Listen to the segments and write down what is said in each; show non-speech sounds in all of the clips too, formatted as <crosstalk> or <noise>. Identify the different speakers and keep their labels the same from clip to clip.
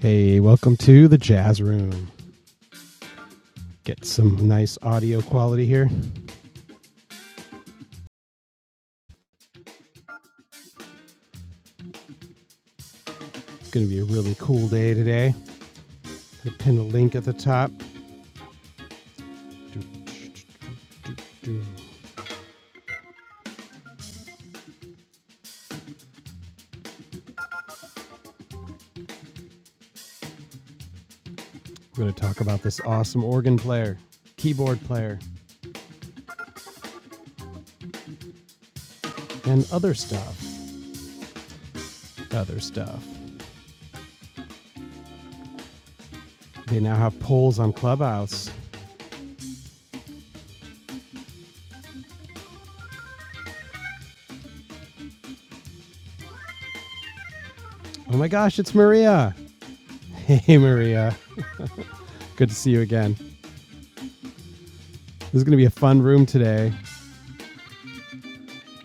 Speaker 1: Hey, welcome to the Jazz Room. Get some nice audio quality here. It's going to be a really cool day today. I pin a link at the top. We're going to talk about this awesome organ player, keyboard player, and other stuff. Other stuff. They now have polls on Clubhouse. Oh my gosh, it's Maria. <laughs> Hey, Maria. Good to see you again. This is going to be a fun room today.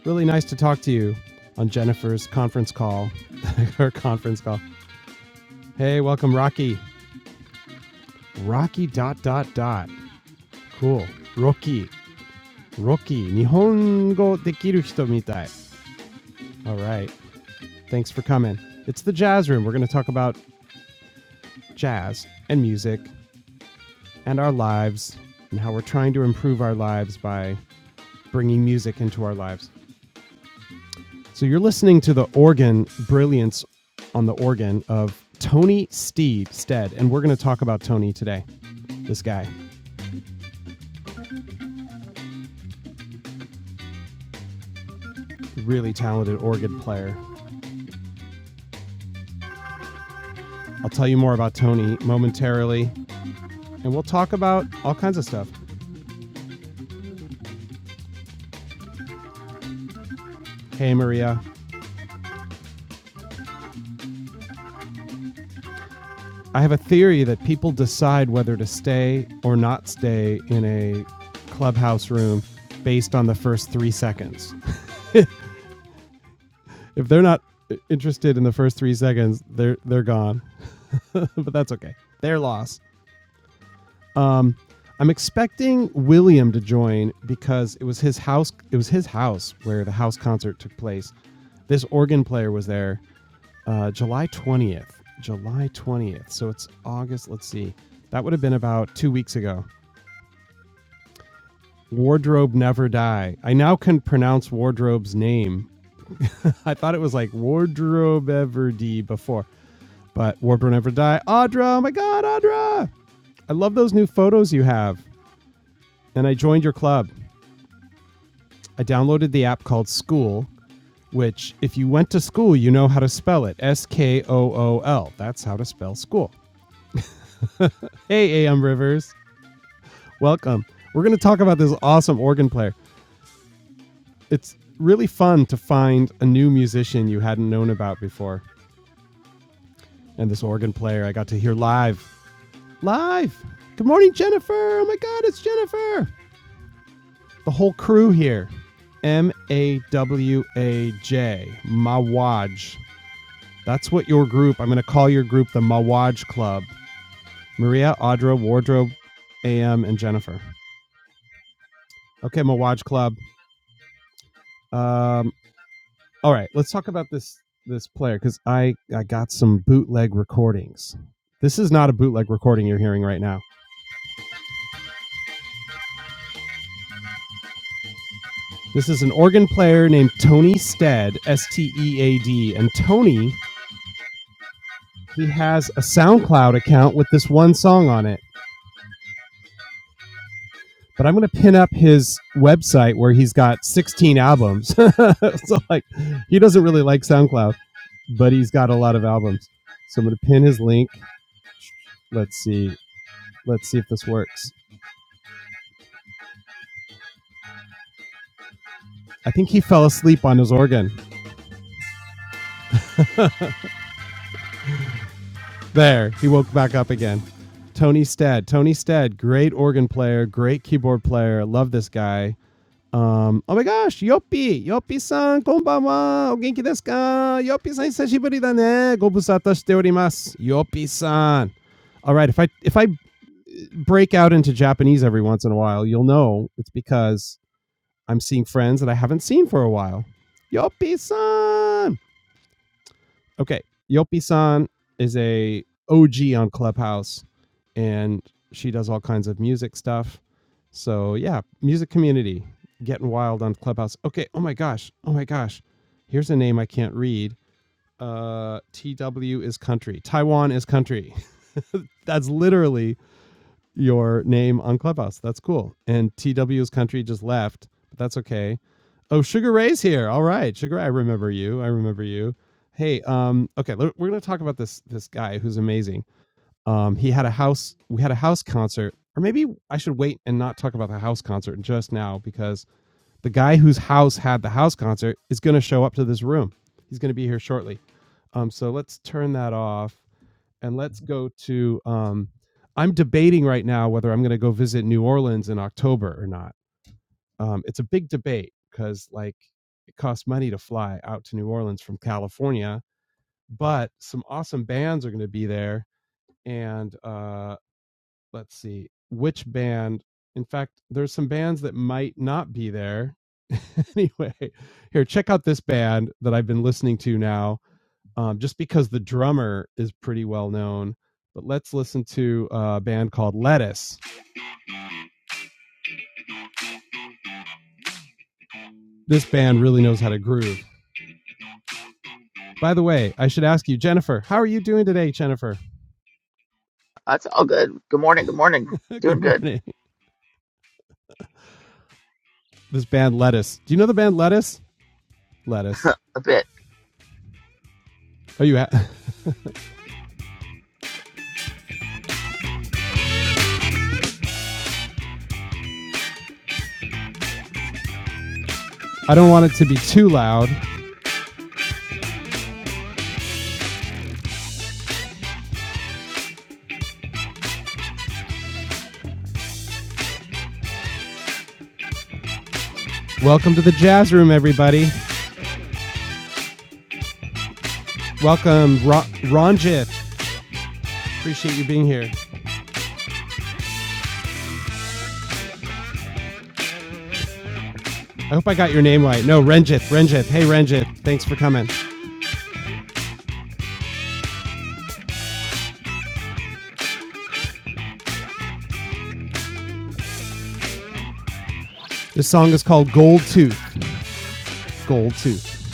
Speaker 1: Really nice to talk to you on Jennifer's conference call, <laughs> her conference call. Hey, welcome, Rocky. Rocky dot dot dot. Cool. Rocky. Rocky. Nihongo dekiru hito mitai. All right. Thanks for coming. It's the Jazz Room. We're going to talk about jazz and music and our lives and how we're trying to improve our lives by bringing music into our lives. So you're listening to the organ brilliance on the organ of Tony Steed Stead, and we're going to talk about Tony today. This guy, really talented organ player, I'll tell you more about Tony momentarily, and we'll talk about all kinds of stuff. Hey, Maria. I have a theory that people decide whether to stay or not stay in a clubhouse room based on the first three seconds. If they're not interested in the first three seconds, they're they're gone. <laughs> but that's okay. Their loss. I'm expecting William to join because it was his house. It was his house where the house concert took place. This organ player was there, uh, July 20th. July 20th. So it's August. Let's see. That would have been about two weeks ago. Wardrobe Never Die. I now can pronounce Wardrobe's name. <laughs> I thought it was like Wardrobe Ever Die before, but Wardrobe Never Die. Audra, oh my God, Audra! I love those new photos you have, and I joined your club. I downloaded the app called School, which, if you went to school, you know how to spell it S K O O L. That's how to spell school. Hey, AM Rivers. Welcome. We're going to talk about this awesome organ player. It's really fun to find a new musician you hadn't known about before. And this organ player I got to hear live. Live! Good morning, Jennifer! Oh my god, it's Jennifer! The whole crew here. M A W A J, Mawaj. That's what your group, I'm going to call your group the Mawaj Club. Maria, Audra, Wardrobe, AM, and Jennifer. Okay, Mawaj Club. Um, all right, let's talk about this this player because I, I got some bootleg recordings. This is not a bootleg recording you're hearing right now. This is an organ player named Tony Stead, S T E A D. And Tony, he has a SoundCloud account with this one song on it. but I'm going to pin up his website where he's got 16 albums. <laughs> so like he doesn't really like SoundCloud, but he's got a lot of albums. So I'm going to pin his link. Let's see. Let's see if this works. I think he fell asleep on his organ. There, he woke back up again. Tony Stead. Tony Stead, great organ player, great keyboard player. Love this guy Um, oh my gosh, Yoppy, Yoppy-san, konbanwa! O genki desu ka? Yoppy-san, Yopi! Yopi さん、こんばんは。お元気ですか Yoppy-san, all right. if I, if I break out into Japanese every once in a while, you'll know it's because I'm seeing friends that I haven't seen for a while. Yoppy-san. Okay, Yoppy-san is a OG on Clubhouse and she does all kinds of music stuff. So yeah, music community getting wild on Clubhouse. Okay, oh my gosh, oh my gosh, here's a name I can't read. Uh, TW is country. Taiwan is country. <laughs> That's literally your name on Clubhouse. That's cool. And TW is country just left, but that's okay. Oh, Sugar Ray's here. All right, Sugar, Ray, I remember you. I remember you. Hey, um, okay, we're gonna talk about this this guy who's amazing um, he had a house. We had a house concert, or maybe I should wait and not talk about the house concert just now because the guy whose house had the house concert is going to show up to this room. He's going to be here shortly. Um, so let's turn that off and let's go to. Um, I'm debating right now whether I'm going to go visit New Orleans in October or not. Um, it's a big debate because like it costs money to fly out to New Orleans from California, but some awesome bands are going to be there, and uh, let's see which band. In fact, there's some bands that might not be there. <laughs> anyway, here check out this band that I've been listening to now, um, just because the drummer is pretty well known. But let's listen to a band called Lettuce. This band really knows how to groove. By the way, I should ask you, Jennifer, how are you doing today, Jennifer?
Speaker 2: That's all good. Good morning. Good morning.
Speaker 1: <laughs>
Speaker 2: Doing
Speaker 1: Good
Speaker 2: good.
Speaker 1: morning. This band Lettuce. Do you know the band Lettuce? Lettuce.
Speaker 2: A bit.
Speaker 1: Are you. Ha- <laughs> I don't want it to be too loud. Welcome to the jazz room, everybody. Welcome, Ra- Ranjith. Appreciate you being here. I hope I got your name right. No, Renjith, Renjith. Hey, Renjith. Thanks for coming. This song is called Gold Tooth. Gold Tooth.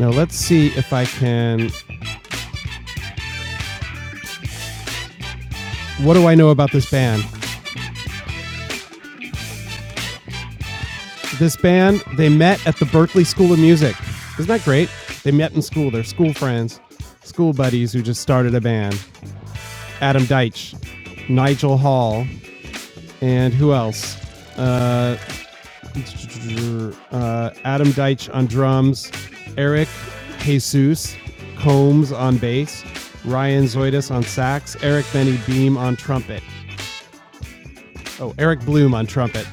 Speaker 1: Now, let's see if I can. What do I know about this band? This band, they met at the Berklee School of Music. Isn't that great? They met in school. They're school friends, school buddies who just started a band. Adam Deitch, Nigel Hall, and who else? Uh, uh, Adam Deitch on drums, Eric Jesus Combs on bass, Ryan Zoidis on sax, Eric Benny Beam on trumpet. Oh, Eric Bloom on trumpet.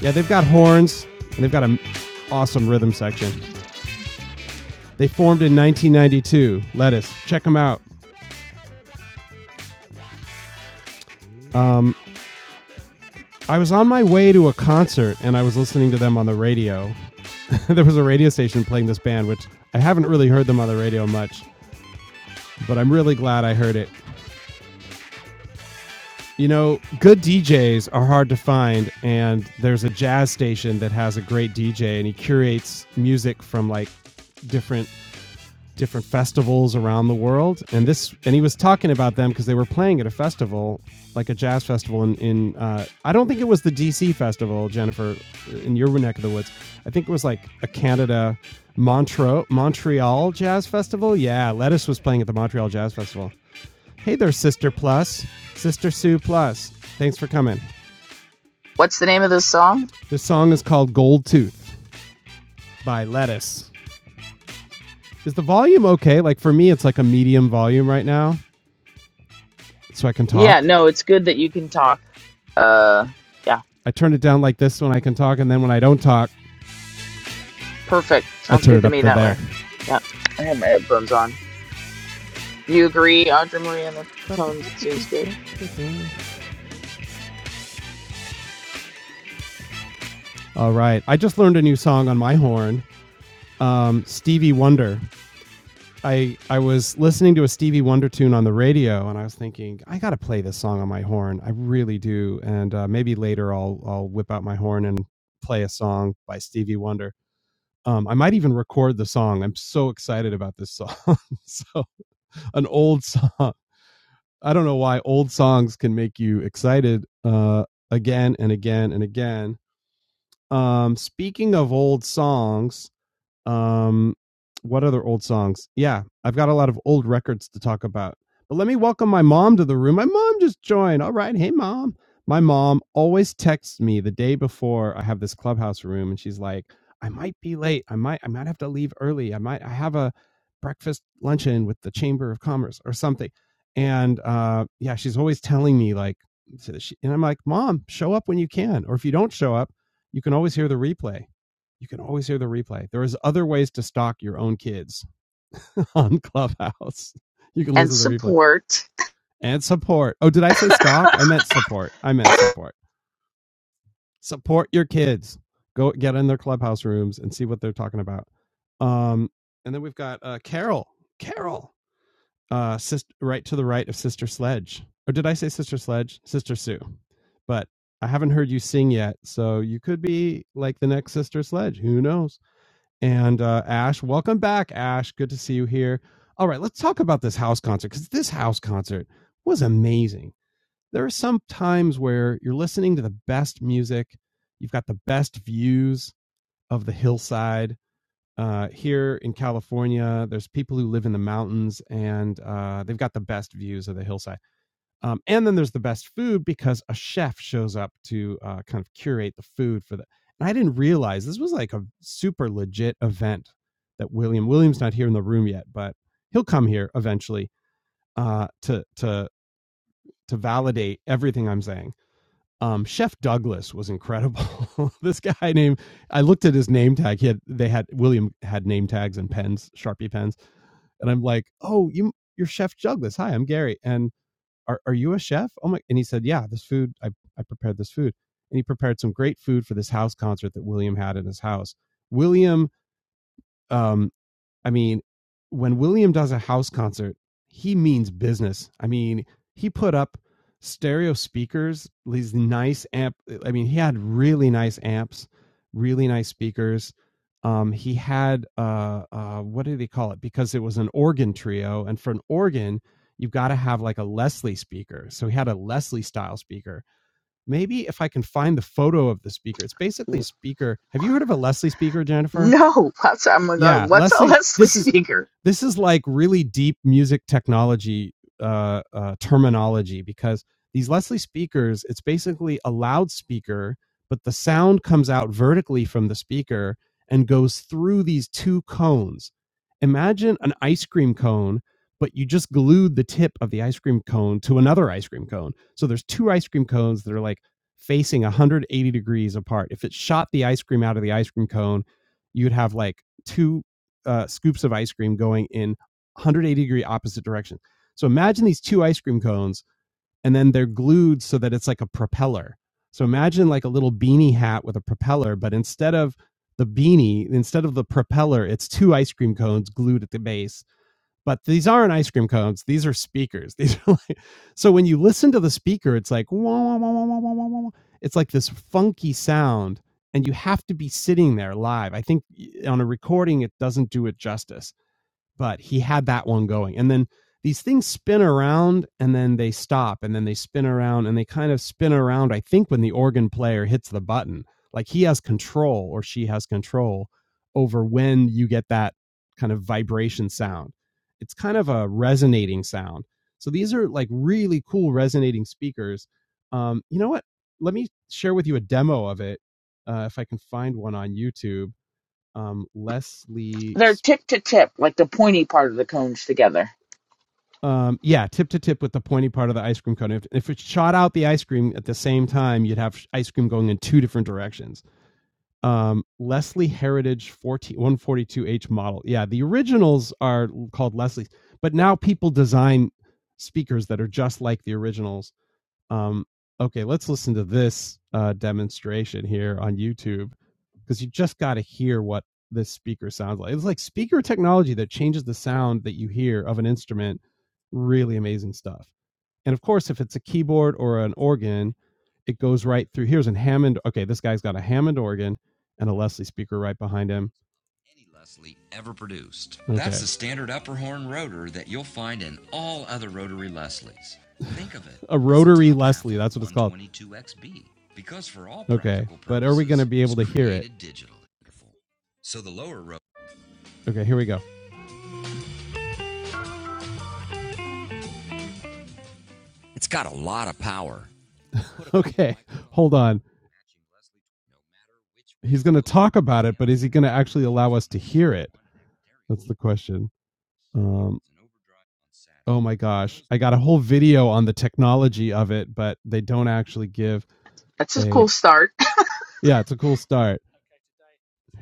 Speaker 1: Yeah, they've got horns and they've got an awesome rhythm section. They formed in 1992. Lettuce, check them out. I was on my way to a concert and I was listening to them on the radio. <laughs> there was a radio station playing this band, which I haven't really heard them on the radio much, but I'm really glad I heard it You know, good DJs are hard to find, and there's a jazz station that has a great DJ, and he curates music from like different different festivals around the world. And this, and he was talking about them because they were playing at a festival, like a jazz festival in in. Uh, I don't think it was the DC festival, Jennifer, in your neck of the woods. I think it was like a Canada, Montreal Montreal Jazz Festival. Yeah, Lettuce was playing at the Montreal Jazz Festival Hey there, Sister Plus. Sister Sue Plus. Thanks for coming.
Speaker 2: What's the name of this song?
Speaker 1: This song is called Gold Tooth by Lettuce. Is the volume okay? Like for me, it's like a medium volume right now, so I can talk.
Speaker 2: Yeah, no, it's good that you can talk. Uh, yeah,
Speaker 1: I turn it down like this when I can talk, and then when I don't talk,
Speaker 2: perfect.
Speaker 1: I
Speaker 2: Sounds
Speaker 1: turn
Speaker 2: good
Speaker 1: it
Speaker 2: to
Speaker 1: up
Speaker 2: me
Speaker 1: to
Speaker 2: that
Speaker 1: there.
Speaker 2: way. Yeah, I have my headphones on. You agree, Audra Maria? The tone seems good.
Speaker 1: All right. I just learned a new song on my horn. Um, Stevie Wonder I I was listening to a Stevie Wonder tune on the radio, and I was thinking, I got to play this song on my horn. I really do, and uh, maybe later I'll I'll whip out my horn and play a song by Stevie Wonder. Um, I might even record the song. I'm so excited about this song. <laughs> so an old song. I don't know why old songs can make you excited uh, again and again and again. Um, speaking of old songs, um, what other old songs? Yeah, I've got a lot of old records to talk about. But let me welcome my mom to the room. My mom just joined. All right. Hey, mom. My mom always texts me the day before I have this clubhouse room, and she's like, I might be late. I might, I might have to leave early. I might, I have a breakfast luncheon with the Chamber of Commerce or something. And uh, yeah, she's always telling me, like, so and I'm like, Mom, show up when you can. Or if you don't show up, you can always hear the replay you can always hear the replay. There is other ways to stalk your own kids <laughs> on Clubhouse. You can
Speaker 2: And
Speaker 1: listen to the replay
Speaker 2: support.
Speaker 1: and support. Oh, did I say
Speaker 2: <laughs>
Speaker 1: stalk? I meant support. I meant support. Support your kids. Go get in their Clubhouse rooms and see what they're talking about. Um, and then we've got uh, Carol. Carol, uh, sis- right to the right of Sister Sledge. Or did I say Sister Sledge? Sister Sue. But I haven't heard you sing yet, so you could be like the next Sister Sledge. Who knows? And uh, Ash, welcome back, Ash. Good to see you here. All right, let's talk about this house concert because this house concert was amazing. There are some times where you're listening to the best music, you've got the best views of the hillside. Uh, here in California, there's people who live in the mountains and uh, they've got the best views of the hillside um, and then there's the best food because a chef shows up to uh, kind of curate the food for the. And I didn't realize this was like a super legit event that William William's not here in the room yet, but he'll come here eventually uh, to to to validate everything I'm saying. Um, Chef Douglas was incredible. <laughs> this guy named I looked at his name tag. He had they had William had name tags and pens, Sharpie pens, and I'm like, oh, you you're Chef Douglas. Hi, I'm Gary, and are, are you a chef? Oh my, and he said, yeah, this food, I, I prepared this food. And he prepared some great food for this house concert that William had in his house. William um, I mean, when William does a house concert, he means business. I mean, he put up stereo speakers, these nice amp. I mean, he had really nice amps, really nice speakers. Um, he had uh, uh, what did he call it? Because it was an organ trio, and for an organ, you've got to have like a Leslie speaker. So he had a Leslie style speaker. Maybe if I can find the photo of the speaker, it's basically a speaker. Have you heard of a Leslie speaker, Jennifer?
Speaker 2: No, what's I'm
Speaker 1: Yeah,
Speaker 2: going. What's a
Speaker 1: Leslie.
Speaker 2: Leslie
Speaker 1: This is
Speaker 2: speaker?
Speaker 1: this is like really deep music technology uh, uh, terminology because these Leslie speakers, it's basically a loudspeaker, but the sound comes out vertically from the speaker and goes through these two cones. Imagine an ice cream cone, but you just glued the tip of the ice cream cone to another ice cream cone. So there's two ice cream cones that are like facing 180 degrees apart. If it shot the ice cream out of the ice cream cone, you'd have like two uh, scoops of ice cream going in 180 degree opposite direction. So imagine these two ice cream cones, and then they're glued so that it's like a propeller. So imagine like a little beanie hat with a propeller, but instead of the beanie, instead of the propeller, it's two ice cream cones glued at the base but these aren't ice cream cones these are speakers <laughs> these are like so when you listen to the speaker it's like wah, wah, wah, wah, wah, wah, wah, it's like this funky sound and you have to be sitting there live i think on a recording it doesn't do it justice but he had that one going. And then these things spin around and then they stop and then they spin around and they kind of spin around, I think, when the organ player hits the button. Like he has control or she has control over when you get that kind of vibration sound. It's kind of a resonating sound. So these are like really cool resonating speakers. Um, you know what? Let me share with you a demo of it uh, if I can find one on YouTube. Um, Leslie
Speaker 2: They're tip to tip, like the pointy part of the cones together.
Speaker 1: Um, yeah, tip to tip with the pointy part of the ice cream cone. If, if it shot out the ice cream at the same time, you'd have ice cream going in two different directions. Um, Leslie Heritage fourteen one forty two h model. Yeah, the originals are called Leslie's, but now people design speakers that are just like the originals. Um, okay, let's listen to this uh, demonstration here on YouTube because you just got to hear what this speaker sounds like. It's like speaker technology that changes the sound that you hear of an instrument. Really amazing stuff. And of course, if it's a keyboard or an organ, it goes right through. Here's a Hammond. Okay, this guy's got a Hammond organ and a Leslie speaker right behind him. So that's okay. Here we go. I got a whole video on the technology of it, but they don't actually give
Speaker 2: That's a
Speaker 1: a.
Speaker 2: cool start. <laughs>
Speaker 1: Yeah, it's a cool start. Here we. go.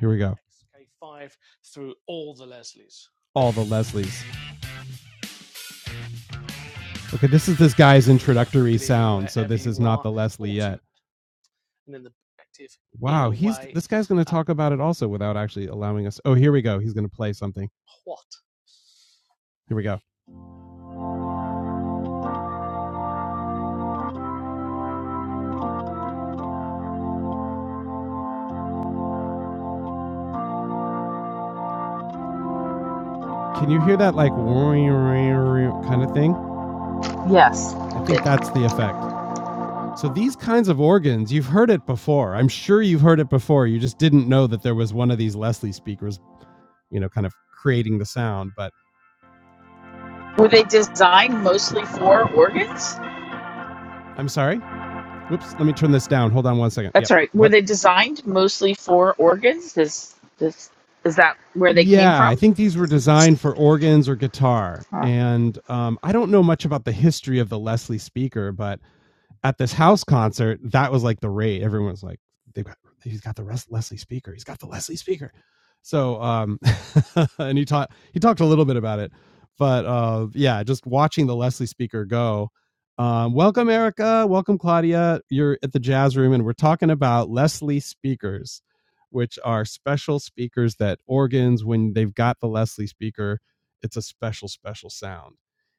Speaker 1: all the Leslies. Okay, this is this guy's. this guy's going talk about it also without actually allowing us. Oh, here we go. He's going to play something. Here we go. Can you hear that like kind of thing?
Speaker 2: Yes.
Speaker 1: I think that's the effect. So these kinds of organs, you've heard it before. I'm sure you've heard it before. You just didn't know that there was one of these Leslie speakers, you know, kind of creating the sound. But
Speaker 2: Were they designed mostly for organs?
Speaker 1: I'm sorry. Whoops. Let me turn this down. Hold on one second.
Speaker 2: That's
Speaker 1: Yep.
Speaker 2: right. Were
Speaker 1: What?
Speaker 2: they designed mostly for organs? Is this is that where they came
Speaker 1: Yeah, I
Speaker 2: from?
Speaker 1: think these were designed for organs or guitar.
Speaker 2: Huh.
Speaker 1: And um, I don't know much about the history of the Leslie speaker, but at this house concert, that was like the rate. Everyone was like, "They've got, he's got the rest Leslie speaker. He's got the Leslie speaker." So, um, <laughs> and he taught he talked a little bit about it, but uh, yeah, just watching the Leslie speaker go. Um, welcome, Erica. Welcome, Claudia. You're at the jazz room, and we're talking about Leslie speakers which are special speakers that organs, when they've got the Leslie speaker, it's a special, special sound.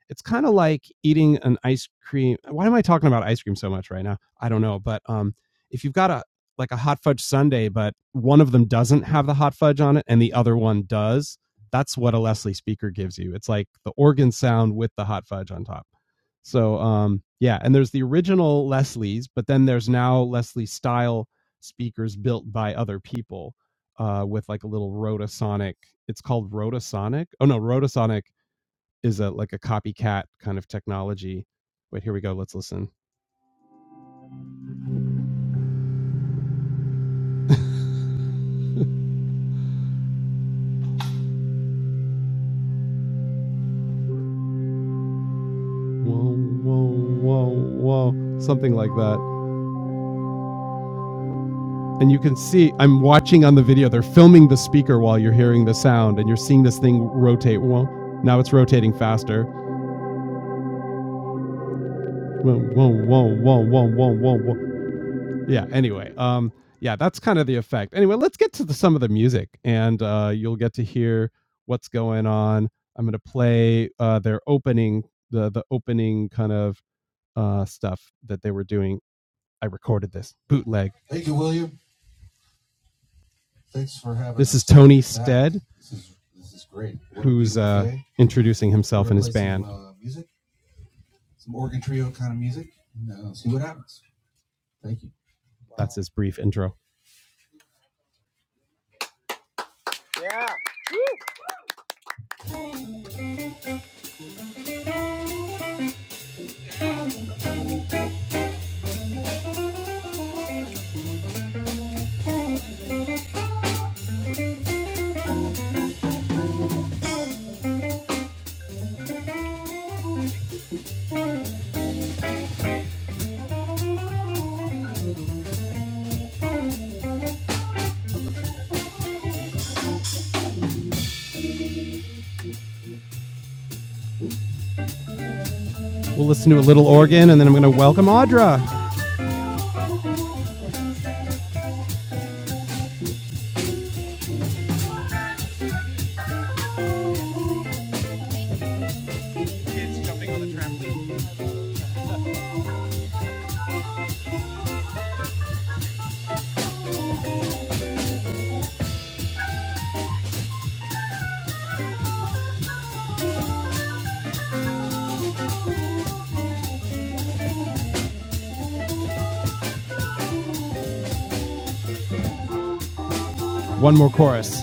Speaker 1: It's kind of like eating an ice cream. Why am I talking about ice cream so much right now? I don't know. But um, if you've got a like a hot fudge sundae, but one of them doesn't have the hot fudge on it and the other one does, that's what a Leslie speaker gives you. It's like the organ sound with the hot fudge on top. So um, yeah, and there's the original Leslie's, but then there's now Leslie style speakers built by other people uh, with like a little Rotasonic. It's called Rotasonic. Oh no, Rotasonic is a like a copycat kind of technology. Wait, here we go. Let's listen. Whoa, whoa, whoa, whoa. Something like that. And you can see, I'm watching on the video, they're filming the speaker while you're hearing the sound and you're seeing this thing rotate. Whoa. Now it's rotating faster. Whoa, whoa, whoa, whoa, whoa, whoa, whoa, whoa. yeah anyway um yeah that's kind of the effect anyway let's get to the, some of the music and uh you'll get to hear what's going on i'm going to play uh their opening the the opening kind of uh stuff that they were doing i recorded this bootleg introducing himself that's his brief intro we'll listen to a little organ and then i'm going to welcome audra one more chorus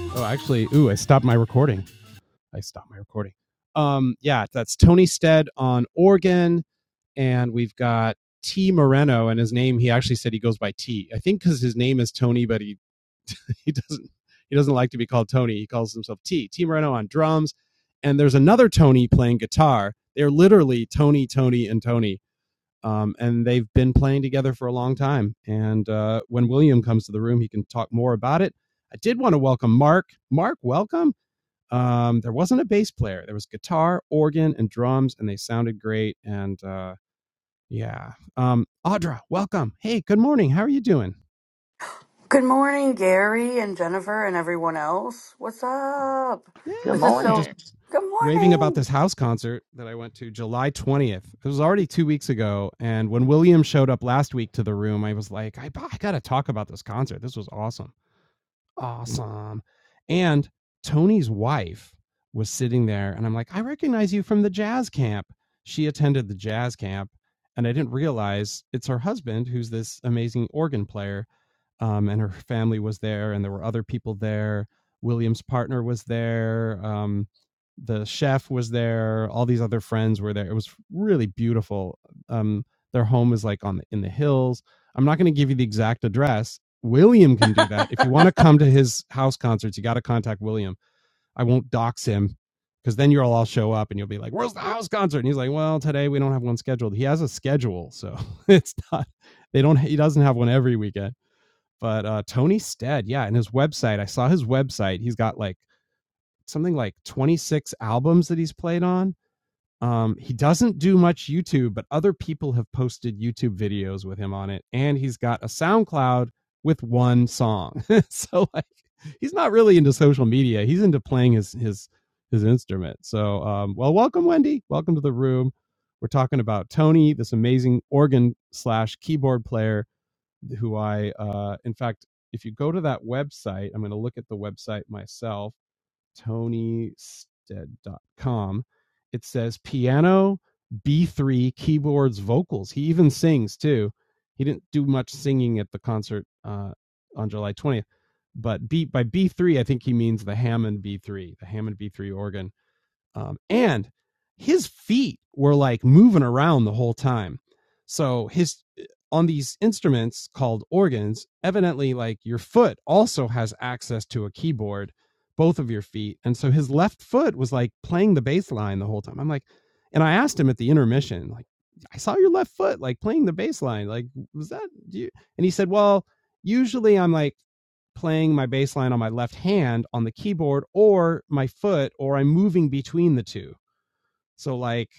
Speaker 1: oh actually ooh i stopped my recording i stopped my recording um yeah that's tony stead on organ and we've got T Moreno, and his name he actually said he goes by T. I think because his name is Tony, but he <laughs> he doesn't he doesn't like to be called Tony. He calls himself T. T Moreno on drums, and there's another Tony playing guitar. They're literally Tony, Tony, and Tony. Um, and they've been playing together for a long time. And uh, when William comes to the room, he can talk more about it. I did want to welcome Mark. Mark, welcome. Um, there wasn't a bass player. There was guitar, organ, and drums, and they sounded great. And uh, yeah. Um, Audra, welcome. Hey, good morning. How are you doing?
Speaker 3: Good morning, Gary and Jennifer and everyone else. What's up?
Speaker 1: Yeah,
Speaker 2: Good
Speaker 3: This is
Speaker 1: I'm
Speaker 3: so.
Speaker 1: just
Speaker 2: morning.
Speaker 3: Good
Speaker 1: raving about this
Speaker 3: morning.
Speaker 1: house concert that I went to July 20th. It was already two weeks ago. And when William showed up last week to the room, I was like, I, I got to talk about this concert. This was awesome. Awesome. And Tony's wife was sitting there, and I'm like, I recognize you from the jazz camp. She attended the jazz camp, and I didn't realize it's her husband who's this amazing organ player um, and her family was there, and there were other people there. William's partner was there. Um, the chef was there. All these other friends were there. It was really beautiful. Um, their home is like on the, in the hills. I'm not going to give you the exact address. William can do that. If you want to come to his house concerts, you got to contact William. I won't dox him because then you'll all show up and you'll be like, "Where's the house concert?" And he's like, "Well, today we don't have one scheduled." He has a schedule, so <laughs> it's not. They don't. He doesn't have one every weekend but uh, Tony Stead, yeah, and his website. I saw his website. He's got like something like 26 albums that he's played on. Um, he doesn't do much YouTube, but other people have posted YouTube videos with him on it, and he's got a SoundCloud with one song. <laughs> so like, he's not really into social media. He's into playing his his his instrument. So um, well, welcome Wendy. Welcome to the room. We're talking about Tony, this amazing organ slash keyboard player who I, uh, in fact, if you go to that website, I'm going to look at the website myself, tonystead.com. It says piano, B3, keyboards, vocals. He even sings too. He didn't do much singing at the concert uh, on July 20th, but B, by B3, I think he means the Hammond B3, the Hammond B3 organ um, and his feet were like moving around the whole time. So his uh, on these instruments called organs, evidently like your foot also has access to a keyboard, both of your feet. And so his left foot was like playing the bass line the whole time. I'm like, and I asked him at the intermission, like, I saw your left foot like playing the bass line. Like, was that you? And he said, Well, usually I'm like playing my bass line on my left hand on the keyboard or my foot, or I'm moving between the two. So like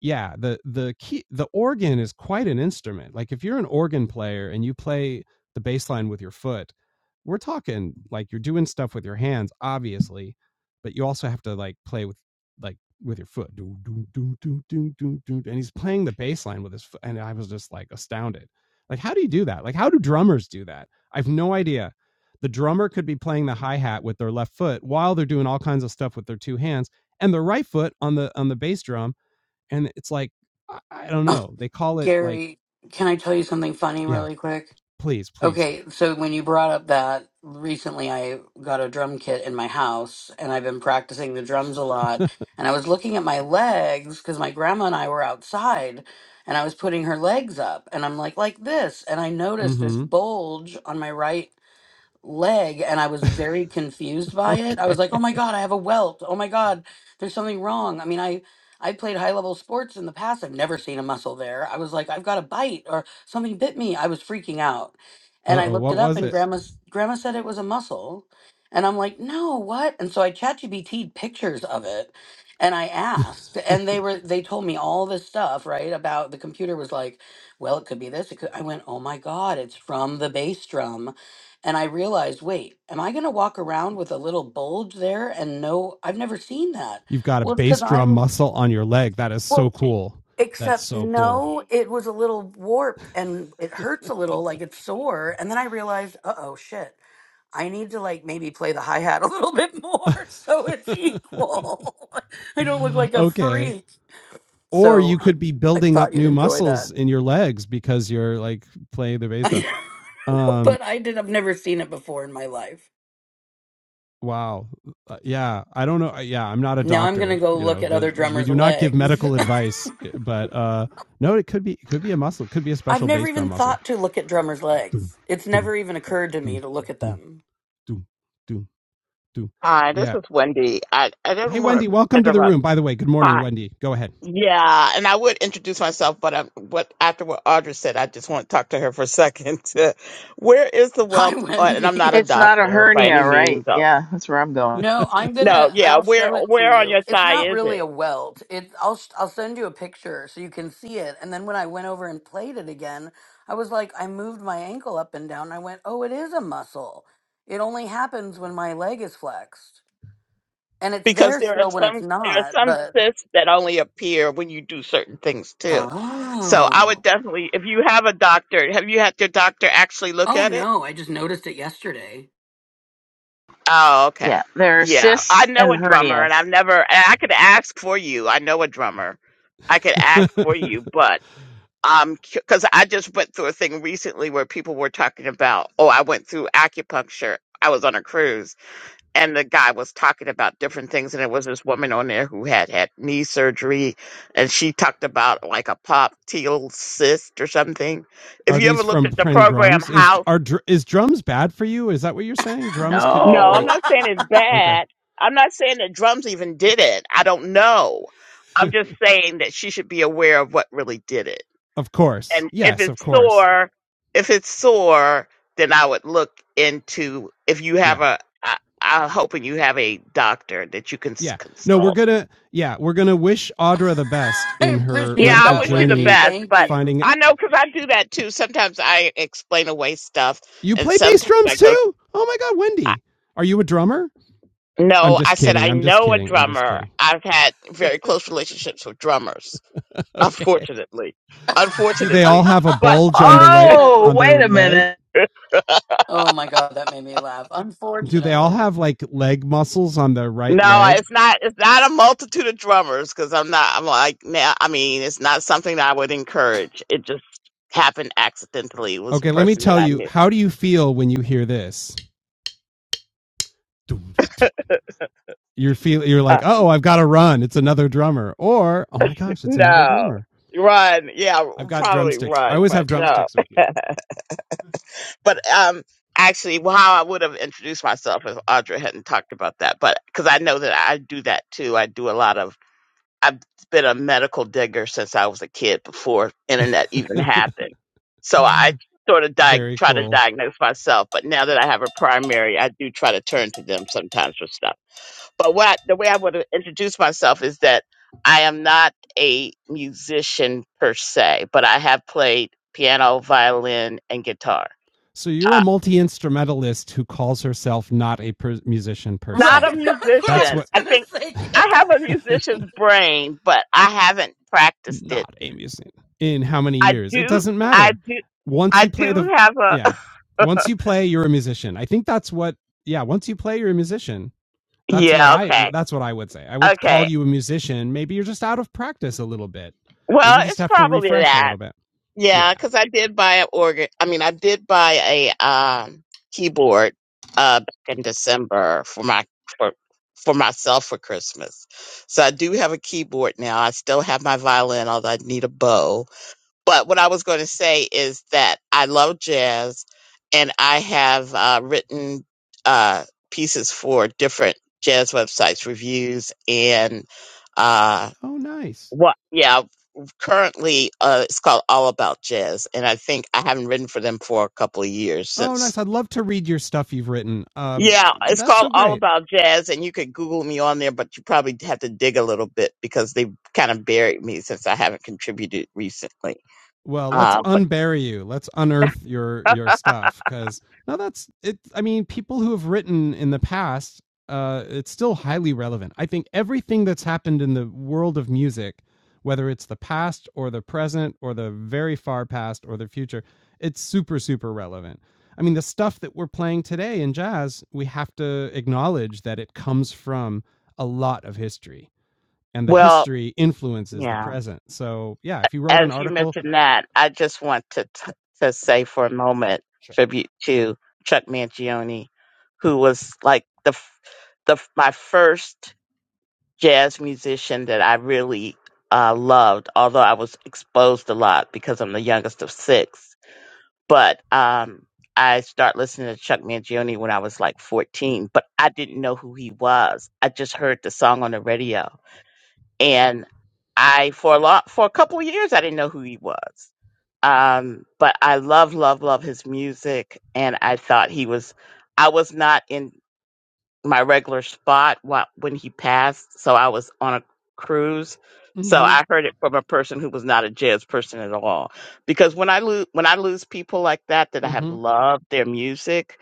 Speaker 1: yeah, the the key the organ is quite an instrument. Like if you're an organ player and you play the bass line with your foot, we're talking like you're doing stuff with your hands, obviously, but you also have to like play with like with your foot. Do, do, do, do, do, do, do. And he's playing the bass line with his foot. And I was just like astounded. Like, how do you do that? Like, how do drummers do that? I have no idea. The drummer could be playing the hi hat with their left foot while they're doing all kinds of stuff with their two hands and the right foot on the on the bass drum and it's like i, I don't
Speaker 3: Oh,
Speaker 1: know they call it like
Speaker 3: Gary, can I tell you something funny
Speaker 1: yeah
Speaker 3: really quick?
Speaker 1: please please
Speaker 3: Okay, so when you brought up that recently, I got a drum kit in my house and I've been practicing the drums a lot. And I was looking at my legs because my grandma and I were outside and I was putting her legs up and I'm like, like this. And I noticed this
Speaker 1: mm-hmm
Speaker 3: bulge on my right leg and I was very confused
Speaker 1: <laughs>
Speaker 3: by it. I
Speaker 1: okay
Speaker 3: was like, "Oh my god, I have a welt. Oh my god, there's something wrong." I mean, I I played high-level sports in the past. I've never seen a muscle there. I was like, "I've got a bite or something bit me." I was freaking out. And I
Speaker 1: uh-oh
Speaker 3: looked
Speaker 1: what
Speaker 3: it up
Speaker 1: was
Speaker 3: and
Speaker 1: it
Speaker 3: grandma's grandma said it was a muscle. And I'm like, "No, what?" And so I ChatGPT'd pictures of it and I asked
Speaker 1: <laughs>
Speaker 3: and they were they told me all this stuff, right? About the computer was like, "Well, it could be this. It could." I went, "Oh my god, it's from the bass drum." And I realized, wait, am I going to walk around with a little bulge there? And no, I've never seen that.
Speaker 1: you've got a
Speaker 3: Well, it's
Speaker 1: bass
Speaker 3: because
Speaker 1: drum
Speaker 3: I'm,
Speaker 1: muscle on your leg that is so
Speaker 3: well,
Speaker 1: cool that's
Speaker 3: except
Speaker 1: so cool
Speaker 3: no, it was a little warped and it hurts a little, like it's sore. And then I realized, uh oh, shit, I need to like maybe play the hi hat <laughs> a little bit more <laughs> so it's
Speaker 1: <laughs>
Speaker 3: equal. <laughs> I don't look like a
Speaker 1: okay
Speaker 3: freak.
Speaker 1: or
Speaker 3: So
Speaker 1: you could
Speaker 3: um,
Speaker 1: be
Speaker 3: I
Speaker 1: building up
Speaker 3: thought you'd
Speaker 1: new
Speaker 3: enjoy
Speaker 1: muscles
Speaker 3: that.
Speaker 1: in your legs because you're like playing the
Speaker 3: <laughs>
Speaker 1: bass drum
Speaker 3: but
Speaker 1: Um,
Speaker 3: I did, I've never seen it before in my life.
Speaker 1: Wow. Uh, yeah, I don't know. uh, Yeah, I'm not a
Speaker 3: Now I'm gonna
Speaker 1: doctor.
Speaker 3: go
Speaker 1: You
Speaker 3: look
Speaker 1: know,
Speaker 3: at
Speaker 1: the
Speaker 3: other
Speaker 1: we
Speaker 3: drummers'
Speaker 1: do not give
Speaker 3: legs.
Speaker 1: medical advice, eh, but uh, no, it could be it could be a muscle, It could be a
Speaker 3: <laughs> I've
Speaker 1: special
Speaker 3: never
Speaker 1: bass drum
Speaker 3: even
Speaker 1: muscle.
Speaker 3: thought to look at drummers'
Speaker 1: Doom,
Speaker 3: legs. It's
Speaker 1: doom,
Speaker 3: never even occurred to me
Speaker 1: doom,
Speaker 3: to look at
Speaker 1: doom,
Speaker 3: them.
Speaker 1: doom, doom, doom.
Speaker 4: Hi, this
Speaker 1: Yeah.
Speaker 4: is Wendy. I, I
Speaker 1: Hey,
Speaker 4: didn't want
Speaker 1: Wendy,
Speaker 4: to
Speaker 1: welcome to the
Speaker 4: interrupt.
Speaker 1: room. By the way, good morning,
Speaker 4: Hi.
Speaker 1: Wendy. Go ahead.
Speaker 4: Yeah, and I would introduce myself, but I'm, what after what Audra said, I just want to talk to her for a second. <laughs> where is the
Speaker 3: Hi,
Speaker 4: wealth? On, and I'm not
Speaker 3: Wendy.
Speaker 4: a
Speaker 3: <laughs>
Speaker 2: It's not a
Speaker 4: doctor by any
Speaker 2: hernia, right?
Speaker 4: means. Of,
Speaker 2: Yeah, that's where I'm going.
Speaker 3: No, I'm
Speaker 4: no,
Speaker 3: gonna.
Speaker 4: yeah,
Speaker 3: I'll
Speaker 4: where
Speaker 3: show it to
Speaker 4: where on
Speaker 3: you.
Speaker 4: your
Speaker 3: It's
Speaker 4: thigh
Speaker 3: not
Speaker 4: is
Speaker 3: really
Speaker 4: it?
Speaker 3: a welt. It. I'll. sh- I'll send you a picture so you can see it. And then when I went over and played it again, I was like, I moved my
Speaker 1: <laughs>
Speaker 3: ankle up and down. I went, oh, it is a muscle. It only happens when my leg is flexed, and it's
Speaker 4: Because
Speaker 3: there
Speaker 4: there are
Speaker 3: still when it's
Speaker 4: some there are
Speaker 3: not.
Speaker 4: some
Speaker 3: But
Speaker 4: cysts that only appear when you do certain things too. So I
Speaker 3: oh.
Speaker 4: would definitely, if you have a doctor, have you had your doctor actually look
Speaker 3: Oh
Speaker 4: at it?
Speaker 3: no, I just noticed it yesterday.
Speaker 4: Oh,
Speaker 2: Yeah,
Speaker 4: okay.
Speaker 2: there are
Speaker 4: Yeah, I
Speaker 2: cysts
Speaker 4: know
Speaker 2: and
Speaker 4: a drummer, and
Speaker 2: hernias.
Speaker 4: I've never. And I could ask for you. I know a drummer. I could ask for you, but um, because I just went through a thing recently where people were talking about. Oh, I went through acupuncture. I was on a cruise, and the guy was talking about different things, and there was this woman on there who had had knee surgery, and she talked about like a pop teal cyst or something. If
Speaker 1: Are
Speaker 4: you ever
Speaker 1: these
Speaker 4: looked
Speaker 1: from
Speaker 4: at the
Speaker 1: playing
Speaker 4: program
Speaker 1: drums? Is are is drums bad for you? Is that what you're saying? Drums
Speaker 4: No,
Speaker 1: could
Speaker 3: <laughs>
Speaker 4: I'm
Speaker 1: like
Speaker 2: No.
Speaker 4: not saying
Speaker 3: I
Speaker 4: it's
Speaker 1: okay,
Speaker 4: bad. I'm not saying that drums even did it. I don't know. I'm just saying that she should be aware of what really did it.
Speaker 1: <laughs> of course,
Speaker 4: And if
Speaker 1: yes, of
Speaker 4: it's
Speaker 1: course,
Speaker 4: sore, if it's sore, then I would look into if you have
Speaker 1: yeah,
Speaker 4: a. I, I'm hoping you have a doctor that you can s-
Speaker 1: yeah. No, we're
Speaker 4: consult.
Speaker 1: gonna yeah, we're gonna wish Audra the best in her
Speaker 4: Yeah,
Speaker 3: appreciate
Speaker 4: I
Speaker 1: medical
Speaker 3: that,
Speaker 4: wish you the
Speaker 3: Wendy.
Speaker 1: journey.
Speaker 4: best,
Speaker 3: Thank
Speaker 4: but
Speaker 3: you.
Speaker 1: Finding
Speaker 4: I know because I do that too. Sometimes I explain away stuff,
Speaker 1: you
Speaker 4: and
Speaker 1: play bass
Speaker 4: sometimes I
Speaker 1: drums
Speaker 4: go.
Speaker 1: too? Oh my God, Wendy, are you a drummer? I'm
Speaker 4: No,
Speaker 1: just
Speaker 4: I said I
Speaker 1: kidding. I'm just
Speaker 4: know a
Speaker 1: kidding. I'm just
Speaker 4: drummer.
Speaker 1: kidding.
Speaker 4: I've had very
Speaker 1: <laughs>
Speaker 4: close relationships with drummers,
Speaker 1: okay.
Speaker 4: unfortunately.
Speaker 3: <laughs>
Speaker 1: Do they all
Speaker 4: Unfortunately.
Speaker 1: have a
Speaker 4: But
Speaker 1: bulge on the right
Speaker 2: Oh,
Speaker 1: on
Speaker 3: Unfortunately.
Speaker 1: their
Speaker 2: wait a
Speaker 1: leg?
Speaker 2: minute.
Speaker 4: <laughs>
Speaker 3: Oh my god, that made me laugh.
Speaker 1: Do they all
Speaker 3: Unfortunately.
Speaker 1: have like leg muscles on their right
Speaker 4: no,
Speaker 1: leg?
Speaker 4: it's not it's not a multitude of drummers because I'm not I'm like now I mean, it's not something that I would encourage. It just happened accidentally. It was
Speaker 1: Okay,
Speaker 4: a
Speaker 1: let me
Speaker 4: person that
Speaker 1: tell
Speaker 4: I
Speaker 1: you.
Speaker 4: knew.
Speaker 1: How do you feel when you hear this? You're feel you're like,
Speaker 4: Uh,
Speaker 1: oh, I've got to run. It's another drummer, or oh my gosh, it's another
Speaker 4: no.
Speaker 1: drummer.
Speaker 4: Run. Yeah,
Speaker 1: I've got
Speaker 4: probably
Speaker 1: drumsticks. I
Speaker 4: run,
Speaker 1: always
Speaker 4: but
Speaker 1: have
Speaker 4: no.
Speaker 1: drumsticks with
Speaker 4: <laughs>
Speaker 1: me.
Speaker 4: but um actually well, how i would have introduced myself if audra hadn't talked about that but because i know that i do that too i do a lot of i've been a medical digger since i was a kid before internet even happened so i sort of
Speaker 1: <laughs>
Speaker 4: di-
Speaker 1: Very
Speaker 4: try to
Speaker 1: cool.
Speaker 4: diagnose myself but now that i have a primary i do try to turn to them sometimes for stuff but what I, the way i would have introduced myself is that i am not a musician per se but i have played piano violin and guitar
Speaker 1: So you're a multi instrumentalist who calls herself not a per- musician per
Speaker 3: Right,
Speaker 4: Not
Speaker 1: se.
Speaker 4: a
Speaker 3: <laughs> that's what I
Speaker 1: That's
Speaker 4: musician.
Speaker 1: what.
Speaker 3: was
Speaker 4: I
Speaker 3: gonna
Speaker 4: think
Speaker 3: say,
Speaker 4: I have a
Speaker 3: Gary.
Speaker 1: <laughs>
Speaker 4: musician's brain, but I haven't practiced it.
Speaker 1: not amusing in how many
Speaker 4: I
Speaker 1: years. It
Speaker 4: do,
Speaker 1: doesn't
Speaker 4: I
Speaker 1: matter.
Speaker 4: do,
Speaker 1: Once
Speaker 4: I
Speaker 1: you play
Speaker 4: do
Speaker 1: the
Speaker 4: have
Speaker 1: yeah,
Speaker 4: a,
Speaker 1: once you play, you're a musician. I think that's what yeah. Once you play, you're a musician.
Speaker 4: <laughs>
Speaker 1: That's what
Speaker 4: yeah,
Speaker 1: I
Speaker 4: okay,
Speaker 1: that's what I would say. I would call
Speaker 4: okay.
Speaker 1: you a musician. Maybe you're just out of practice a little bit.
Speaker 4: Well,
Speaker 1: Maybe you just
Speaker 4: it's
Speaker 1: have to
Speaker 4: probably
Speaker 1: refresh a
Speaker 4: that.
Speaker 1: little bit.
Speaker 4: Yeah,
Speaker 1: Yeah.
Speaker 4: because I did buy an organ. I mean, I did buy a um, keyboard uh, back in December for my for for myself for Christmas. So I do have a keyboard now. I still have my violin, although I need a bow. But what I was going to say is that I love jazz, and I have uh, written uh, pieces for different jazz websites, reviews, and uh,
Speaker 1: Oh, nice.
Speaker 4: what? Yeah, currently uh, it's called All About Jazz, and I think I haven't written for them for a couple of years
Speaker 1: Oh,
Speaker 4: since.
Speaker 1: nice. I'd love to read your stuff you've written. Um,
Speaker 4: Yeah, it's
Speaker 1: that's
Speaker 4: called
Speaker 1: so
Speaker 4: All
Speaker 1: great.
Speaker 4: About Jazz, and you could Google me on there, but you probably have to dig a little bit because they kind of buried me since I haven't contributed recently.
Speaker 1: Well, let's
Speaker 4: Uh, but
Speaker 1: unbury you. Let's unearth your your stuff because now that's it. I mean, people who have written in the past, uh, it's still highly relevant. I think everything that's happened in the world of music, whether it's the past or the present or the very far past or the future, it's super super relevant. I mean, the stuff that we're playing today in jazz, we have to acknowledge that it comes from a lot of history, and the
Speaker 4: well,
Speaker 1: history influences the
Speaker 4: yeah.
Speaker 1: present. So, yeah, if you wrote an
Speaker 4: as you
Speaker 1: article
Speaker 4: mentioned that, I just want to t- to
Speaker 1: yeah,
Speaker 4: say for a moment
Speaker 1: Sure.
Speaker 4: tribute to Chuck Mangione, who was like the f- the f- my first jazz musician that I really uh, loved. Although I was exposed a lot because I'm the youngest of six, but um, I started listening to Chuck Mangione when I was like 14. But I didn't know who he was. I just heard the song on the radio and I for a lot for a couple of years I didn't know who he was. Um, but I love, love, love his music, and I thought he was. I was not in my regular spot wh- when he passed, so I was on a cruise. So
Speaker 1: Mhm.
Speaker 4: I heard it from a person who was not a jazz person at all. Because when I lose when I lose people like that that I have
Speaker 1: Mhm.
Speaker 4: loved their music,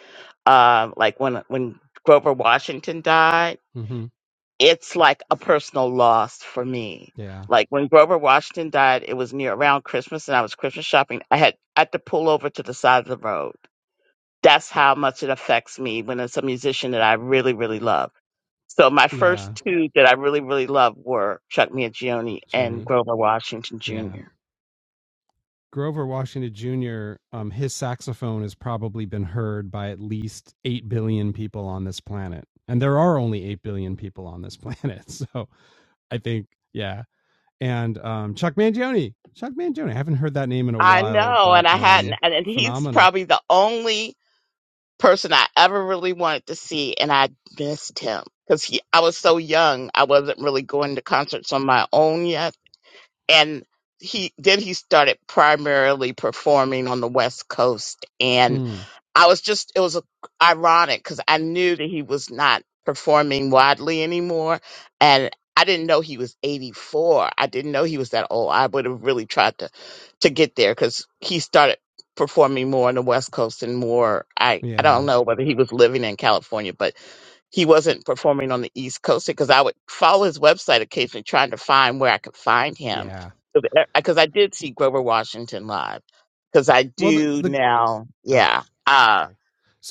Speaker 4: um, like when when Grover Washington died
Speaker 1: Mhm.
Speaker 4: it's like a personal loss for me.
Speaker 1: Yeah.
Speaker 4: Like when Grover Washington died, it was near around Christmas and I was Christmas shopping. I had, I had to pull over to the side of the road. That's how much it affects me when it's a musician that I really, really love. So my first
Speaker 1: Yeah.
Speaker 4: two that I really, really love were Chuck Mangione and
Speaker 1: Joni.
Speaker 4: Grover Washington
Speaker 1: Yeah.
Speaker 4: Jr.
Speaker 1: Grover Washington Jr., um, his saxophone has probably been heard by at least 8 billion people on this planet. And there are only 8 billion people on this planet. <laughs> So I think, yeah. And um, Chuck Mangione. Chuck Mangione. I haven't heard that name in a
Speaker 4: I
Speaker 1: while,
Speaker 4: know, and
Speaker 1: but
Speaker 4: I hadn't,
Speaker 1: um,
Speaker 4: and and he's
Speaker 1: phenomenal.
Speaker 4: probably the only person I ever really wanted to see, and I missed him because he. I was so young, I wasn't really going to concerts on my own yet, and he then he started primarily performing on the West Coast, and.
Speaker 1: Mm,
Speaker 4: I was just, it was a, ironic because I knew that he was not performing widely anymore. And I didn't know he was 84. I didn't know he was that old. I would have really tried to, to get there because he started performing more on the West Coast and more. I, I don't
Speaker 1: yeah.
Speaker 4: know whether he was living in California, but he wasn't performing on the East Coast because I would follow his website occasionally trying to find where I could find him.
Speaker 1: Yeah.
Speaker 4: Because I did see Grover Washington live because I
Speaker 1: well the,
Speaker 4: do
Speaker 1: the
Speaker 4: now.
Speaker 1: oh
Speaker 4: Yeah. uh,
Speaker 1: sorry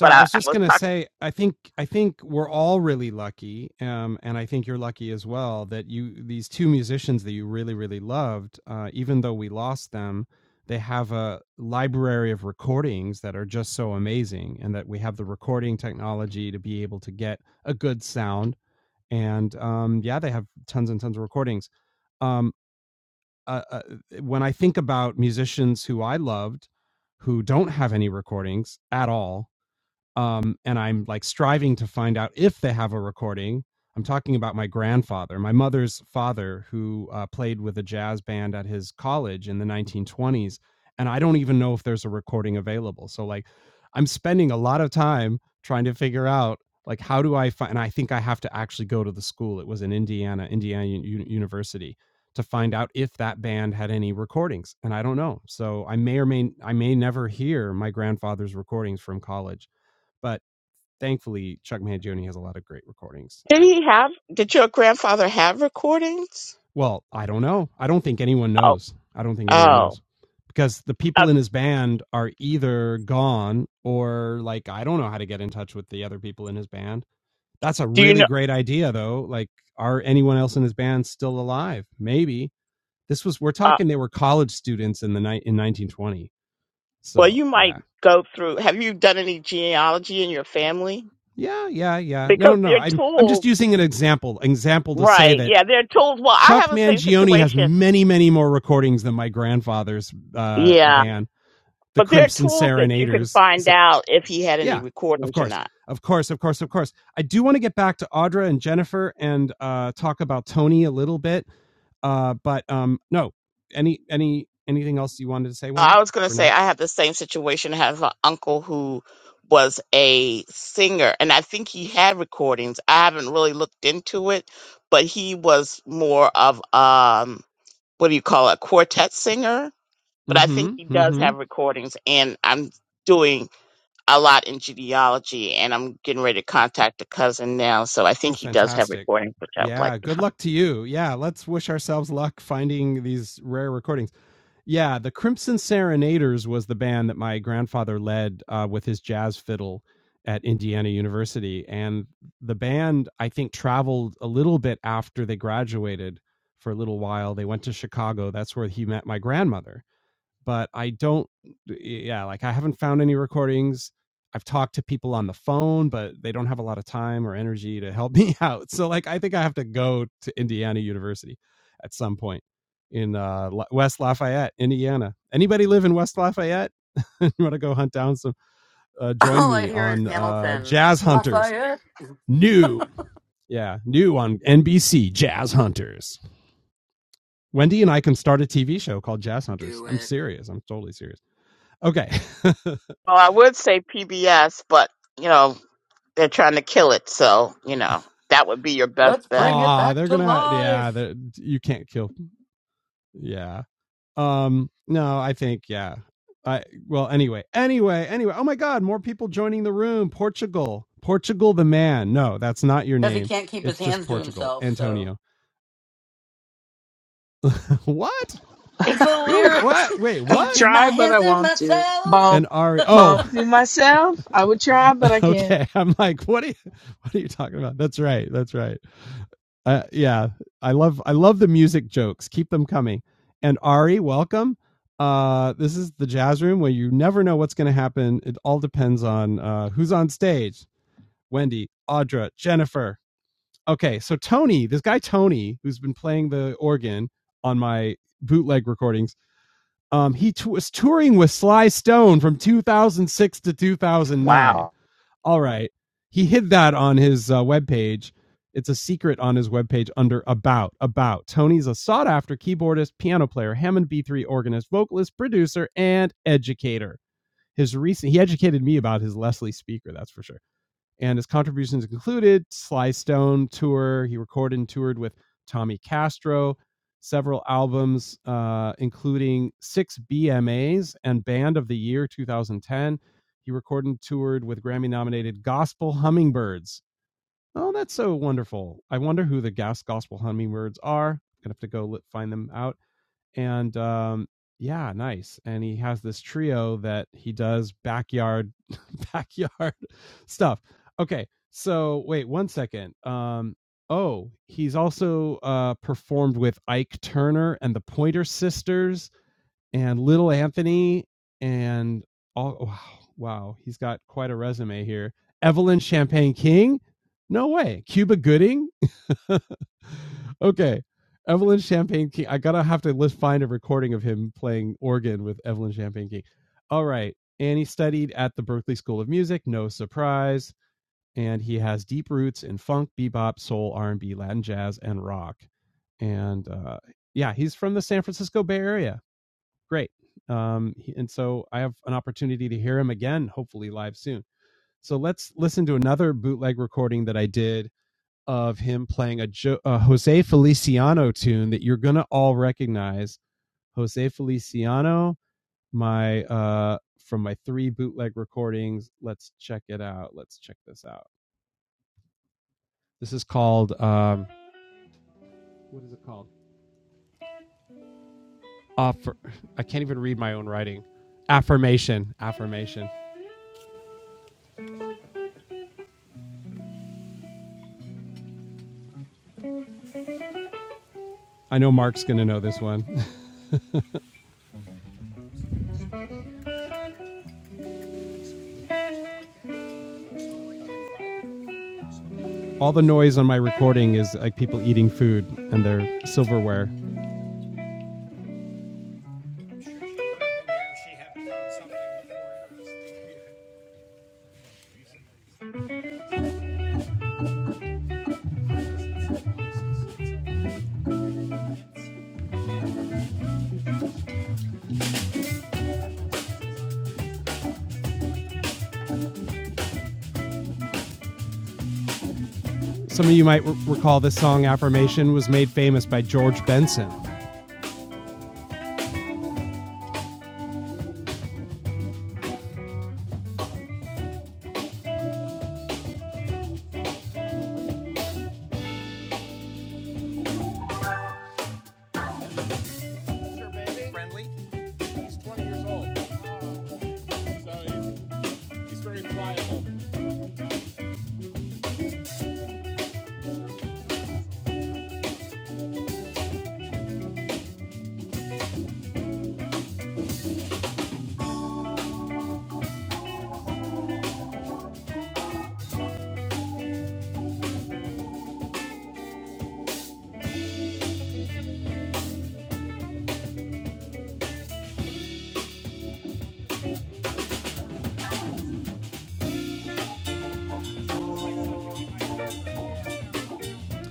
Speaker 4: but I,
Speaker 1: i was
Speaker 4: I
Speaker 1: just
Speaker 4: was
Speaker 1: gonna
Speaker 4: talking.
Speaker 1: say i think i think we're all really lucky um and i think you're lucky as well that you these two musicians that you really really loved uh even though we lost them they have a library of recordings that are just so amazing and that we have the recording technology to be able to get a good sound and um yeah they have tons and tons of recordings Um, uh, uh, when I think about musicians who I loved who don't have any recordings at all, um, and I'm like striving to find out if they have a recording. I'm talking about my grandfather, my mother's father, who uh, played with a jazz band at his college in the 1920s, and I don't even know if there's a recording available. So like, I'm spending a lot of time trying to figure out like how do I find. And I think I have to actually go to the school. It was in Indiana, Indiana U- University, to find out if that band had any recordings, and I don't know. So I may or may I may never hear my grandfather's recordings from college but thankfully, Chuck Mangione has a lot of great recordings.
Speaker 4: Did
Speaker 1: Yeah.
Speaker 4: he have? Did your grandfather have recordings?
Speaker 1: Well, I don't know. I don't think anyone
Speaker 4: Oh,
Speaker 1: knows. I don't think anyone
Speaker 4: Oh,
Speaker 1: knows because the
Speaker 4: uh,
Speaker 1: people in his band are either gone or like I don't know how to get in touch with the other people in his band. That's a
Speaker 4: do you
Speaker 1: really
Speaker 4: know?
Speaker 1: great idea though. Like are anyone else in his band still alive? Maybe. This was we're
Speaker 4: Uh,
Speaker 1: talking they were college students in the night in 1920.
Speaker 4: well, you
Speaker 1: So,
Speaker 4: might
Speaker 1: yeah.
Speaker 4: go through. Have you done any genealogy in your family?
Speaker 1: Yeah, yeah, yeah. No,
Speaker 4: because
Speaker 1: no,
Speaker 4: they're
Speaker 1: I'm I'm just
Speaker 4: tools,
Speaker 1: using an example example to say
Speaker 4: right?
Speaker 1: that
Speaker 4: Yeah, they're tools. Well, I
Speaker 1: Chuck
Speaker 4: have the same
Speaker 1: Mangione has
Speaker 4: situation.
Speaker 1: many, many more recordings than my grandfather's uh,
Speaker 4: Yeah,
Speaker 1: band, the
Speaker 4: but they're
Speaker 1: Crimson
Speaker 4: tools that you can
Speaker 1: Serenaders.
Speaker 4: find
Speaker 1: So
Speaker 4: out if If he had any
Speaker 1: yeah, of
Speaker 4: recordings or
Speaker 1: course,
Speaker 4: not.
Speaker 1: of course, of course, of course. I do want to get back to Audra and Jennifer and uh, talk about Tony a little bit, uh, but um, no, any any anything else you wanted to say,
Speaker 4: I
Speaker 1: Wendy?
Speaker 4: was going to
Speaker 1: For
Speaker 4: say
Speaker 1: now,
Speaker 4: I have the same situation. I have an uncle who was a singer, and I think he had recordings. I haven't really looked into it, but he was more of um, what do you call it, a quartet singer? But I
Speaker 1: mm-hmm,
Speaker 4: think he does
Speaker 1: mm-hmm.
Speaker 4: have recordings, and I'm doing a lot in genealogy, and I'm getting ready to contact a cousin now, so I think
Speaker 1: Oh,
Speaker 4: he does have
Speaker 1: fantastic.
Speaker 4: recordings, which I would like
Speaker 1: Yeah,
Speaker 4: to
Speaker 1: good
Speaker 4: find.
Speaker 1: luck to you. Yeah, let's wish ourselves luck finding these rare recordings. Yeah, the Crimson Serenaders was the band that my grandfather led uh, with his jazz fiddle at Indiana University. And the band, I think, traveled a little bit after they graduated for a little while. They went to Chicago. That's where he met my grandmother but I don't yeah, like I haven't found any recordings. I've talked to people on the phone, but they don't have a lot of time or energy to help <laughs> me out. So like I think I have to go to Indiana University at some point in uh West Lafayette, Indiana. Anybody live in West Lafayette? <laughs> you want to go hunt down some uh
Speaker 3: <laughs>
Speaker 1: join
Speaker 3: All I
Speaker 1: me
Speaker 3: hear is
Speaker 1: on uh
Speaker 3: Hamilton.
Speaker 1: Jazz Hunters.
Speaker 3: Lafayette,
Speaker 1: New. Yeah, new on NBC Jazz Hunters. Wendy and I can start a TV show called Jazz Hunters.
Speaker 3: do
Speaker 1: I'm
Speaker 3: it.
Speaker 1: serious. I'm totally serious. Okay. <laughs>
Speaker 4: Well, I would say PBS, but you know. they're trying to kill it. So, you know, that would be your best
Speaker 3: Let's
Speaker 4: bet.
Speaker 3: bring it
Speaker 1: Ah,
Speaker 3: back
Speaker 1: they're
Speaker 3: to
Speaker 1: gonna. Yeah,
Speaker 3: life.
Speaker 1: they're, you can't kill. Yeah. Um. No, I think. Yeah. I. Well. Anyway. Anyway. Anyway. Oh my God! More people joining the room. Portugal. Portugal the man. No, that's not your
Speaker 3: Because he
Speaker 1: name.
Speaker 3: can't keep his
Speaker 1: It's just
Speaker 3: hands to
Speaker 1: Portugal.
Speaker 3: himself, so
Speaker 1: Antonio. <laughs> what?
Speaker 3: it's a
Speaker 1: Who are we,
Speaker 3: lyric.
Speaker 1: what? Wait.
Speaker 3: <laughs> can't
Speaker 1: What?
Speaker 3: keep my
Speaker 2: Try, but
Speaker 3: hands
Speaker 2: I
Speaker 3: to
Speaker 2: won't do
Speaker 3: myself.
Speaker 1: And
Speaker 2: Bump,
Speaker 1: Ari.
Speaker 3: <laughs>
Speaker 1: Oh.
Speaker 2: bump to myself. I would try, but I
Speaker 1: <laughs>
Speaker 2: can't.
Speaker 1: okay. I'm like, what are you? <laughs> What are you talking about? That's right. That's right. Uh, yeah, I love I love the music jokes. Keep them coming. And Ari, welcome. Uh, this is the jazz room where you never know what's going to happen. It all depends on uh, who's on stage. Wendy, Audra, Jennifer. Okay, so Tony, this guy Tony, who's been playing the organ on my bootleg recordings, um, he t- was touring with Sly Stone from 2006 to 2009
Speaker 2: Wow.
Speaker 1: all right. He hid that on his uh, webpage. It's a secret on his webpage under About. About. Tony's a sought after keyboardist, piano player, Hammond B3 organist, vocalist, producer, and educator. His recent, he educated me about his Leslie speaker, that's for sure. And his contributions included Sly Stone tour. He recorded and toured with Tommy Castro, several albums, uh, including six BMAs and Band of the Year 2010. He recorded and toured with Grammy nominated Gospel Hummingbirds. Oh, that's so wonderful. I wonder who the Gas Gospel Hummingbirds are. Gonna have to go find them out and um yeah nice and he has this trio that he does backyard <laughs> backyard stuff okay so wait one second um oh he's also uh performed with ike turner and the pointer sisters and little Anthony and all oh, wow, wow, he's got quite a resume here. Evelyn Champagne King? No way. Cuba Gooding? <laughs> okay. Evelyn Champagne King. I gotta have to list, find a recording of him playing organ with Evelyn Champagne King. All right. And he studied at the Berklee School of Music, no surprise. And he has deep roots in funk, bebop, soul, R&B, Latin jazz, and rock. And uh, yeah, he's from the San Francisco Bay Area great. Um, and so I have an opportunity to hear him again, hopefully live soon. So let's listen to another bootleg recording that I did of him playing a, jo- a Jose Feliciano tune that you're gonna all recognize. Jose Feliciano, my uh, from my three bootleg recordings. Let's check it out. Let's check this out. This is called um, what is it called? Offer. I can't even read my own writing. Affirmation. Affirmation. I know Mark's gonna know this one. All the noise on my recording is like people eating food and their silverware. Some of you might r- recall this song Affirmation was made famous by George Benson.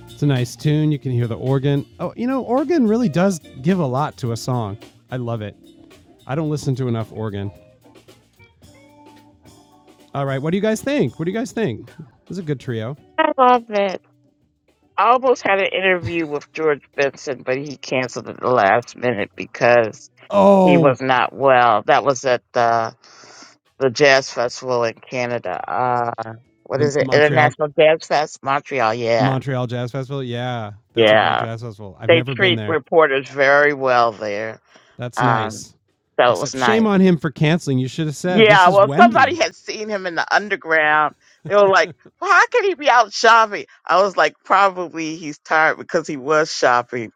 Speaker 1: It's a nice tune. You can hear the organ. Oh, you know, organ really does give a lot to a song. I love it. I don't listen to enough organ. All right, what do you guys think? What do you guys think? This is a good trio.
Speaker 4: I love it. I almost had an interview with George Benson, but he canceled at the last minute because he was
Speaker 1: Oh,
Speaker 4: not well. That was at the the jazz festival in Canada. Uh, what
Speaker 1: the
Speaker 4: is it?
Speaker 1: Montreal
Speaker 4: International Jazz Fest, Montreal. Yeah,
Speaker 1: Montreal Jazz Festival. Yeah, that's a great
Speaker 4: yeah.
Speaker 1: jazz festival. I've
Speaker 4: They
Speaker 1: never been
Speaker 4: treat
Speaker 1: there.
Speaker 4: reporters very well there.
Speaker 1: That's
Speaker 4: Um,
Speaker 1: nice.
Speaker 4: so it was
Speaker 1: Except
Speaker 4: nice.
Speaker 1: shame on him for canceling. You should have said, This
Speaker 4: Yeah,
Speaker 1: is
Speaker 4: well, somebody
Speaker 1: Wendy.
Speaker 4: had seen him in the underground. They were like, well, how could he be out shopping? I was like, probably he's tired because he was shopping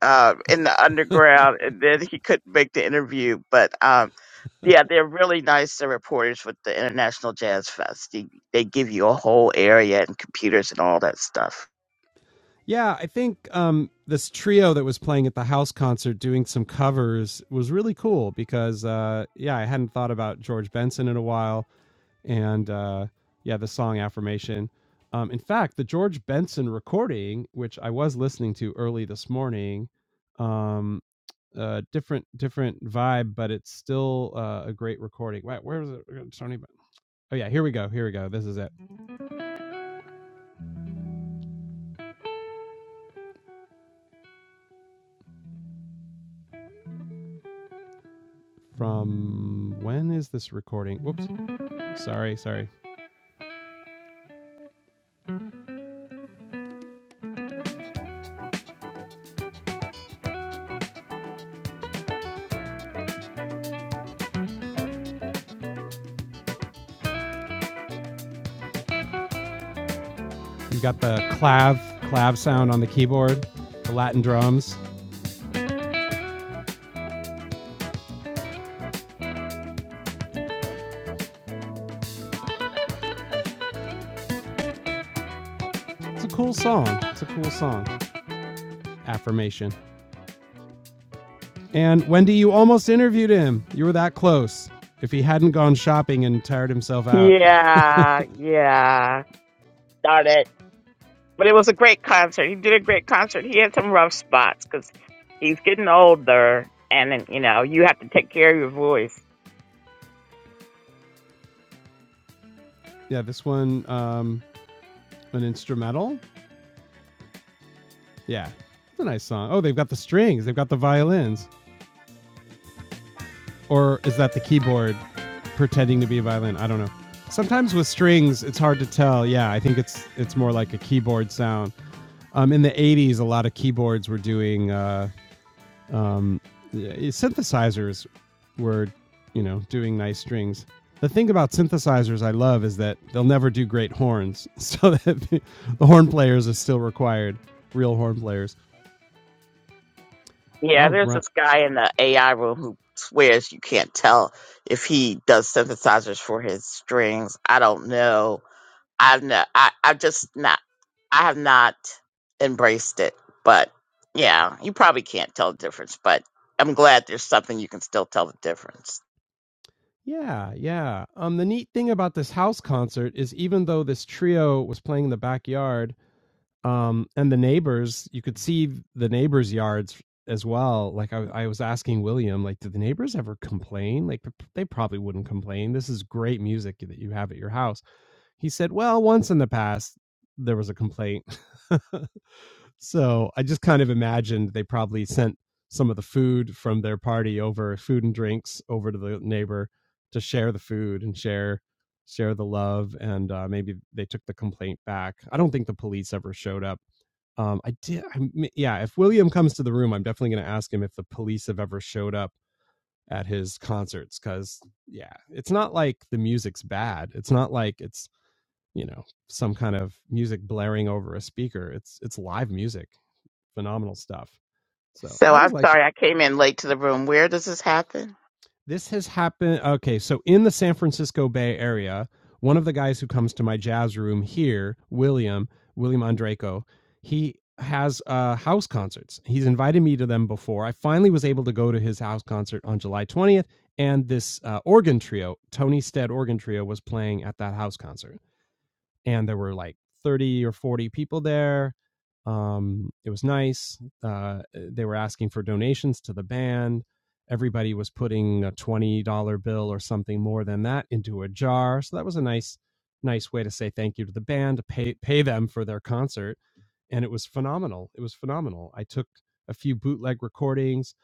Speaker 4: um, in the underground and then he couldn't make the interview. But um, yeah, they're really nice, the reporters with the International Jazz Fest. They, they give you a whole area and computers and all that stuff.
Speaker 1: Yeah, I think um, this trio that was playing at the house concert doing some covers was really cool because, uh, yeah, I hadn't thought about George Benson in a while. And uh, yeah, the song Affirmation. Um, in fact, the George Benson recording, which I was listening to early this morning, um, uh, different different vibe, but it's still uh, a great recording. Wait, where was it? Tony, Oh yeah, here we go. Here we go. This is it. From when is this recording? Whoops. Sorry, sorry. You got the clav clav sound on the keyboard, the Latin drums. It's a cool song. It's a cool song. Affirmation. And Wendy, you almost interviewed him. You were that close. If he hadn't gone shopping and tired himself out.
Speaker 4: Yeah, yeah. Darn it. But it was a great concert. He did a great concert. He had some rough spots because he's getting older, and then, you know you have to take care of your voice.
Speaker 1: <laughs> yeah, this one um an instrumental Yeah. It's a nice song. Oh, they've got the strings, they've got the violins. Or is that the keyboard pretending to be a violin? I don't know. Sometimes with strings, it's hard to tell. Yeah, I think it's it's more like a keyboard sound. Um, in the 80s, a lot of keyboards were doing uh, um, yeah, synthesizers were, you know, doing nice strings. The thing about synthesizers I love is that they'll never do great horns, <laughs> so that the horn players are still required, real horn players.
Speaker 4: Yeah,
Speaker 1: All
Speaker 4: there's
Speaker 1: right.
Speaker 4: this guy in the AI room who swears you can't tell if he does synthesizers for his strings. I don't know. I've not. I I've just not. I have not embraced it. But yeah, you probably can't tell the difference. But I'm glad there's something you can still tell the difference.
Speaker 1: Yeah, yeah. Um, the neat thing about this house concert is even though this trio was playing in the backyard, um, and the neighbors, you could see the neighbors' yards as well. Like I, I was asking William, like, did the neighbors ever complain? Like, p- they probably wouldn't complain. This is great music that you have at your house. He said, Well, once in the past, there was a complaint. <laughs> so I just kind of imagined they probably sent some of the food from their party over, food and drinks over to the neighbor to share the food and share share the love and uh, maybe they took the complaint back i don't think the police ever showed up um, i did I, m- yeah if william comes to the room i'm definitely going to ask him if the police have ever showed up at his concerts because yeah it's not like the music's bad it's not like it's you know some kind of music blaring over a speaker it's it's live music phenomenal stuff so
Speaker 4: So
Speaker 1: i was
Speaker 4: I'm
Speaker 1: like
Speaker 4: sorry I came in late to the room. Where does this happen?
Speaker 1: this has happened okay so in the san francisco bay area one of the guys who comes to my jazz room here william william andreco he has uh house concerts he's invited me to them before i finally was able to go to his house concert on july 20th and this uh, organ trio tony stead organ trio was playing at that house concert and there were like 30 or 40 people there um it was nice uh they were asking for donations to the band everybody was putting a $20 bill or something more than that into a jar so that was a nice nice way to say thank you to the band to pay pay them for their concert and it was phenomenal. It was phenomenal. I took a few bootleg recordings.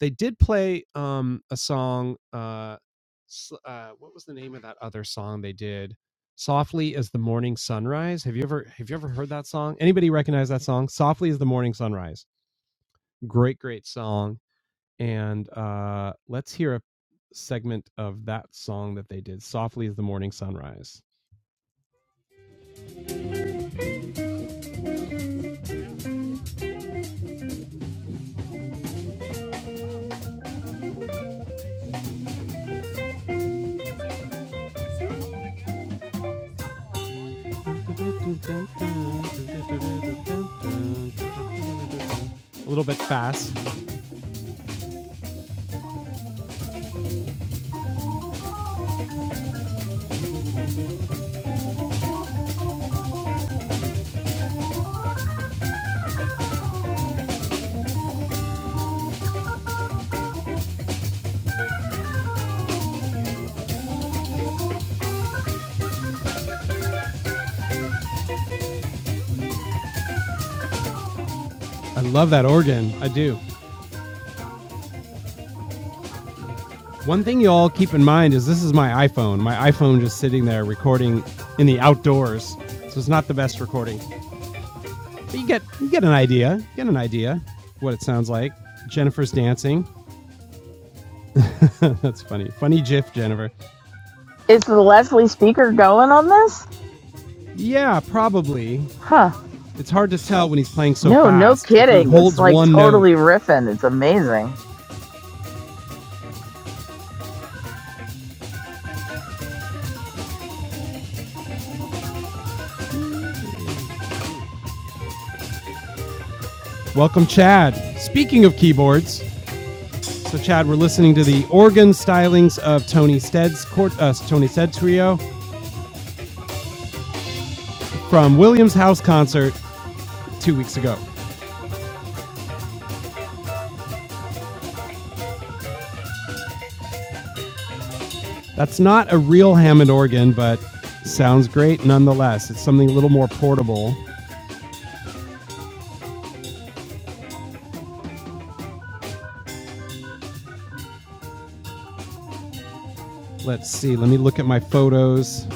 Speaker 1: They did play um, a song. Uh, uh, what was the name of that other song they did? Softly as the morning sunrise. Have you ever have you ever heard that song? Anybody recognize that song? Softly as the morning sunrise. Great, great song. And uh, let's hear a segment of that song that they did. Softly as the morning sunrise. A little bit fast. I love that organ. I do. One thing you all keep in mind is this is my iPhone. My iPhone just sitting there recording in the outdoors. So it's not the best recording. But you get you get an idea. You get an idea what it sounds like. Jennifer's dancing. <laughs> That's funny. Funny GIF, Jennifer.
Speaker 2: Is the Leslie speaker going on this?
Speaker 1: Yeah, probably.
Speaker 2: Huh.
Speaker 1: It's hard to tell when he's playing so
Speaker 2: No, no
Speaker 1: fast. If he
Speaker 2: kidding. It's
Speaker 1: holds
Speaker 2: like
Speaker 1: one note.
Speaker 2: totally riffing. It's amazing.
Speaker 1: Welcome, Chad. Speaking of keyboards, So, Chad, we're listening to the organ stylings of Tony Stead's court, uh, Tony Stead Trio from Williams House concert two weeks ago. That's not a real Hammond organ, but sounds great nonetheless. It's something a little more portable. Let's see. Let me look at my photos.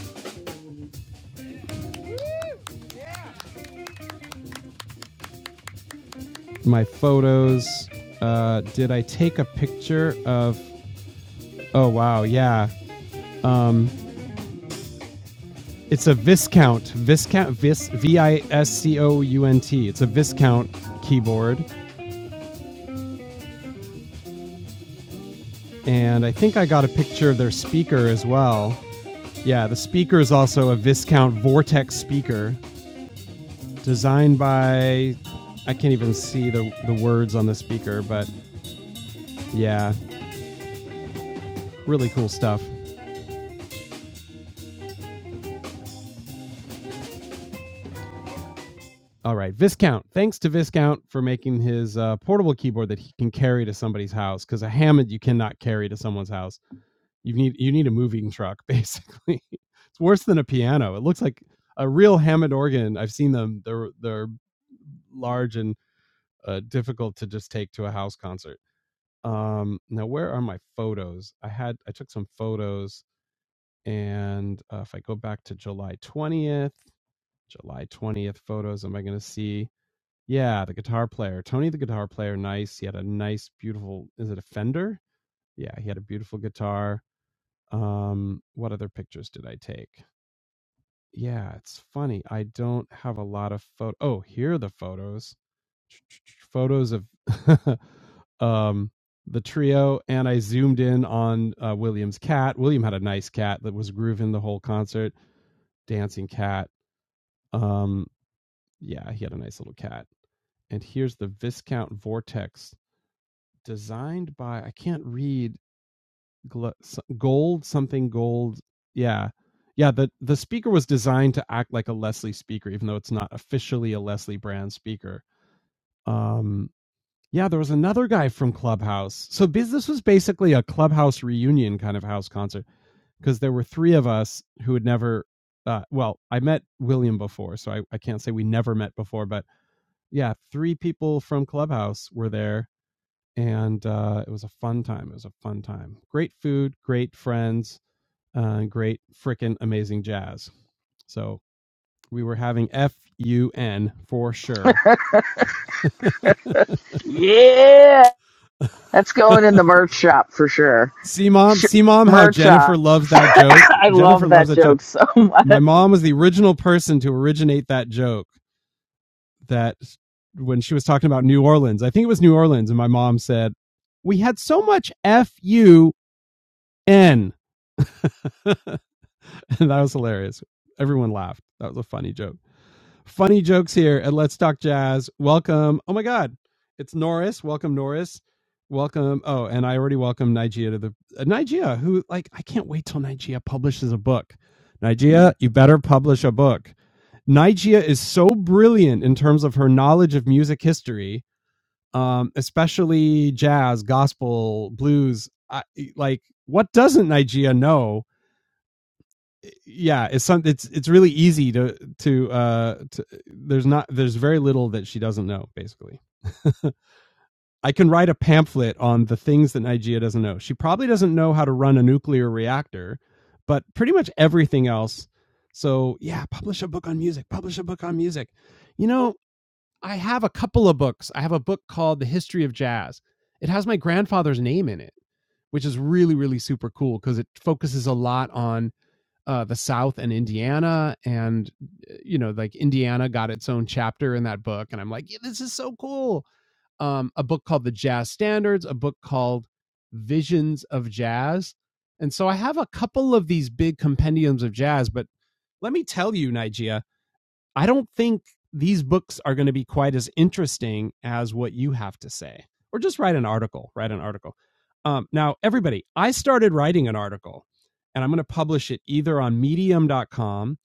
Speaker 1: My photos. Uh, did I take a picture of? Oh wow, yeah. Um, it's a Viscount. Viscount. Vis. V i s c o u n t. It's a Viscount keyboard. And I think I got a picture of their speaker as well. Yeah, the speaker is also a Viscount Vortex speaker designed by. I can't even see the, the words on the speaker, but yeah, really cool stuff. All right, Viscount. Thanks to Viscount for making his uh, portable keyboard that he can carry to somebody's house because a Hammond you cannot carry to someone's house. You need you need a moving truck basically. <laughs> it's worse than a piano. It looks like a real Hammond organ. I've seen them. They're they're large and uh, difficult to just take to a house concert. Um, now where are my photos? I had I took some photos and uh, if I go back to July twentieth, July twentieth photos, am I going to see? Yeah, the guitar player. Tony the guitar player, nice. He had a nice, beautiful is it a Fender? Yeah, he had a beautiful guitar. Um, what other pictures did I take? Yeah, it's funny. I don't have a lot of photo oh, here are the photos. <tsk> Photos of <laughs> um the trio and I zoomed in on uh, William's cat. William had a nice cat that was grooving the whole concert, dancing cat. Um yeah, he had a nice little cat and here's the Viscount Vortex designed by I can't read so- gold something gold. Yeah. Yeah, the the speaker was designed to act like a Leslie speaker even though it's not officially a Leslie brand speaker. Um yeah, there was another guy from Clubhouse. So this was basically a Clubhouse reunion kind of house concert because there were three of us who had never uh, well i met william before so I, I can't say we never met before but yeah three people from clubhouse were there and uh, it was a fun time. It was a fun time. Great food, great friends, uh, great freaking amazing jazz. So we were having F U N for sure. <laughs>
Speaker 2: Yeah, that's going in the merch shop for sure.
Speaker 1: See mom,
Speaker 2: Sh-
Speaker 1: see mom, how
Speaker 2: merch
Speaker 1: Jennifer
Speaker 2: shop.
Speaker 1: loves that
Speaker 2: <laughs>
Speaker 1: joke.
Speaker 2: I
Speaker 1: Jennifer
Speaker 2: love
Speaker 1: loves
Speaker 2: that
Speaker 1: that joke.
Speaker 2: joke so <laughs>
Speaker 1: My
Speaker 2: much.
Speaker 1: mom was the original person to originate that joke. That when she was talking about New Orleans, I think it was New Orleans, and my mom said, "We had so much fun." <laughs> and that was hilarious. Everyone laughed. That was a funny joke. Funny jokes here at Let's Talk Jazz. Welcome. Oh my God. It's Norris. Welcome, Norris. Welcome. Oh, and I already welcome Nigeria to the uh, Nigeria, who like I can't wait till Nigeria publishes a book. Nigeria, you better publish a book. Nigeria is so brilliant in terms of her knowledge of music history, um, especially jazz, gospel, blues. I, like, what doesn't Nigeria know yeah, it's some it's it's really easy to to uh to, there's not there's very little that she doesn't know basically. <laughs> I can write a pamphlet on the things that Nigeria doesn't know. She probably doesn't know how to run a nuclear reactor, but pretty much everything else. So, yeah, publish a book on music, publish a book on music. You know, I have a couple of books. I have a book called The History of Jazz. It has my grandfather's name in it, which is really really super cool because it focuses a lot on uh, the South and Indiana, and eh, you know, like Indiana got its own chapter in that book, and I'm like, yeah, this is so cool. Um, a book called The Jazz Standards, a book called Visions of Jazz, and so I have a couple of these big compendiums of jazz. But let me tell you, Nigeria, I don't think these books are going to be quite as interesting as what you have to say. Or just write an article. Write an article. Um, now, everybody, I started writing an article and I'm going to publish it either on medium.com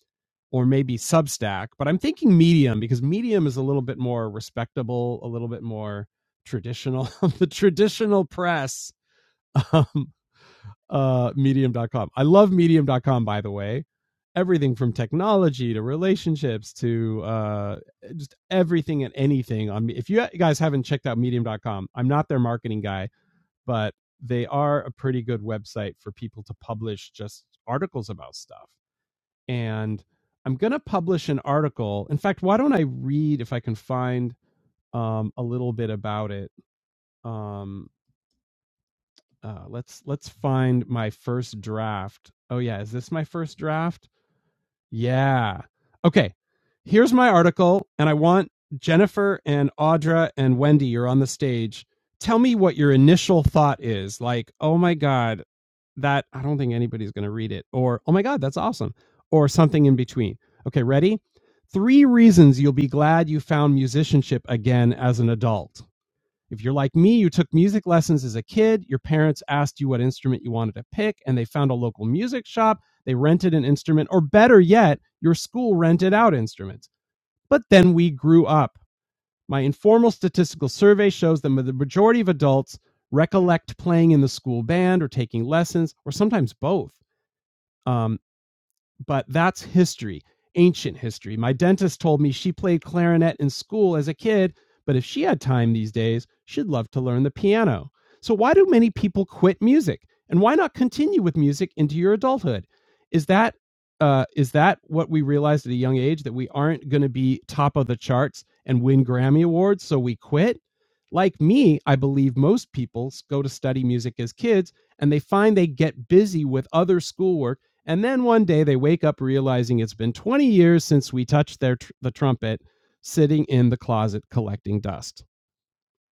Speaker 1: or maybe Substack, but I'm thinking Medium because Medium is a little bit more respectable, a little bit more traditional. <laughs> the traditional press um, uh, medium.com. I love medium.com, by the way. Everything from technology to relationships to uh, just everything and anything on me. If you guys haven't checked out medium.com, I'm not their marketing guy, but they are a pretty good website for people to publish just articles about stuff. And I'm going to publish an article. In fact, why don't I read if I can find um, a little bit about it? Um, uh, let's let's find my first draft. Oh yeah, is this my first draft? Yeah. Okay. Here's my article, and I want Jennifer and Audra and Wendy. You're on the stage. Tell me what your initial thought is. Like, oh my god, that I don't think anybody's going to read it, or oh my god, that's awesome, or something in between. Okay, ready? Three reasons you'll be glad you found musicianship again as an adult. If you're like me, you took music lessons as a kid, your parents asked you what instrument you wanted to pick, and they found a local music shop, they rented an instrument, or better yet, your school rented out instruments. But then we grew up. My informal statistical survey shows that the majority of adults recollect playing in the school band or taking lessons, or sometimes both. Um, but that's history, ancient history. My dentist told me she played clarinet in school as a kid, but if she had time these days, she'd love to learn the piano. So, why do many people quit music? And why not continue with music into your adulthood? Is that uh, is that what we realized at a young age that we aren't going to be top of the charts and win Grammy awards, so we quit? Like me, I believe most people go to study music as kids and they find they get busy with other schoolwork and then one day they wake up realizing it's been 20 years since we touched their tr- the trumpet sitting in the closet collecting dust.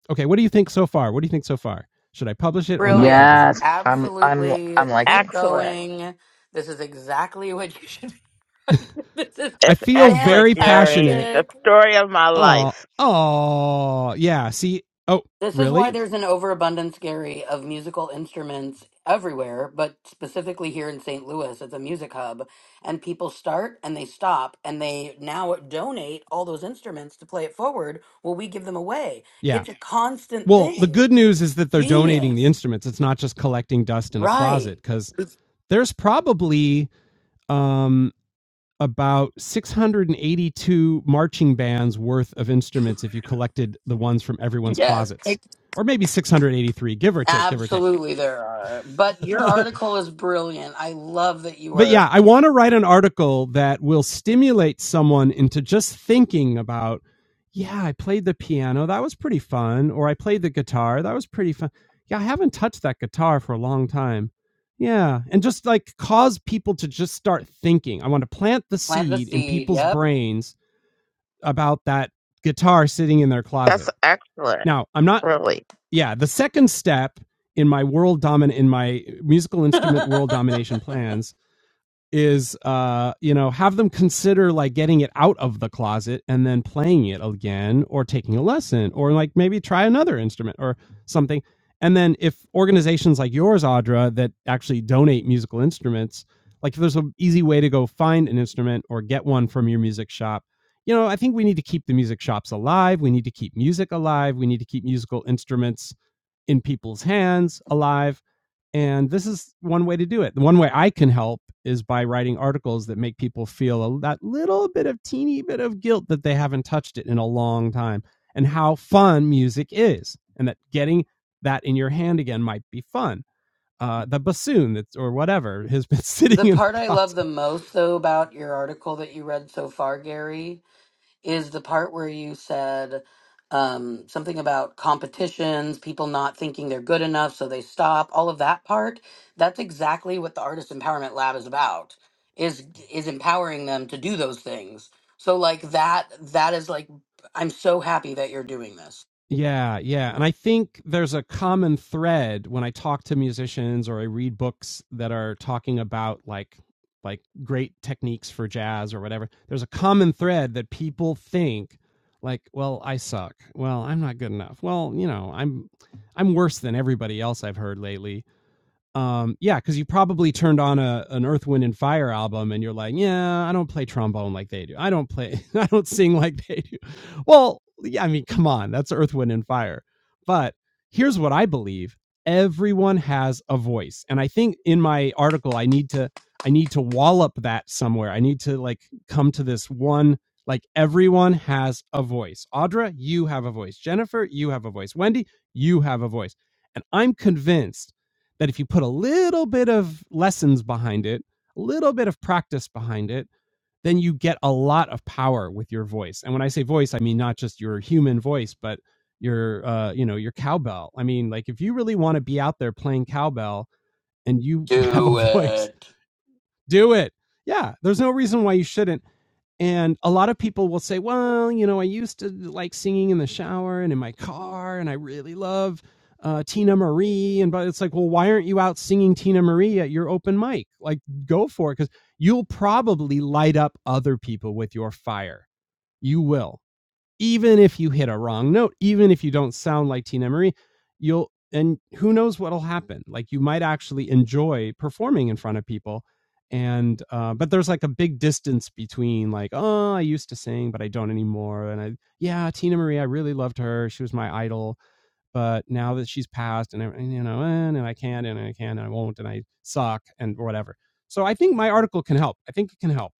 Speaker 1: Okay, what do you think so far? What do you think so far? Should I publish it or not publish
Speaker 3: Brilliant.
Speaker 1: it?
Speaker 2: Yes, I'm. I'm.
Speaker 3: Absolutely.
Speaker 2: I'm
Speaker 3: Keep
Speaker 2: liking.
Speaker 4: excellent.
Speaker 3: going. This is exactly <laughs> what you should be. <laughs> this is
Speaker 1: I
Speaker 4: It's
Speaker 1: feel
Speaker 4: excellent,
Speaker 1: very
Speaker 4: Gary.
Speaker 1: passionate
Speaker 4: The
Speaker 3: fantastic.
Speaker 4: story of my
Speaker 1: Oh,
Speaker 4: life.
Speaker 1: oh, yeah. See, oh,
Speaker 3: This is why
Speaker 1: really?
Speaker 3: there's an overabundance, Gary, of musical instruments everywhere, but specifically here in St. Louis, it's a music hub. And people start and they stop and they now donate all those instruments to play it forward. Well, we give them away.
Speaker 1: Yeah.
Speaker 3: It's a constant
Speaker 1: Well, the
Speaker 3: thing.
Speaker 1: good news is that they're donating the
Speaker 3: Genius.
Speaker 1: instruments. It's not just collecting dust in a
Speaker 3: Right.
Speaker 1: closet because there's probably um about 682 marching bands worth of instruments if you collected the ones from everyone's
Speaker 3: Yes.
Speaker 1: closets or maybe 683 give or take give or take
Speaker 3: Absolutely, there are. But
Speaker 1: <laughs>
Speaker 3: your
Speaker 1: but
Speaker 3: article is brilliant. I love that you
Speaker 1: yeah
Speaker 3: were
Speaker 1: i want to write an article that will stimulate someone into just thinking about yeah i played the piano that was pretty fun or i played the guitar that was pretty fun yeah i haven't touched that guitar for a long time yeah and just like cause people to just start thinking i want to plant the
Speaker 3: plant the
Speaker 1: seed in
Speaker 3: seed.
Speaker 1: people's
Speaker 3: Yep.
Speaker 1: brains about that guitar sitting in their
Speaker 4: That's
Speaker 1: closet.
Speaker 4: excellent,
Speaker 1: Now, I'm not
Speaker 4: really.
Speaker 1: yeah, the second step in my world domin in my musical
Speaker 3: <laughs>
Speaker 1: instrument
Speaker 3: the
Speaker 1: world domination plans is uh you know have them consider like getting it out of the closet and then playing it again or taking a lesson or like maybe try another instrument or something and then if organizations like yours audra that actually donate musical instruments like if there's an easy way to go find an instrument or get one from your music shop you know i think we need to keep the music shops alive we need to keep music alive we need to keep musical instruments in people's hands alive and this is one way to do it. The one way I can help is by writing articles that make people feel a, that little bit of teeny bit of guilt that they haven't touched it in a long time and how fun music is and that getting that in your hand again might be fun uh, the bassoon that's or whatever has been <laughs> sitting in
Speaker 3: part
Speaker 1: the
Speaker 3: I love the
Speaker 1: closet.
Speaker 3: most, though, about your article that you read so far, Gary, is the part where you said um, something about competitions, people not thinking they're good enough, so they stop. All of that part. That's exactly what the Artist Empowerment Lab is about. Is is empowering them to do those things. So like that. That is like I'm so happy that you're doing this.
Speaker 1: Yeah, yeah. And I think there's a common thread when I talk to musicians or I read books that are talking about like like great techniques for jazz or whatever. There's a common thread that people think like, well, I suck. Well, I'm not good enough. Well, you know, I'm I'm worse than everybody else I've heard lately um yeah because you probably turned on a an earth wind and fire album and you're like yeah i don't play trombone like they do i don't play <laughs> i don't sing like they do well yeah i mean come on that's earth wind and fire but here's what i believe everyone has a voice and i think in my article i need to i need to wallop that somewhere i need to like come to this one like everyone has a voice audra you have a voice jennifer you have a voice wendy you have a voice and i'm convinced that if you put a little bit of lessons behind it, a little bit of practice behind it, then you get a lot of power with your voice. And when I say voice, I mean not just your human voice, but your uh, you know, your cowbell. I mean, like if you really want to be out there playing cowbell and you <laughs> have a
Speaker 3: Do
Speaker 1: voice
Speaker 3: it.
Speaker 1: do it. Yeah, there's no reason why you shouldn't. And a lot of people will say, well, you know, I used to like singing in the shower and in my car, and I really love uh, Tina Marie. And but it's like, well, why aren't you out singing Tina Marie at your open mic? Like, go for it because you'll probably light up other people with your fire. You will even if you hit a wrong note, even if you don't sound like Tina Marie, you'll and who knows what'll happen. Like you might actually enjoy performing in front of people. And uh, but there's like a big distance between like, oh, I used to sing, but I don't anymore. And I yeah, Tina Marie, I really loved her. She was my idol. But now that she's passed and, I- you know, and, and I can't and I can not and I won't and I suck and whatever. So I think my article can help. I think it can help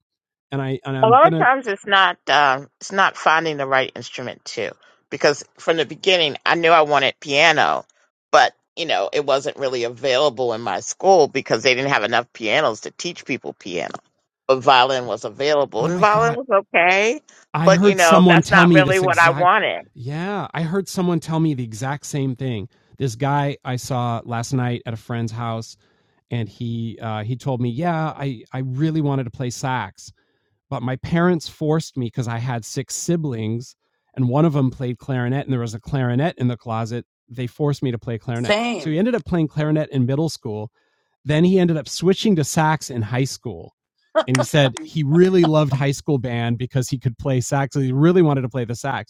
Speaker 1: and I and
Speaker 4: A
Speaker 1: I'm
Speaker 4: lot of
Speaker 1: gonna.
Speaker 4: times it's not um, it's not finding the right instrument too, because from the beginning I knew I wanted piano, but you know it wasn't really available in my school because they didn't have enough pianos to teach people piano. But violin was available,
Speaker 1: Oh
Speaker 4: and
Speaker 1: my
Speaker 4: violin
Speaker 1: god!
Speaker 4: was okay,
Speaker 1: I
Speaker 4: but you
Speaker 1: heard
Speaker 4: know
Speaker 1: someone
Speaker 4: that's
Speaker 1: tell
Speaker 4: not
Speaker 1: me
Speaker 4: really
Speaker 1: this
Speaker 4: what I
Speaker 1: exact.
Speaker 4: wanted.
Speaker 1: Yeah, I heard someone tell me the exact same thing. This guy I saw last night at a friend's house, and he uh, he told me, yeah, I I really wanted to play sax, but my parents forced me because I had six siblings and one of them played clarinet and there was a clarinet in the closet. They forced me to play clarinet. So he
Speaker 3: Same.
Speaker 1: ended up playing clarinet in middle school. Then he ended up switching to sax in high school. And he said he really loved high school band because he could play sax. He really wanted to play the sax.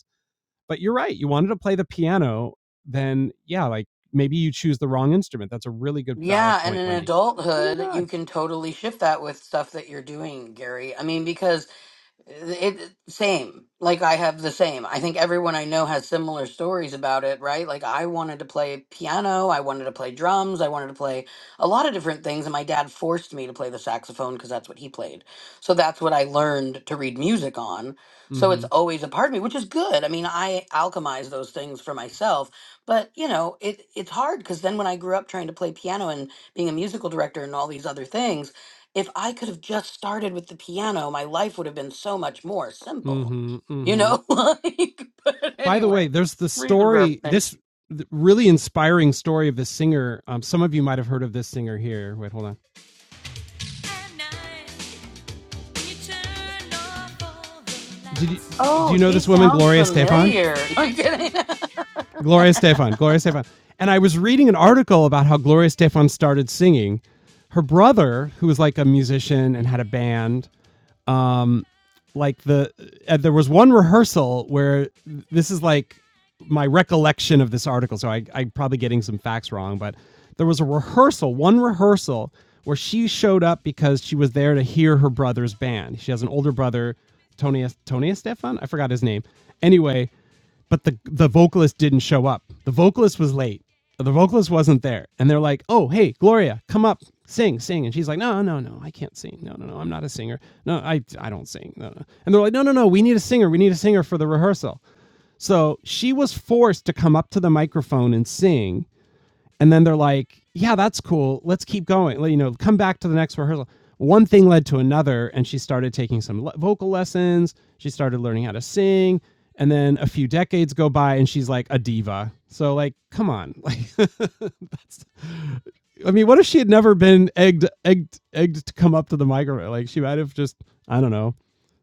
Speaker 1: But you're right. You wanted to play the piano, then yeah, like maybe you choose the wrong instrument. That's a really good valid
Speaker 3: Yeah, and
Speaker 1: point,
Speaker 3: in
Speaker 1: Wendy. Oh my
Speaker 3: adulthood, you
Speaker 1: god.
Speaker 3: can totally shift that with stuff that you're doing, Gary. I mean, because It same. Like I have the same. I think everyone I know has similar stories about it, right? Like I wanted to play piano, I wanted to play drums, I wanted to play a lot of different things, and my dad forced me to play the saxophone because that's what he played. So that's what I learned to read music on. So it's
Speaker 1: Mhm.
Speaker 3: always a part of me, which is good. I mean, I alchemize those things for myself, but you know, it it's hard because then when I grew up trying to play piano and being a musical director and all these other things if I could have just started with the piano, my life would have been so much more simple.
Speaker 1: Mhm.
Speaker 3: You
Speaker 1: Mhm.
Speaker 3: know, <laughs> like, but
Speaker 1: By the way,
Speaker 3: anyway,
Speaker 1: there's the
Speaker 3: reason for
Speaker 1: story
Speaker 3: everything.
Speaker 1: this th- really inspiring story of this singer. Um some of you might have heard of this singer here. Wait, hold on. Did you, do
Speaker 3: Oh,
Speaker 1: you know
Speaker 3: she
Speaker 1: this woman,
Speaker 3: sounds
Speaker 1: Gloria Stefan?
Speaker 3: familiar. <laughs> No, I'm kidding. <laughs>
Speaker 1: Gloria Stefan, Gloria Stefan. And I was reading an article about how Gloria Stefan started singing. Her brother, who was like a musician and had a band, um, like the uh, there was one rehearsal where this is like my recollection of this article so I, i'm probably getting some facts wrong but there was a rehearsal one rehearsal where she showed up because she was there to hear her brother's band she has an older brother tony tony stefan i forgot his name anyway but the the vocalist didn't show up. The vocalist was late. The vocalist wasn't there, and they're like, "Oh, hey, Gloria, come up, sing, sing." And she's like, "No, no, no, I can't sing. No, no, no, I'm not a singer. No, I I don't sing. No, no." And they're like, "No, no, no, we need a singer. We need a singer for the rehearsal." So she was forced to come up to the microphone and sing, and then they're like, "Yeah, that's cool. Let's keep going. Let- You know, come back to the next rehearsal." One thing led to another, and she started taking some le- vocal lessons. She started learning how to sing, and then a few decades go by, and she's like a diva. So, like, come on, like, <laughs> that's. I mean, what if she had never been egged, egged, egged to come up to the microphone? Like, she might have just, I don't know,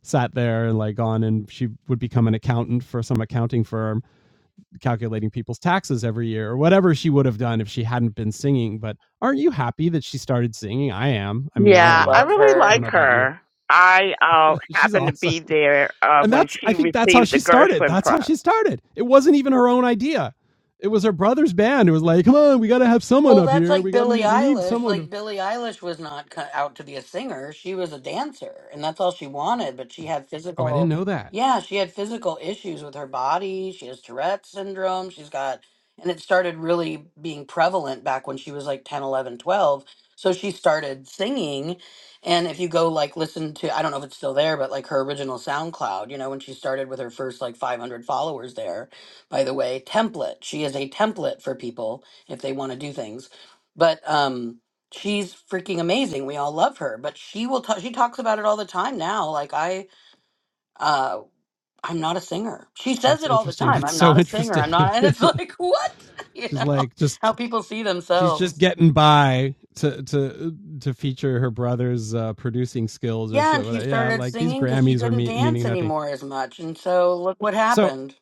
Speaker 1: sat there and like gone, and she would become an accountant for some accounting firm calculating people's taxes every year or whatever she would have done if she hadn't been singing. But aren't you happy that she started singing? I am. I mean, I
Speaker 3: I
Speaker 1: don't
Speaker 4: Yeah, I
Speaker 1: know.
Speaker 3: love
Speaker 4: really
Speaker 1: I don't
Speaker 3: her.
Speaker 4: like
Speaker 1: know about you.
Speaker 4: her. I uh,
Speaker 1: <laughs> She's
Speaker 4: happened to
Speaker 1: awesome.
Speaker 4: be there uh,
Speaker 1: And
Speaker 4: when
Speaker 1: that's, I
Speaker 4: she
Speaker 1: think that's how
Speaker 4: received the
Speaker 1: she started.
Speaker 4: Gershwin
Speaker 1: That's
Speaker 4: Prize.
Speaker 1: how she started. It wasn't even her own idea. It was her brother's band. It was like, come on, we got to have someone
Speaker 3: Well,
Speaker 1: up
Speaker 3: that's
Speaker 1: here. We
Speaker 3: like
Speaker 1: got to
Speaker 3: Billie
Speaker 1: need, we need
Speaker 3: Eilish.
Speaker 1: someone to
Speaker 3: Like Billie Eilish was not cut out to be a singer; she was a dancer, and that's all she wanted. But she had
Speaker 1: Oh, I didn't
Speaker 3: physical,
Speaker 1: know that.
Speaker 3: yeah, she had physical issues with her body. She has Tourette syndrome. She's got, and it started really being prevalent back when she was like 10, 11, 12. So she started singing, and if you go like listen to, I don't know if it's still there, but like her original SoundCloud, you know, when she started with her first like 500 followers there. By the way, template. She is a template for people if they want to do things. But um, she's freaking amazing. We all love her. But she will. ta she talks about it all the time now. Like I, uh, I'm not a singer. She says
Speaker 1: That's
Speaker 3: it all the
Speaker 1: interesting. <laughs>
Speaker 3: time.
Speaker 1: That's
Speaker 3: I'm
Speaker 1: so
Speaker 3: not a singer.
Speaker 1: interesting.
Speaker 3: I'm not. <laughs> And it's like <laughs> what <laughs>
Speaker 1: <laughs>
Speaker 3: you
Speaker 1: She's
Speaker 3: know
Speaker 1: like just
Speaker 3: how people see
Speaker 1: she's just
Speaker 3: themselves.
Speaker 1: getting by to to to feature her brother's uh, producing skills or
Speaker 3: Yeah,
Speaker 1: so.
Speaker 3: and she
Speaker 1: what- Yeah,
Speaker 3: started
Speaker 1: like these
Speaker 3: singing because she
Speaker 1: Grammys are
Speaker 3: couldn't
Speaker 1: me-
Speaker 3: dance
Speaker 1: meaning nothing.
Speaker 3: anymore as much, and so look what
Speaker 1: So
Speaker 3: happened.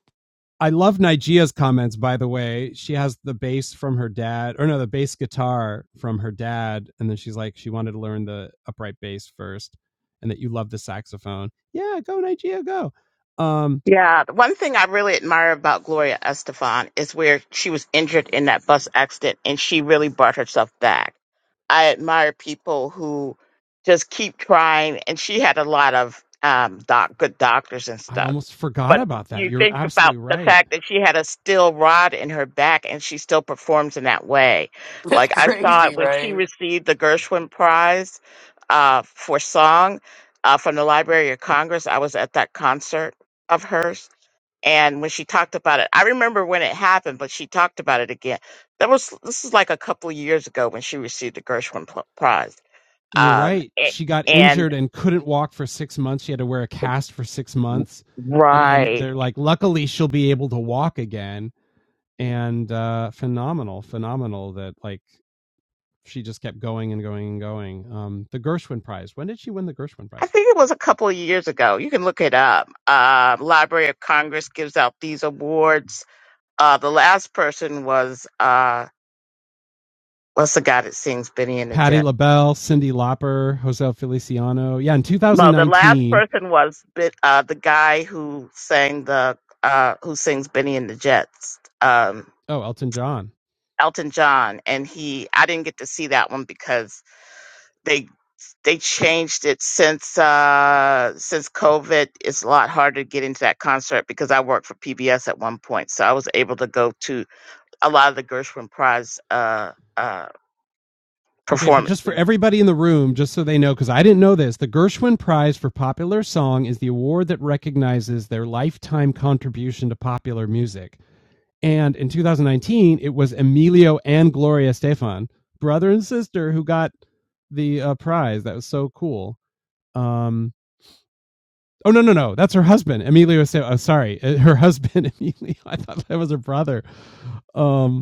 Speaker 1: I love Nigea's comments. By the way, she has the bass from her dad, or no, the bass guitar from her dad, and then she's like, she wanted to learn the upright bass first, and that you love the saxophone. Yeah, go Nigeria, go. Um,
Speaker 4: Yeah, the one thing I really admire about Gloria Estefan is where she was injured in that bus accident and she really brought herself back. I admire people who just keep trying, and she had a lot of um, doc, good doctors and
Speaker 1: I
Speaker 4: stuff.
Speaker 1: almost forgot
Speaker 4: But
Speaker 1: about that.
Speaker 4: you
Speaker 1: You're
Speaker 4: think about
Speaker 1: absolutely
Speaker 4: the
Speaker 1: right
Speaker 4: fact that she had a steel rod in her back and she still performs in that way.
Speaker 3: <laughs> That's
Speaker 4: Like I saw it
Speaker 3: crazy,
Speaker 4: when she
Speaker 3: right?
Speaker 4: received the Gershwin Prize uh, for song uh, from the Library of Congress. I was at that concert of hers and when she talked about it i remember when it happened but she talked about it again that was this is like a couple of years ago when she received the gershwin Pl- prize
Speaker 1: You're
Speaker 4: um
Speaker 1: right.
Speaker 4: a-
Speaker 1: She got
Speaker 4: and
Speaker 1: injured and couldn't walk for six months. She had to wear a cast for six months.
Speaker 4: right
Speaker 1: they're like, luckily, she'll be able to walk again. And uh, phenomenal, phenomenal that like she just kept going and going and going. Um, the Gershwin Prize. When did she win the Gershwin
Speaker 4: i
Speaker 1: Prize?
Speaker 4: think it was a couple of years ago you can look it up uh, library of congress gives out these awards uh the last person was uh what's the guy that sings benny and the jets
Speaker 1: Patti LaBelle, Cyndi Lauper, Jose Feliciano. Yeah, in
Speaker 4: Well, the last
Speaker 1: 2019.
Speaker 4: person was Bi- uh, the guy who sang the uh, who sings Benny and the Jets, um,
Speaker 1: Oh, Elton John.
Speaker 4: Elton John, and he. I didn't get to see that one because they they changed it since uh, since COVID. It's a lot harder to get into that concert because I worked for PBS at one point, so I was able to go to a lot of the Gershwin Prize uh, uh,
Speaker 1: Okay, but
Speaker 4: performances.
Speaker 1: just for everybody in the room, just so they know, because I didn't know this, the Gershwin Prize for Popular Song is the award that recognizes their lifetime contribution to popular music. And in 2019, it was Emilio and Gloria Estefan, brother and sister, who got the uh, prize. That was so cool. Um, oh, no, no, no. That's her husband, Emilio. Ste- oh, sorry. uh, Her <laughs> husband, Emilio. I thought that was her brother. Um,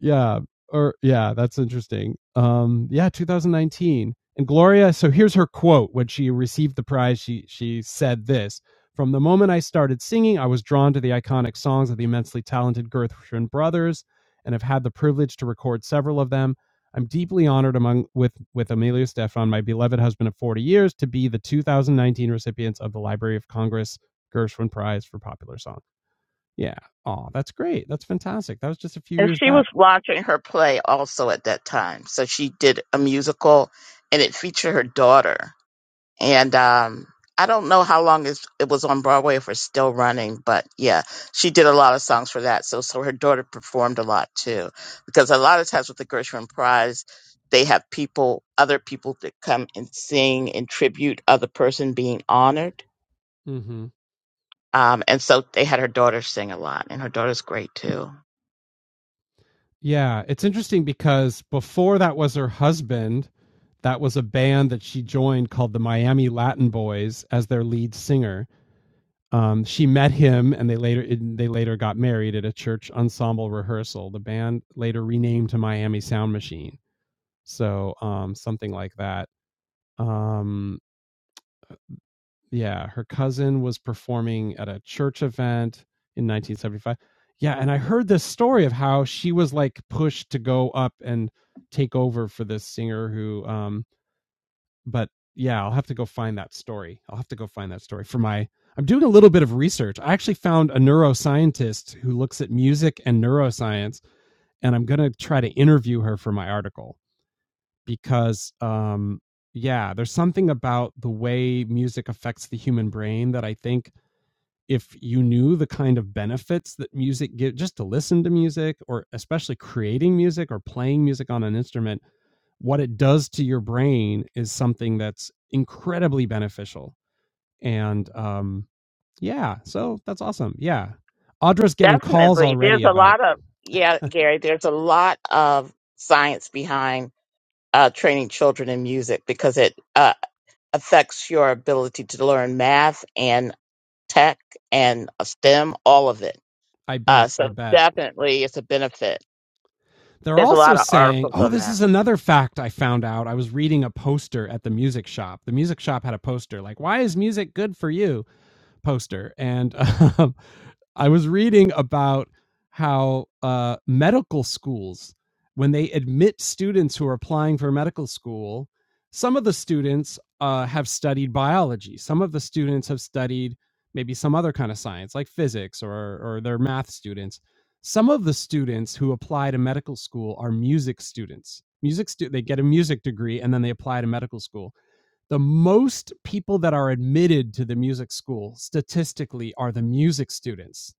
Speaker 1: yeah, or yeah, that's interesting. Um, yeah, 2019. And Gloria, so here's her quote when she received the prize. She she said this: "From the moment I started singing, I was drawn to the iconic songs of the immensely talented Gershwin brothers, and have had the privilege to record several of them. I'm deeply honored among with with Emilio Stefan, my beloved husband of 40 years, to be the 2019 recipients of the Library of Congress Gershwin Prize for Popular Song." Yeah. Oh, that's great. That's fantastic. That was just a few
Speaker 4: And
Speaker 1: years
Speaker 4: she
Speaker 1: back.
Speaker 4: was watching her play also at that time. So she did a musical and it featured her daughter. And um, I don't know how long it's- it was on Broadway if it's still running, but yeah, she did a lot of songs for that. So, so her daughter performed a lot too. Because a lot of times with the Gershwin Prize, they have people, other people that come and sing in tribute other person being honored.
Speaker 1: hmm
Speaker 4: Um, and so they had her daughter sing a lot, and her daughter's great too.
Speaker 1: Yeah, it's interesting because before that was her husband, that was a band that she joined called the Miami Latin Boys as their lead singer. Um, she met him, and they later they later got married at a church ensemble rehearsal. The band later renamed to Miami Sound Machine, so um, something like that. Um, yeah, her cousin was performing at a church event in 1975. Yeah, and I heard this story of how she was like pushed to go up and take over for this singer who um, but yeah, I'll have to go find that story. I'll have to go find that story for my. I'm doing a little bit of research. I actually found a neuroscientist who looks at music and neuroscience, and I'm going to try to interview her for my article because, um, yeah, there's something about the way music affects the human brain that I think if you knew the kind of benefits that music gives just to listen to music or especially creating music or playing music on an instrument what it does to your brain is something that's incredibly beneficial. And um, yeah, so that's awesome. Yeah. Audra's getting calls
Speaker 4: Definitely. There's
Speaker 1: already
Speaker 4: a
Speaker 1: about it.
Speaker 4: lot of, yeah,
Speaker 1: <laughs>
Speaker 4: Gary, there's a lot of science behind uh, training children in music because it uh, affects your ability to learn math and tech and uh, STEM, all of it.
Speaker 1: I
Speaker 4: Uh,
Speaker 1: bet.
Speaker 4: so
Speaker 1: I bet.
Speaker 4: definitely it's a benefit.
Speaker 1: They're
Speaker 4: There's a
Speaker 1: also
Speaker 4: lot of
Speaker 1: saying,
Speaker 4: articles
Speaker 1: oh,
Speaker 4: on
Speaker 1: this
Speaker 4: that.
Speaker 1: is another fact I found out. I was reading a poster at the music shop. The music shop had a poster like, why is music good for you? poster, and <laughs> um, I was reading about how uh, medical schools, when they admit students who are applying for medical school, some of the students uh, have studied biology. Some of the students have studied maybe some other kind of science, like physics, or or they're math students. Some of the students who apply to medical school are music students. Music stu- they get a music degree and then they apply to medical school the most people that are admitted to the music school statistically are the music students.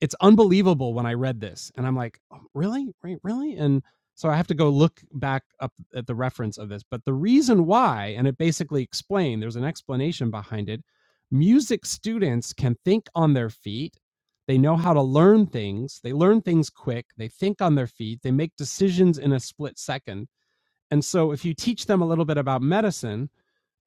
Speaker 1: It's unbelievable when I read this and I'm like, "Oh, really? Re- Really? And so I have to go look back up at the reference of this. But the reason why, and it basically explained, there's an explanation behind it. Music students can think on their feet. They know how to learn things. They learn things quick. They think on their feet. They make decisions in a split second. And so if you teach them a little bit about medicine,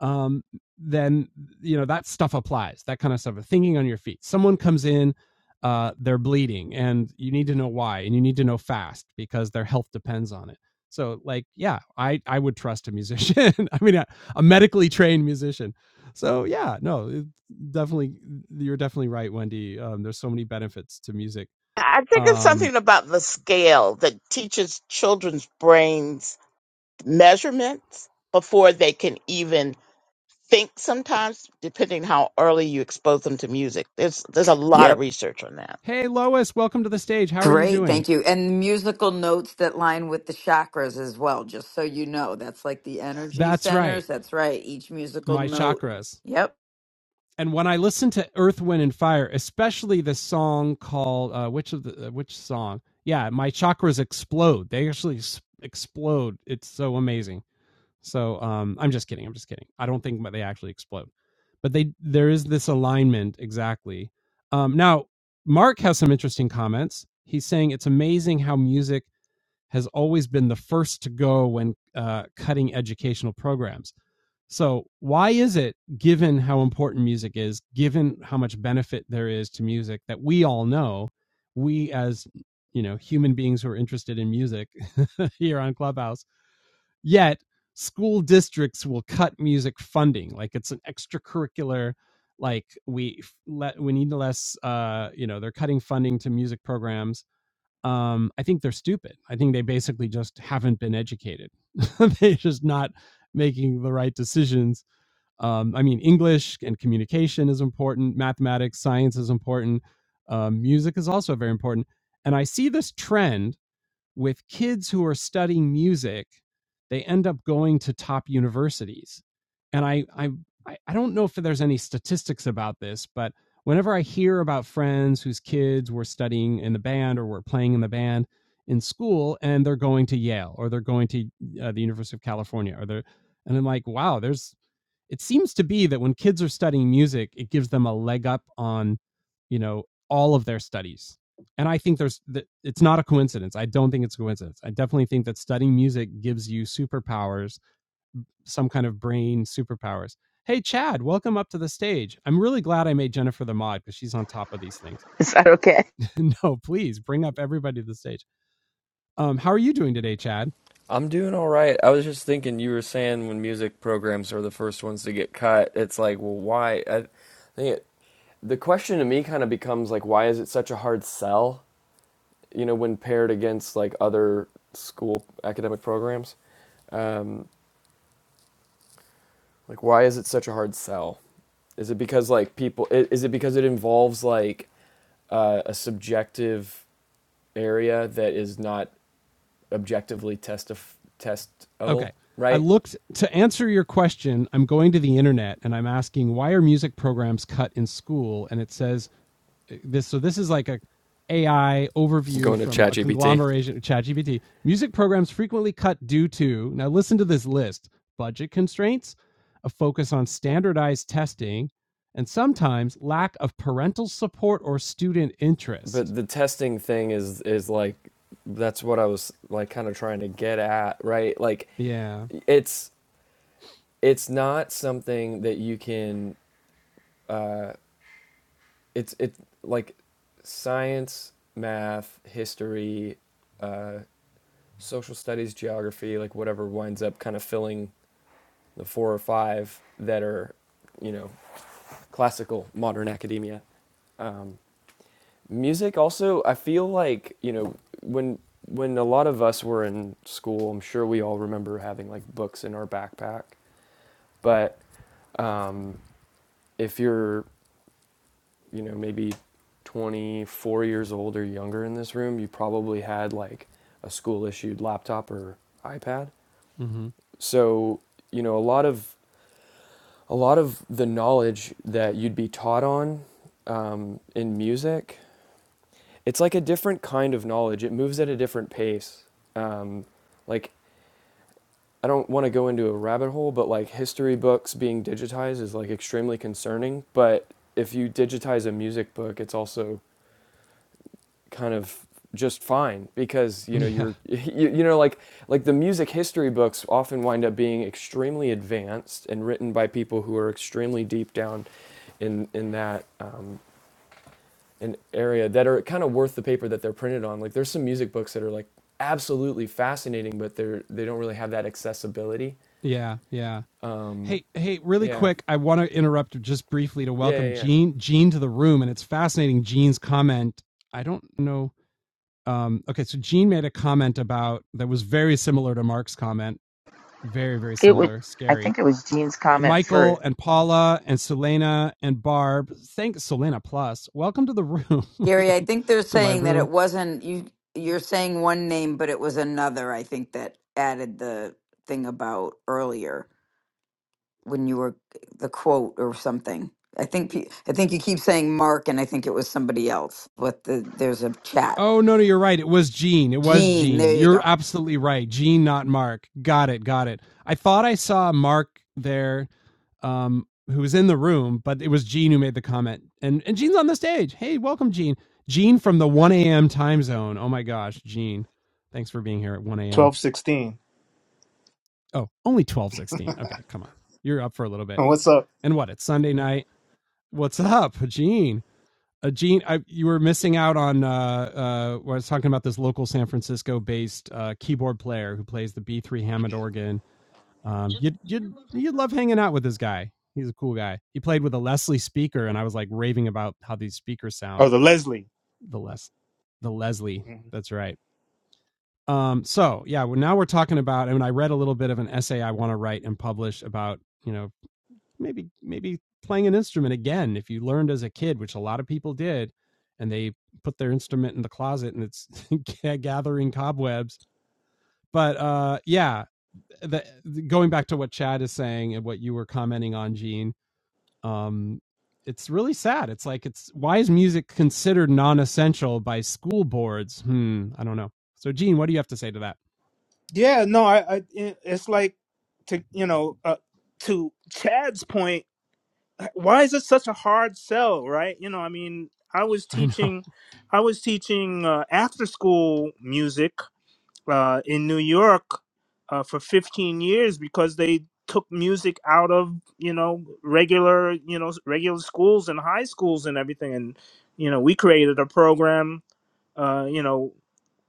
Speaker 1: um, then you know that stuff applies. That kind of stuff. Thinking on your feet. Someone comes in, uh, they're bleeding, and you need to know why, and you need to know fast because their health depends on it. So, like, yeah, I I would trust a musician. <laughs> I mean, a, a medically trained musician. So, yeah, no, it, definitely, you're definitely right, Wendy. Um, there's so many benefits to music.
Speaker 4: I think it's
Speaker 1: Um,
Speaker 4: something about the scale that teaches children's brains measurements before they can even think sometimes, depending how early you expose them to music. There's there's a lot of
Speaker 5: Yep.
Speaker 4: research on that.
Speaker 1: hey, Lois, welcome to the stage. How are you
Speaker 5: Great.
Speaker 1: doing?
Speaker 5: Thank you. And musical notes that line with the chakras as well, just so you know. That's like the energy
Speaker 1: That's right,
Speaker 5: centers. That's right. Each musical
Speaker 1: my
Speaker 5: note.
Speaker 1: chakras.
Speaker 5: Yep.
Speaker 1: and when I listen to Earth, Wind, and Fire, especially the song called uh, which of the uh, which song? Yeah, my chakras explode. They actually s- explode. It's so amazing. So um, I'm just kidding. I'm just kidding. I don't think that they actually explode, but they there is this alignment exactly. Um, now Mark has some interesting comments. He's saying it's amazing how music has always been the first to go when uh, cutting educational programs. So, why is it, given how important music is, given how much benefit there is to music that we all know, we as you know human beings who are interested in music <laughs> here on Clubhouse, yet school districts will cut music funding like it's an extracurricular like we let we need less uh you know they're cutting funding to music programs um, I think they're stupid. I think they basically just haven't been educated. <laughs> They're just not making the right decisions. Um, I mean, English and communication is important. Mathematics, science is important. Um, music is also very important. And I see this trend with kids who are studying music they end up going to top universities and i i i don't know if there's any statistics about this but whenever i hear about friends whose kids were studying in the band or were playing in the band in school and they're going to yale or they're going to uh, the university of california or they're and i'm like wow there's it seems to be that when kids are studying music it gives them a leg up on you know all of their studies and I think there's th- it's not a coincidence. I don't think it's a coincidence. I definitely think that studying music gives you superpowers, some kind of brain superpowers. Hey Chad, welcome up to the stage. I'm really glad I made Jennifer the mod because she's on top of these things.
Speaker 2: Is that okay?
Speaker 1: <laughs> no, please bring up everybody to the stage. Um, how are you doing today, Chad?
Speaker 6: I'm doing all right. I was just thinking you were saying when music programs are the first ones to get cut, it's like, well, why? I think it, the question to me kind of becomes like, why is it such a hard sell? You know, when paired against like other school academic programs, like why is it such a hard sell? Is it because like people? i- Is it because it involves like uh, a subjective area that is not objectively testif-
Speaker 1: Okay.
Speaker 6: testable?
Speaker 1: I
Speaker 6: Right?
Speaker 1: looked to answer your question. I'm going to the internet and I'm asking why are music programs cut in school? And it says uh, this. So this is like a AI overview
Speaker 6: Going to
Speaker 1: from a
Speaker 6: ChatGPT.
Speaker 1: conglomeration of ChatGPT. Music programs frequently cut due to now listen to this list: budget constraints, a focus on standardized testing, and sometimes lack of parental support or student interest.
Speaker 6: But the testing thing is is like that's what I was like kind of trying to get at, right? Like
Speaker 1: Yeah.
Speaker 6: it's it's not something that you can uh it's it like science, math, history, uh social studies, geography, like whatever winds up kind of filling the four or five that are, you know, classical modern academia Um music also i feel like you know when when a lot of us were in school i'm sure we all remember having like books in our backpack but um, if you're you know maybe 24 years old or younger in this room you probably had like a school issued laptop or ipad
Speaker 1: Mhm.
Speaker 6: so you know a lot of a lot of the knowledge that you'd be taught on um, in music it's like a different kind of knowledge. It moves at a different pace. Um, like I don't want to go into a rabbit hole, but like history books being digitized is like extremely concerning. But if you digitize a music book, it's also kind of just fine because you
Speaker 1: <laughs>
Speaker 6: know
Speaker 1: Yeah.
Speaker 6: you're <laughs> you, you know like like the music history books often wind up being extremely advanced and written by people who are extremely deep down in in that um, an area that are kind of worth the paper that they're printed on. Like there's some music books that are like absolutely fascinating, but they're they don't really have that accessibility.
Speaker 1: Yeah, yeah.
Speaker 6: Um,
Speaker 1: Hey, hey, really
Speaker 6: yeah,
Speaker 1: quick, I want to interrupt just briefly to
Speaker 6: yeah,
Speaker 1: welcome
Speaker 6: yeah. yeah.
Speaker 1: Gene Gene to the room and it's fascinating Gene's comment. I don't know um okay, so Gene made a comment about that was very similar to Mark's comment very, very
Speaker 2: It would.
Speaker 1: similar.
Speaker 2: I
Speaker 1: Scary.
Speaker 2: think it was Gene's
Speaker 1: And
Speaker 2: comment
Speaker 1: Michael
Speaker 2: for
Speaker 1: and Paula and Selena and Barb. Thank Selena Plus. Welcome to the room. <laughs>
Speaker 5: Gary, I
Speaker 1: Welcome
Speaker 5: think they're
Speaker 1: to my
Speaker 5: saying that it
Speaker 1: room.
Speaker 5: wasn't you you're saying one name, but it was another, I think, that added the thing about earlier when you were the quote or something. I think pe- I think you keep saying Mark, and I think it was somebody else. But the, there's a chat.
Speaker 1: Oh no, no, you're right. It was Gene. It was
Speaker 5: Gene, there
Speaker 1: Gene.
Speaker 5: you
Speaker 1: You're
Speaker 5: go.
Speaker 1: absolutely right. Gene, not Mark. Got it. Got it. I thought I saw Mark there, um, who was in the room, but it was Gene who made the comment. And and Gene's on the stage. Hey, welcome, Gene. Gene from the 1 a.m. time zone. Oh my gosh, Gene. Thanks for being here at 1 a.m.
Speaker 7: twelve sixteen.
Speaker 1: Oh, only twelve sixteen. Okay, come on. You're up for a little bit.
Speaker 7: And what's up?
Speaker 1: And what? It's Sunday night. What's up, Gene? Uh, Gene, I, you were missing out on. Uh, uh, I was talking about this local San Francisco-based uh, keyboard player who plays the B3 Hammond organ. Um, you'd you'd you'd love hanging out with this guy. He's a cool guy. He played with a Leslie speaker, and I was like raving about how these speakers
Speaker 7: Oh,
Speaker 1: sound.
Speaker 7: the Leslie.
Speaker 1: The Les, the Leslie.
Speaker 7: Mhm.
Speaker 1: That's right. Um, so yeah, well, now we're talking about, and I read a little bit of an essay I want to write and publish about, you know, maybe maybe playing an instrument again if you learned as a kid which a lot of people did and they put their instrument in the closet and it's <laughs> gathering cobwebs but uh yeah the, the- going back to what chad is saying and what you were commenting on gene um, it's really sad. It's like it's why is music considered non-essential by school boards? Hmm, I don't know. So, Gene, what do you have to say to that?
Speaker 7: Yeah, no, I, I, it's like to you know, uh, to Chad's point. Why is it such a hard sell, right? You know, I mean,
Speaker 1: <laughs>
Speaker 7: I was
Speaker 1: I know.
Speaker 7: teaching, I was teaching uh, after school music uh, in New York uh, for fifteen years because they took music out of you know regular you know regular schools and high schools and everything and you know we created a program uh, you know,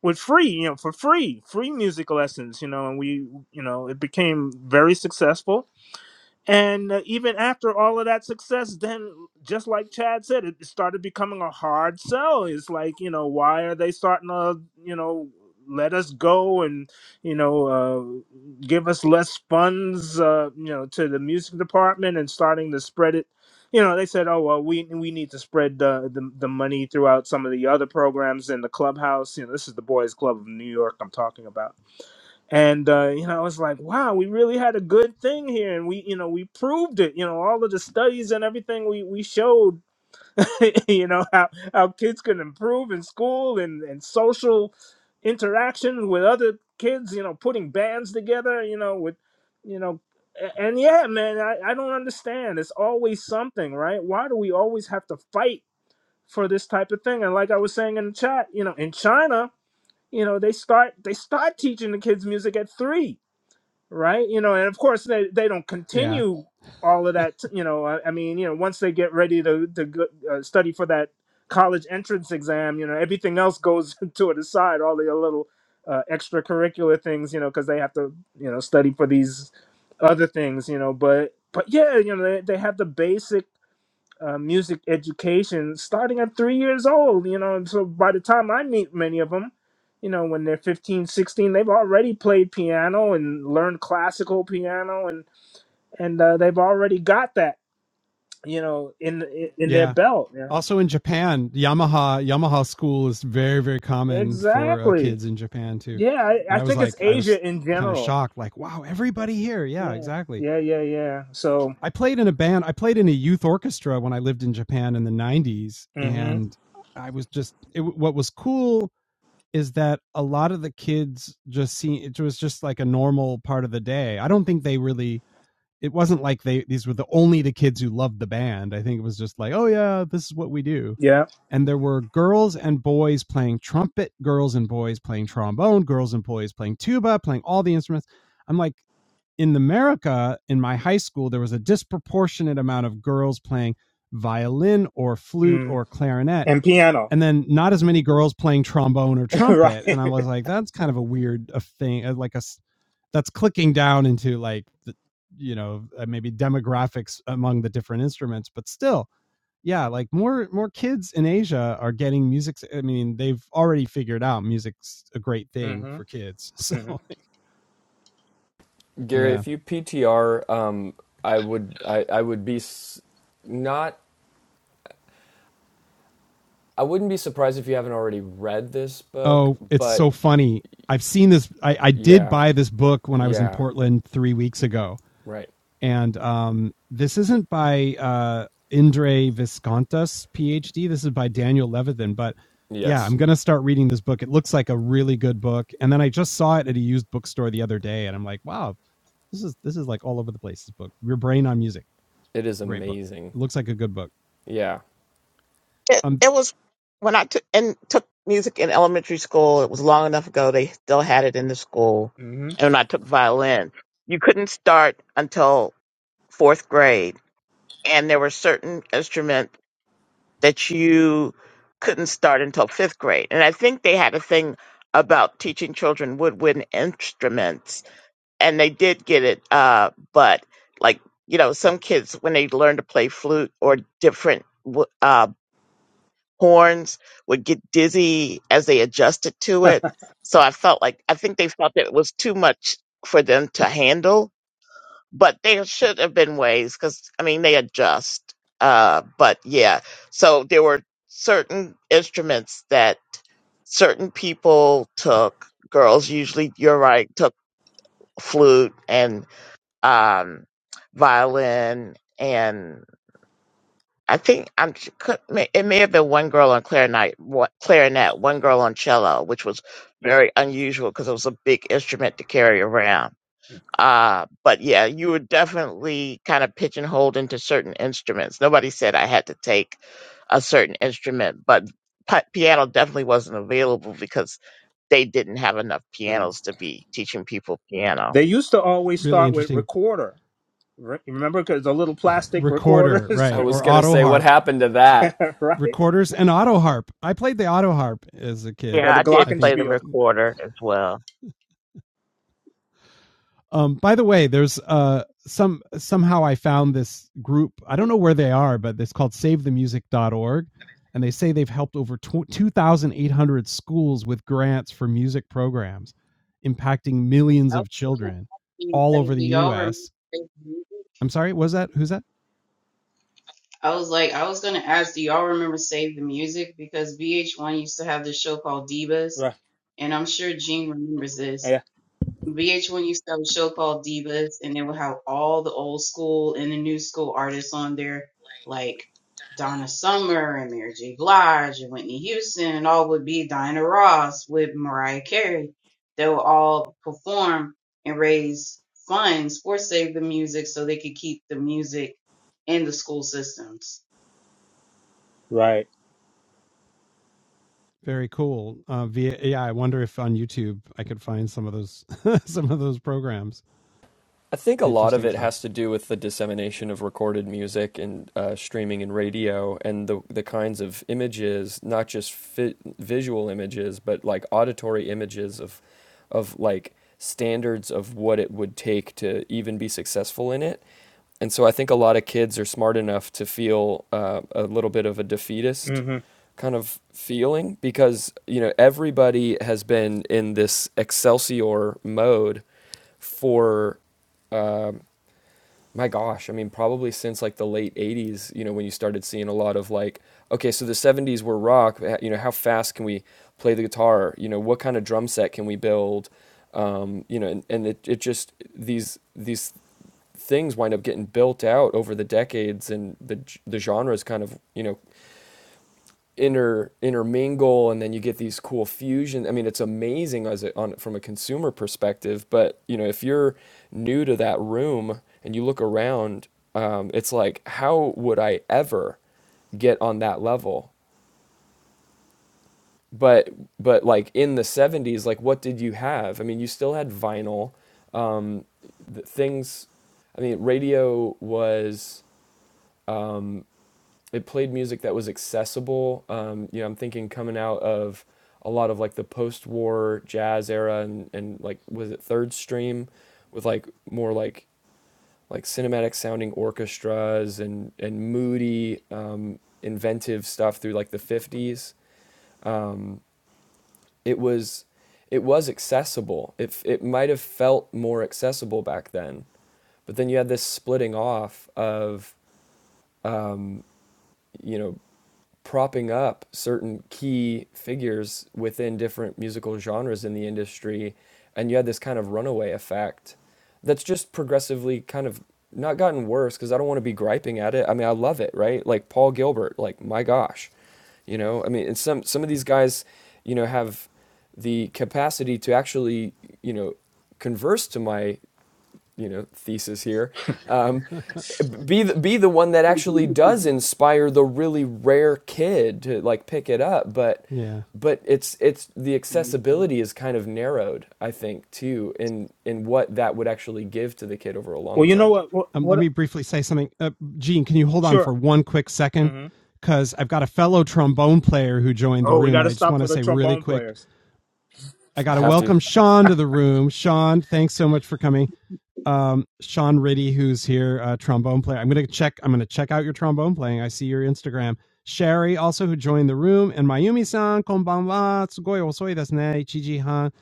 Speaker 7: with free, you know, for free, free music lessons, you know, and we, you know, it became very successful and uh, even after all of that success, then just like Chad said, it started becoming a hard sell. It's like, you know, why are they starting to, you know, let us go and, you know, uh, give us less funds, uh, you know, to the music department and starting to spread it. You know, they said, oh, well, we, we need to spread the, the, the money throughout some of the other programs in the clubhouse. You know, this is the Boys Club of New York I'm talking about and uh, you know, I was like, wow, we really had a good thing here, and we, you know, we proved it. You know, all of the studies and everything we we showed, <laughs> you know, how how kids can improve in school and and social interaction with other kids. You know, putting bands together. You know, with you know, a- and yeah, man, I I don't understand. It's always something, right? Why do we always have to fight for this type of thing? And like I was saying in the chat, you know, in China, you know, they start they start teaching the kids music at three right? You know, and of course they, they don't
Speaker 1: Yeah.
Speaker 7: continue all of that. You know, I, I mean, you know, once they get ready to to go, uh, study for that college entrance exam, you know, everything else goes <laughs> to the side. All the little uh, extracurricular things, you know, because they have to you know study for these other things, you know. But but yeah, you know, they they have the basic uh, music education starting at three years old you know and so by the time i meet many of them you know when they're fifteen, sixteen, they've already played piano and learned classical piano and and uh, they've already got that you know in in in their
Speaker 1: Yeah.
Speaker 7: belt yeah
Speaker 1: Also in Japan, Yamaha Yamaha school is very very common for uh,
Speaker 7: exactly
Speaker 1: kids in Japan too.
Speaker 7: yeah i,
Speaker 1: And
Speaker 7: I
Speaker 1: I was
Speaker 7: think it's
Speaker 1: like I was
Speaker 7: asia in
Speaker 1: kind of
Speaker 7: general
Speaker 1: shocked like wow, everybody here. Yeah,
Speaker 7: yeah
Speaker 1: exactly.
Speaker 7: yeah yeah yeah so
Speaker 1: I played in a band. I played in a youth orchestra when I lived in Japan in the 90s
Speaker 7: hmm
Speaker 1: and I was just it, what was cool is that a lot of the kids just see it was just like a normal part of the day. I don't think they really it wasn't like they these were the only the kids who loved the band. I think it was just like, oh yeah, this is what we do.
Speaker 7: yeah
Speaker 1: And there were girls and boys playing trumpet, girls and boys playing trombone, girls and boys playing tuba, playing all the instruments. I'm like in America in my high school there was a disproportionate amount of girls playing violin or flute
Speaker 7: mm.
Speaker 1: or clarinet
Speaker 7: and piano
Speaker 1: and then not as many girls playing trombone or
Speaker 7: <laughs>
Speaker 1: trumpet
Speaker 7: right
Speaker 1: and i was like that's kind of a weird a thing uh, like a, that's clicking down into like the, you know uh, maybe demographics among the different instruments but still yeah like more more kids in asia are getting music i mean they've already figured out music's a great thing
Speaker 7: hmm
Speaker 1: for kids <laughs> so
Speaker 7: hmm
Speaker 6: Gary,
Speaker 1: yeah
Speaker 6: if you PTR, um, I would I, I would be s- not I wouldn't be surprised if you haven't already read this book,
Speaker 1: oh it's
Speaker 6: but
Speaker 1: so funny i've seen this i, I did
Speaker 6: yeah,
Speaker 1: buy this book when i was in
Speaker 6: yeah,
Speaker 1: portland three weeks ago
Speaker 6: right,
Speaker 1: and um, this isn't by uh, Indre Viscontas, PhD. This is by Daniel Levithan. But yeah,
Speaker 6: yes,
Speaker 1: I'm gonna start reading this book. It looks like a really good book. And then I just saw it at a used bookstore the other day, and I'm like, wow, this is this is like all over the place. This book, Your Brain on Music,
Speaker 6: it is
Speaker 1: great book.
Speaker 6: amazing.
Speaker 1: It looks like a good book.
Speaker 6: Yeah,
Speaker 4: It,
Speaker 1: Um,
Speaker 4: it was when I took and took music in elementary school. It was long enough ago. They still had it in the school. And when I took violin, you couldn't start until fourth grade, and there were certain instruments that you couldn't start until fifth grade. And I think they had a thing about teaching children woodwind instruments and they did get it. Uh, but like you know, some kids when they learn to play flute or different w- uh, horns would get dizzy as they adjusted to
Speaker 7: hmm
Speaker 4: it. So I felt like I think they felt that it was too much for them to handle. But there should have been ways because I mean they adjust. Uh, but yeah, so there were certain instruments that certain people took. Girls usually, you're right, took flute and um, violin, and I think I'm could- may- it may have been one girl on clarinet, wa- clarinet, one girl on cello, which was very unusual because it was a big instrument to carry around. Uh, but yeah, you were definitely kind of pigeonholed into certain instruments. Nobody said I had to take a certain instrument, but pi- piano definitely wasn't available because they didn't have enough
Speaker 7: <laughs>
Speaker 4: pianos to be teaching people piano.
Speaker 7: They used to always
Speaker 1: really
Speaker 7: start with
Speaker 1: interesting
Speaker 7: recorder. Re- Remember, because the little plastic
Speaker 1: recorder,
Speaker 7: recorders,
Speaker 6: I
Speaker 1: right?
Speaker 6: was
Speaker 1: Or
Speaker 6: gonna
Speaker 1: auto
Speaker 6: say what
Speaker 1: harp
Speaker 6: happened to that.
Speaker 7: <laughs> right?
Speaker 1: recorders and auto harp. I played the auto harp as a kid.
Speaker 7: Or
Speaker 4: Yeah,
Speaker 7: the
Speaker 4: I did
Speaker 1: I think
Speaker 4: play the
Speaker 7: Glockenspiel,
Speaker 4: recorder as well.
Speaker 1: Um, by the way, there's uh some somehow I found this group. I don't know where they are, but it's called SaveTheMusic.org, and they say they've helped over 2,800 schools with grants for music programs, impacting millions
Speaker 8: I
Speaker 1: of
Speaker 8: was gonna
Speaker 1: children
Speaker 8: ask
Speaker 1: all over
Speaker 8: anybody,
Speaker 1: the
Speaker 8: do y'all remember
Speaker 1: U.S.
Speaker 8: Save the Music?
Speaker 1: I'm sorry, was that who's that?
Speaker 8: I was like, I was gonna ask, do y'all remember Save the Music? Because VH1 used to have this show called Divas,
Speaker 7: right?
Speaker 8: and I'm sure Gene remembers this.
Speaker 7: Yeah,
Speaker 8: VH1 used to have a show called Divas, and they would have all the old school and the new school artists on there, like Donna Summer and Mary J. Blige and Whitney Houston, and all would be Diana Ross with Mariah Carey. They would all perform and raise funds for Save the Music so they could keep the music in the school systems.
Speaker 7: right.
Speaker 1: Very cool. Uh, via, yeah, I wonder if on YouTube I could find some of those <laughs> some of those programs.
Speaker 6: I think a lot of
Speaker 1: Interesting
Speaker 6: it
Speaker 1: stuff.
Speaker 6: has to do with the dissemination of recorded music and uh, streaming and radio and the the kinds of images, not just fi- visual images, but like auditory images of of like standards of what it would take to even be successful in it and so I think a lot of kids are smart enough to feel uh, a little bit of a defeatist
Speaker 7: hmm
Speaker 6: kind of feeling because you know everybody has been in this excelsior mode for um my gosh i mean probably since like the late 80s you know when you started seeing a lot of like okay so the 70s were rock uh, you know how fast can we play the guitar you know what kind of drum set can we build um, you know and, and it, it just these these things wind up getting built out over the decades and the the genres kind of you know inter intermingle and then you get these cool fusion i mean it's amazing as a, on from a consumer perspective but you know if you're new to that room and you look around um, it's like how would i ever get on that level but but like in the 70s like what did you have i mean you still had vinyl the things i mean radio was it played music that was accessible. Um, you know, I'm thinking coming out of a lot of like the post-war jazz era and, and like was it Third Stream with like more like like cinematic sounding orchestras and and moody um, inventive stuff through like the 50s. It was it was accessible. It it might have felt more accessible back then, but then you had this splitting off of you know, propping up certain key figures within different musical genres in the industry. And you had this kind of runaway effect that's just progressively kind of not gotten worse because I don't want to be griping at it. I mean, I love it, right? Like Paul Gilbert, like my gosh, you know, I mean, and some, some of these guys, you know, have the capacity to actually, you know, converse to my you know thesis here um,
Speaker 1: <laughs>
Speaker 6: be the, be the one that
Speaker 8: <laughs>
Speaker 6: actually does inspire the really rare kid to like pick it up but
Speaker 1: yeah.
Speaker 6: but it's it's the
Speaker 8: Mhm.
Speaker 6: accessibility is kind of narrowed i think too in in what that would actually give to the kid over a
Speaker 7: Well,
Speaker 6: long
Speaker 7: you know
Speaker 6: term
Speaker 7: what? What?
Speaker 1: Um, let
Speaker 7: what
Speaker 1: me briefly say something. Uh, Gene, can you hold on for
Speaker 7: sure.
Speaker 1: one quick second?
Speaker 7: hmm
Speaker 1: Because I've got a fellow trombone player who joined the
Speaker 7: Oh, we
Speaker 1: room,
Speaker 7: got
Speaker 1: and
Speaker 7: to
Speaker 1: I just
Speaker 7: stop
Speaker 1: want
Speaker 7: for
Speaker 1: to
Speaker 7: the
Speaker 1: say really
Speaker 7: trombone
Speaker 1: quick
Speaker 7: players.
Speaker 1: I got to
Speaker 6: have to
Speaker 1: welcome Sean to the room. Sean, thanks so much for coming um, Sean Riddy, who's here, uh, trombone player. I'm gonna check. I'm gonna check out your trombone playing. I see your Instagram. Sherry, also who joined the room, and Mayumi-san, konbanwa, sugoi osoi desu ne, Ichiji han.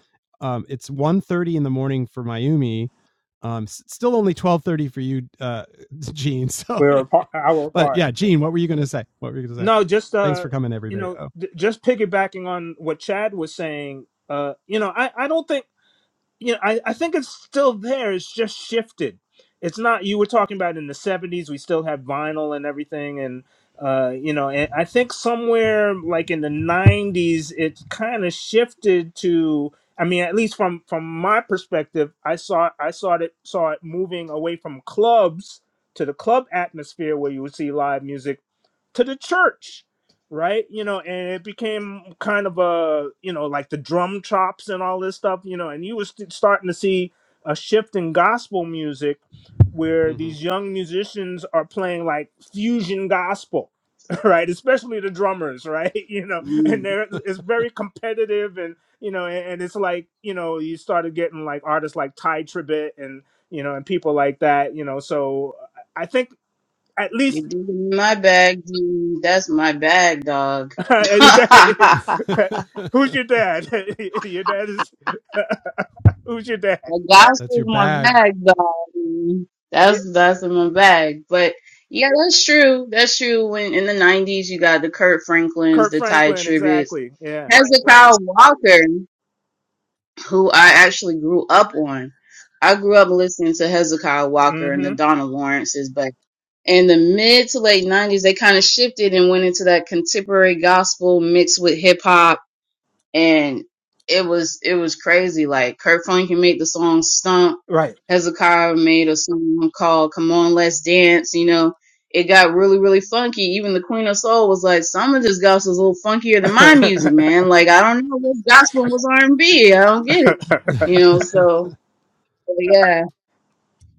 Speaker 1: Um, it's one thirty in the morning for Mayumi. Um, s- still only 12.30 for you, uh, <laughs> Gene. So
Speaker 7: We're
Speaker 1: anyway,
Speaker 7: apart, hour
Speaker 1: but
Speaker 7: apart.
Speaker 1: yeah, Gene, what were you gonna say? What were you gonna say?
Speaker 7: No, just
Speaker 1: Thanks
Speaker 7: uh,
Speaker 1: for coming,
Speaker 7: you
Speaker 1: everybody.
Speaker 7: know,
Speaker 1: Oh
Speaker 7: d- just piggybacking on what Chad was saying. Uh, you know, I I don't think. you know, I, I think it's still there. It's just shifted. It's not you were talking about in the seventies. We still have vinyl and everything, and uh, you know, and I think somewhere like in the nineties, it kind of shifted to. I mean, at least from from my perspective, I saw I saw it saw it moving away from clubs to the club atmosphere where you would see live music to the church right you know and it became kind of a you know like the drum chops and all this stuff you know and you was starting to see a shift in gospel music where
Speaker 1: hmm
Speaker 7: these young musicians are playing like fusion gospel <laughs> right especially the drummers right <laughs> you know and
Speaker 8: Mm,
Speaker 7: they're
Speaker 1: <laughs>
Speaker 7: it's very competitive and you know and, and it's like you know you started getting like artists like ty tribbett and you know and people like that you know so i think at
Speaker 8: You're
Speaker 7: least
Speaker 8: digging in my bag, dude. That's my bag, dog.
Speaker 7: <laughs> Is
Speaker 8: <laughs>
Speaker 7: that- <laughs> who's your dad? <laughs> your dad is who's your dad?
Speaker 8: The
Speaker 1: That's
Speaker 8: gospel's
Speaker 1: your
Speaker 8: in my
Speaker 1: bag.
Speaker 8: bag, though.
Speaker 7: Yeah,
Speaker 8: That's that's in my bag. But yeah, that's true. That's true. When in the nineties, you got the Kurt Franklins,
Speaker 7: Kirk
Speaker 8: the Ty
Speaker 7: Franklin,
Speaker 8: Tribbetts,
Speaker 7: exactly. Yeah.
Speaker 8: Hezekiah Walker, who I actually grew up on. I grew up listening to Hezekiah Walker and the
Speaker 7: Mm-hmm.
Speaker 8: Donna Lawrences, but in the mid to late nineties, they kind of shifted and went into that contemporary gospel mixed with hip hop and it was it was crazy. Like Kurt Franklin made the song "Stomp,"
Speaker 7: Right.
Speaker 8: Hezekiah made a song called "Come On Let's Dance." You know, it got really really funky. Even the Queen of Soul was like, "Some of this gospel is a little funkier
Speaker 7: <laughs>
Speaker 8: than my music, man." Like I don't know what's gospel and what's R and B. I don't get it. You
Speaker 7: mm-hmm.
Speaker 8: know, so
Speaker 1: <laughs>
Speaker 8: but yeah.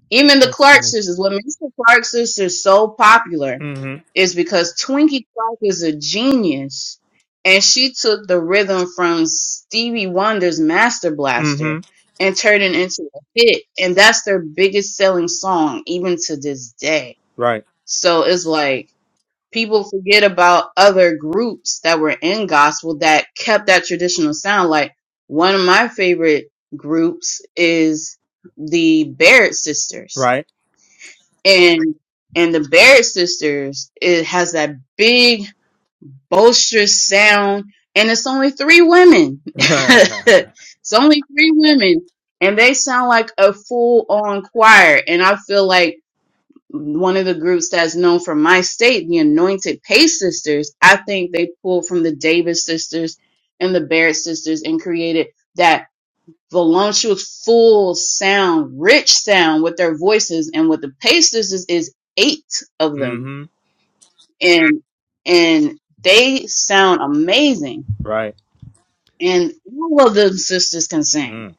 Speaker 8: Even the
Speaker 1: That's
Speaker 8: Clark
Speaker 1: funny.
Speaker 8: sisters, what makes the Clark sisters so popular is because Twinkie Clark is a genius and she took the rhythm from Stevie Wonder's Master
Speaker 7: Mm-hmm.
Speaker 8: Blaster and turned it into a hit. And that's their biggest selling song, even to this day.
Speaker 7: Right.
Speaker 8: So it's like people forget about other groups that were in gospel that kept that traditional sound. Like one of my favorite groups is the Barrett sisters
Speaker 7: Right.
Speaker 8: and and the Barrett sisters, it has that big boisterous sound, and it's only three women. <laughs>
Speaker 7: <laughs> mm-hmm.
Speaker 8: it's only three women, and they sound like a full on choir. And I feel like one of the groups that's known from my state, the Anointed Pace Sisters, I think they pulled from the Davis sisters and the Barrett sisters and created that voluptuous, full sound, rich sound with their voices. And with the Pacers is, is eight of them, and and they sound amazing.
Speaker 7: Right.
Speaker 8: And all of them sisters can sing.
Speaker 7: Mm.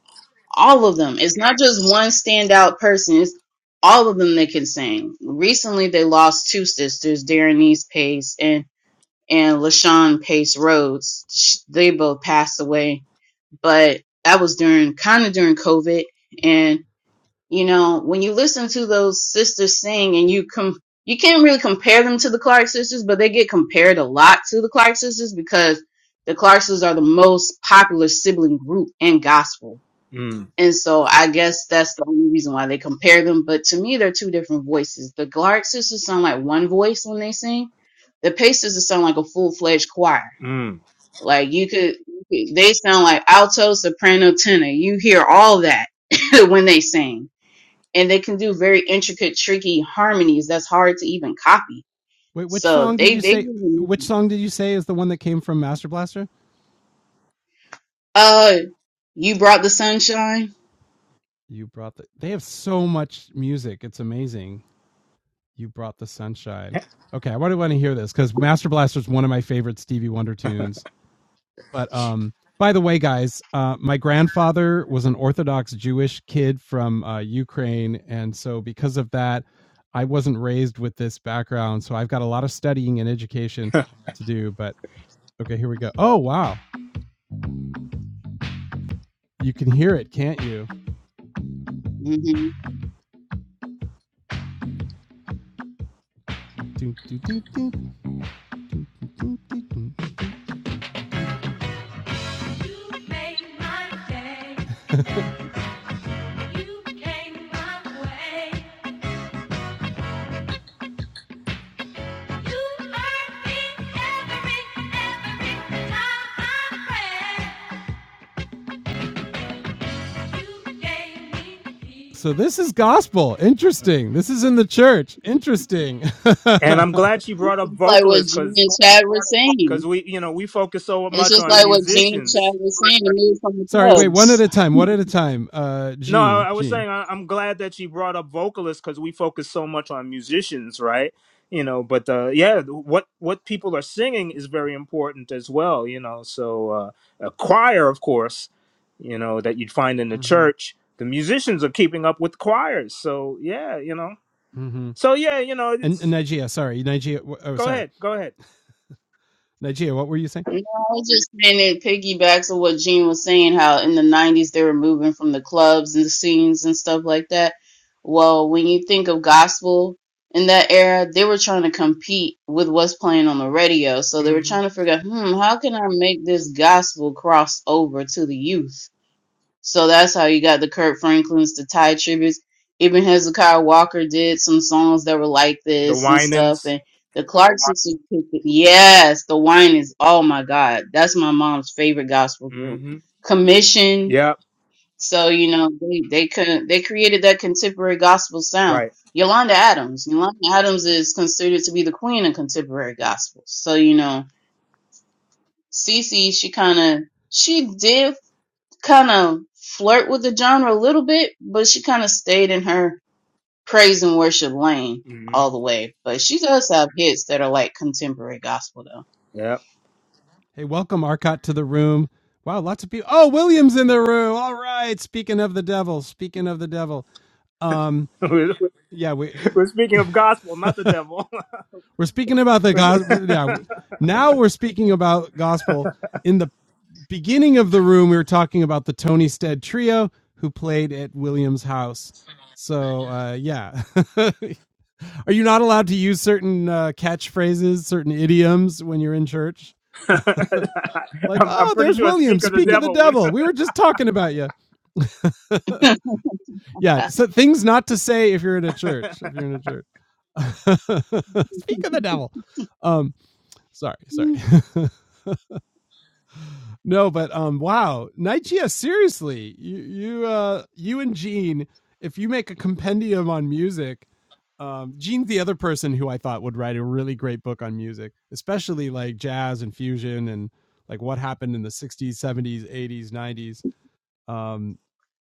Speaker 8: All of them. It's not just one standout person. It's all of them that can sing. Recently, they lost two sisters, Darrenese Pace and and LaShawn Pace Rhodes. Sh- They both passed away, but that was during kind of during COVID, and. You know, when you listen to those sisters sing and you com you can't really compare them to the Clark sisters, but they get compared a lot to the Clark sisters because the Clark sisters are the most popular sibling group in gospel.
Speaker 7: Mm.
Speaker 8: And so I guess that's the only reason why they compare them. But to me, they're two different voices. The Clark sisters sound like one voice when they sing. The Pace sisters sound like a full fledged choir.
Speaker 7: Mm.
Speaker 8: Like you could, you could- they sound like alto, soprano, tenor. You hear all that <laughs> when they sing and they can do very intricate, tricky harmonies that's hard to even copy.
Speaker 1: Wait, which
Speaker 8: So
Speaker 1: song did
Speaker 8: they
Speaker 1: you
Speaker 8: they
Speaker 1: say? Which song did you say is the one that came from Master Blaster?
Speaker 8: uh you brought the sunshine.
Speaker 1: You brought the. They have so much music. It's amazing. You brought the sunshine. Okay, I want to want to hear this because Master Blaster is one of my favorite Stevie Wonder tunes. But um, by the way, guys, uh, my grandfather was an Orthodox Jewish kid from uh, Ukraine, and so because of that, I wasn't raised with this background. So I've got a lot of studying and education to do. But okay, here we go. Oh wow, you can hear it, can't you?
Speaker 8: hmm
Speaker 1: Doo, doo, doo, doo, doo, doo, doo. You made my day. You came my way. So this is gospel. Interesting. This is in the church. Interesting.
Speaker 7: And I'm glad she
Speaker 1: <laughs>
Speaker 7: brought up
Speaker 8: Like what
Speaker 7: vocalists
Speaker 8: Gene
Speaker 7: because
Speaker 8: and Chad were
Speaker 7: because
Speaker 8: saying.
Speaker 7: we you know we focus so
Speaker 8: It's
Speaker 7: much
Speaker 8: just
Speaker 7: on
Speaker 8: like what Gene and
Speaker 7: musicians
Speaker 8: Chad were saying The news from the
Speaker 1: Sorry, wait, one
Speaker 8: clubs.
Speaker 1: at a time, one at a time. Uh,
Speaker 7: No,
Speaker 1: Gene,
Speaker 7: I, I was
Speaker 1: Gene.
Speaker 7: saying I, I'm glad that you brought up vocalists because we focus so much on musicians, right? You know, but uh, yeah, what what people are singing is very important as well. You know, so uh, a choir, of course, you know that you'd find in the
Speaker 1: Mm-hmm.
Speaker 7: church. The musicians are keeping up with choirs, so yeah, you know.
Speaker 1: Mm-hmm.
Speaker 7: So yeah, you know.
Speaker 1: And, and
Speaker 7: It's,
Speaker 1: Nigeria, sorry, Nigeria. Oh,
Speaker 7: go
Speaker 1: sorry.
Speaker 7: ahead, go ahead.
Speaker 1: <laughs> Nigeria, what were you saying?
Speaker 8: No, I was just saying it piggybacks on what Gene was saying, how in the 90s they were moving from the clubs and the scenes and stuff like that. Well, when you think of gospel in that era, they were trying to compete with what's playing on the radio. So they were
Speaker 7: hmm
Speaker 8: trying to figure out, hmm, how can I make this gospel cross over to the youth? So that's how you got the Kurt Franklin's, the Ty tributes. Even Hezekiah Walker did some songs that were like
Speaker 7: The
Speaker 8: this and stuff.
Speaker 7: whinings.
Speaker 8: And the Clark sisters, picked it. yes, the wine is, oh my God, that's my mom's favorite gospel group.
Speaker 7: hmm
Speaker 8: Commission.
Speaker 7: Yep.
Speaker 8: So, you know, they, they could, they created that contemporary gospel sound.
Speaker 7: Right.
Speaker 8: Yolanda Adams. Yolanda Adams is considered to be the queen of contemporary gospel. So, you know, Cece, she kind of, she did kind of flirt with the genre a little bit, but she kind of stayed in her praise and worship lane
Speaker 7: hmm
Speaker 8: all the way. But she does have hits that are like contemporary gospel though.
Speaker 7: Yep.
Speaker 1: Hey, welcome Arcot to the room. Wow, lots of people. Oh, William's in the room. All right. Speaking of the devil, speaking of the devil. Um,
Speaker 7: <laughs> we're,
Speaker 1: yeah, we
Speaker 7: we're speaking of gospel, not
Speaker 1: <laughs>
Speaker 7: the devil.
Speaker 1: We're speaking about the gospel.
Speaker 7: <laughs>
Speaker 1: Yeah,
Speaker 7: <laughs>
Speaker 1: now we're speaking about gospel. In the beginning of the room, we were talking about the Tony Stead trio who played at Williams House. So uh, yeah, <laughs> are you not allowed to use certain uh, catchphrases, certain idioms when you're in church?
Speaker 7: <laughs>
Speaker 1: Like,
Speaker 7: I'm, I'm
Speaker 1: oh,
Speaker 7: pretty
Speaker 1: there's
Speaker 7: sure
Speaker 1: William.
Speaker 7: Speak of the
Speaker 1: Speak of the
Speaker 7: Devil. Would,
Speaker 1: devil. We were just talking about you. <laughs>
Speaker 8: <laughs>
Speaker 1: yeah, so things not to say if you're in a church. If you're in a church, <laughs> speak of the devil. Um, sorry sorry <laughs> no but um wow nigeria seriously you you uh you and gene if you make a compendium on music um gene's the other person who i thought would write a really great book on music especially like jazz and fusion and like what happened in the 60s 70s 80s 90s um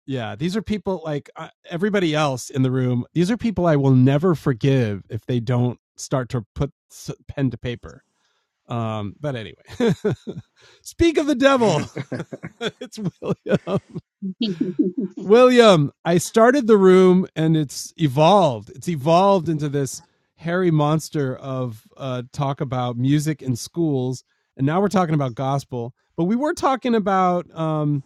Speaker 1: yeah these are people like uh, everybody else in the room these are people i will never forgive if they don't start to put pen to paper um, but anyway, <laughs> speak of the devil.
Speaker 7: <laughs>
Speaker 1: <laughs> it's William. William, I started the room and it's evolved. It's evolved into this hairy monster of uh, talk about music and schools. And now we're talking about gospel, but we were talking about um,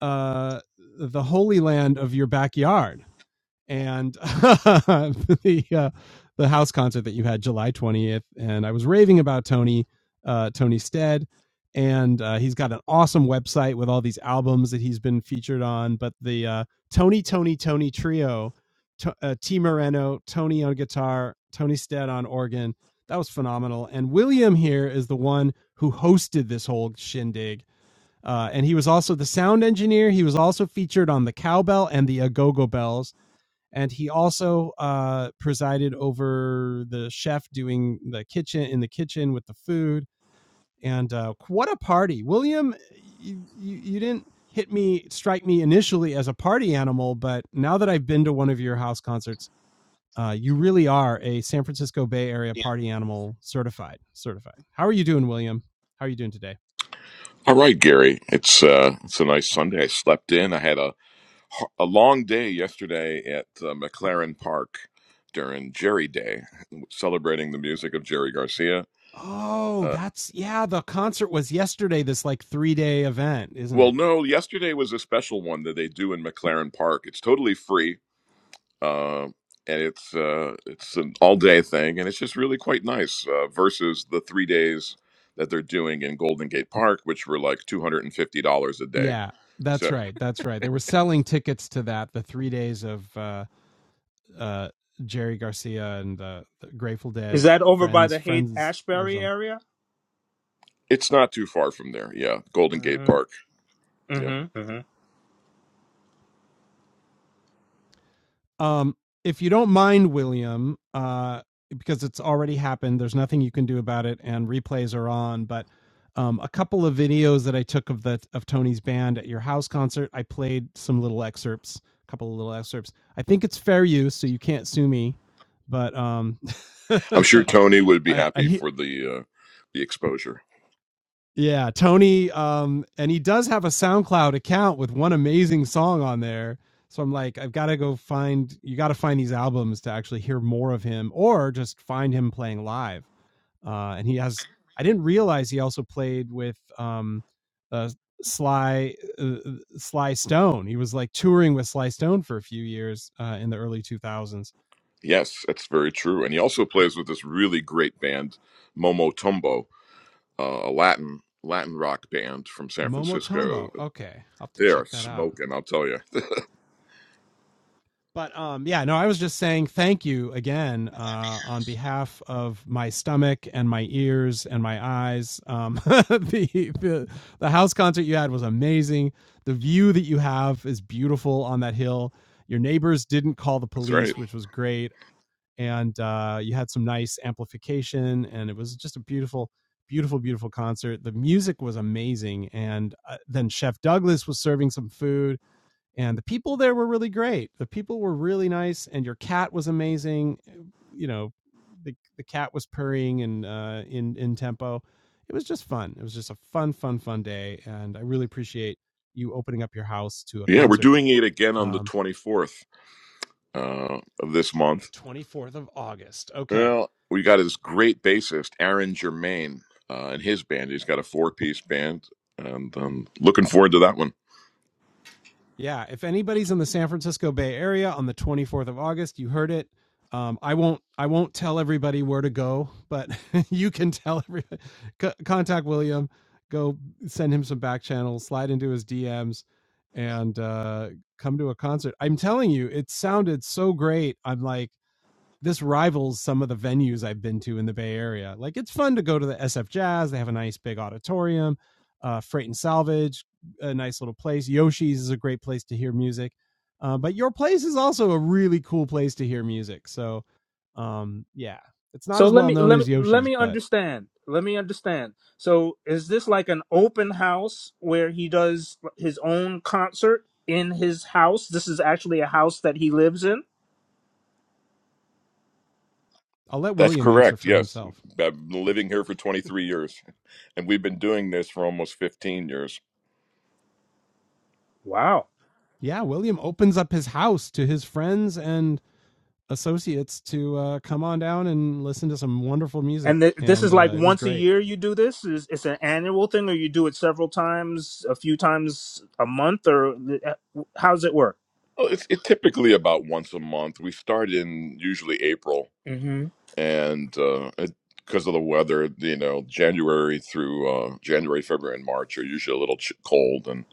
Speaker 1: uh, the holy land of your backyard and <laughs> the uh, the house concert that you had July 20th. And I was raving about Tony, uh, Tony Stead. And uh, he's got an awesome website with all these albums that he's been featured on. But the uh, Tony, Tony, Tony trio, to, uh, T Moreno, Tony on guitar, Tony Stead on organ. That was phenomenal. And William here is the one who hosted this whole shindig. Uh, and he was also the sound engineer. He was also featured on the cowbell and the agogo bells and he also uh, presided over the chef doing the kitchen in the kitchen with the food. And uh, what a party, William! You, you you didn't hit me strike me initially as a party animal, but now that I've been to one of your house concerts, uh, you really are a San Francisco Bay Area
Speaker 7: Yeah.
Speaker 1: party animal certified. Certified. How are you doing, William? How are you doing today?
Speaker 9: All right, Gary. It's uh, it's a nice Sunday. I slept in. I had a a long day yesterday at uh, McLaren Park during Jerry Day, celebrating the music of Jerry Garcia.
Speaker 1: Oh,
Speaker 9: Uh,
Speaker 1: that's yeah. The concert was yesterday. This like three day event, isn't
Speaker 9: well,
Speaker 1: it?
Speaker 9: no, yesterday was a special one that they do in McLaren Park. It's totally free, uh, and it's uh, it's an all day thing, and it's just really quite nice uh, versus the three days that they're doing in Golden Gate Park, which were like two hundred and fifty dollars a day.
Speaker 1: Yeah, that's
Speaker 9: So
Speaker 1: right. That's right. They were selling tickets to that the three days of uh, uh, Jerry Garcia and the, the Grateful
Speaker 7: is
Speaker 1: Dead
Speaker 7: that over by
Speaker 1: friends,
Speaker 7: the Haight
Speaker 1: friends or
Speaker 7: Ashbury
Speaker 1: something.
Speaker 7: area?
Speaker 9: it's not too far from there. Yeah, Golden Gate
Speaker 7: hmm
Speaker 9: Park. Yeah,
Speaker 7: hmm hmm
Speaker 1: Um, if you don't mind, William, uh, because it's already happened, there's nothing you can do about it, and replays are on. But um, a couple of videos that I took of the of Tony's band at your house concert, I played some little excerpts, a couple of little excerpts. I think it's fair use, so you can't sue me. But um,
Speaker 9: I'm
Speaker 1: <laughs>
Speaker 9: sure Tony would be
Speaker 1: I, I
Speaker 9: happy for the uh, the exposure.
Speaker 1: yeah, Tony. Um, and he does have a SoundCloud account with one amazing song on there. So I'm like, I've got to go find. You got to find these albums to actually hear more of him, or just find him playing live. Uh, and he has. I didn't realize he also played with um, uh, Sly uh, Sly Stone. He was like touring with Sly Stone for a few years uh, in the early 2000s.
Speaker 9: Yes, that's very true. And he also plays with this really great band, Momo Tumbo, uh, a Latin Latin rock band from San Francisco.
Speaker 1: Momotombo. Okay, I'll have to
Speaker 9: They are
Speaker 1: check that out.
Speaker 9: smoking, I'll tell you. <laughs>
Speaker 1: But um, yeah, no, I was just saying thank you again uh, on behalf of my stomach and my ears and my eyes. Um, <laughs> the, the the house concert you had was amazing. The view that you have is beautiful on that hill. Your neighbors didn't call the
Speaker 9: That's right.
Speaker 1: police, which was great, and uh, you had some nice amplification, and it was just a beautiful, beautiful, beautiful concert. The music was amazing, and uh, then Chef Douglas was serving some food and the people there were really great. The people were really nice, and your cat was amazing. You know, the the cat was purring and uh, in in tempo. It was just fun. It was just a fun, fun, fun day, and I really appreciate you opening up your house to a
Speaker 9: Yeah, we're
Speaker 1: concert.
Speaker 9: doing it again on the
Speaker 1: Um,
Speaker 9: 24th uh, of this
Speaker 1: the
Speaker 9: month.
Speaker 1: twenty fourth of August. Okay,
Speaker 9: Well, we got this great bassist, Aaron Germain, uh, and his band. He's got a four piece band, and I'm looking forward to that one.
Speaker 1: Yeah, if anybody's in the San Francisco Bay Area on the 24th of August, you heard it. Um, I won't. I won't tell everybody where to go, but <laughs> you can tell. everybody. co- contact William. Go send him some back channels. Slide into his DMs, and uh, come to a concert. I'm telling you, it sounded so great. I'm like, this rivals some of the venues I've been to in the Bay Area. Like it's fun to go to the SF Jazz. They have a nice big auditorium. Uh, Freight and Salvage, a nice little place. Yoshi's is a great place to hear music. Uh, but your place is also a really cool place to hear music. So, um, yeah, it's not
Speaker 7: So
Speaker 1: as
Speaker 7: let
Speaker 1: well
Speaker 7: me
Speaker 1: known
Speaker 7: let me
Speaker 1: as
Speaker 7: let
Speaker 1: Yoshi's,
Speaker 7: me
Speaker 1: but
Speaker 7: understand. Let me understand. So is this like an open house where he does his own concert in his house? This is actually a house that he lives in.
Speaker 1: I'll let
Speaker 9: That's
Speaker 1: William answer
Speaker 9: correct.
Speaker 1: for
Speaker 9: Yes.
Speaker 1: himself.
Speaker 9: I've been
Speaker 1: Yeah,
Speaker 9: living here for 23 years, and we've been doing this for almost 15 years.
Speaker 7: Wow.
Speaker 1: yeah William opens up his house to his friends and associates to uh, come on down and listen to some wonderful music.
Speaker 7: And th- this is
Speaker 1: And
Speaker 7: like
Speaker 1: uh, it was
Speaker 7: once a
Speaker 1: great.
Speaker 7: year you do this. Is it's an annual thing, or you do it several times, a few times a month, or uh, how does it work?
Speaker 9: Well, it's it typically about once a month. We start in usually April, and uh, because of the weather, you know, January through uh, January, February, and March are usually a little ch- cold and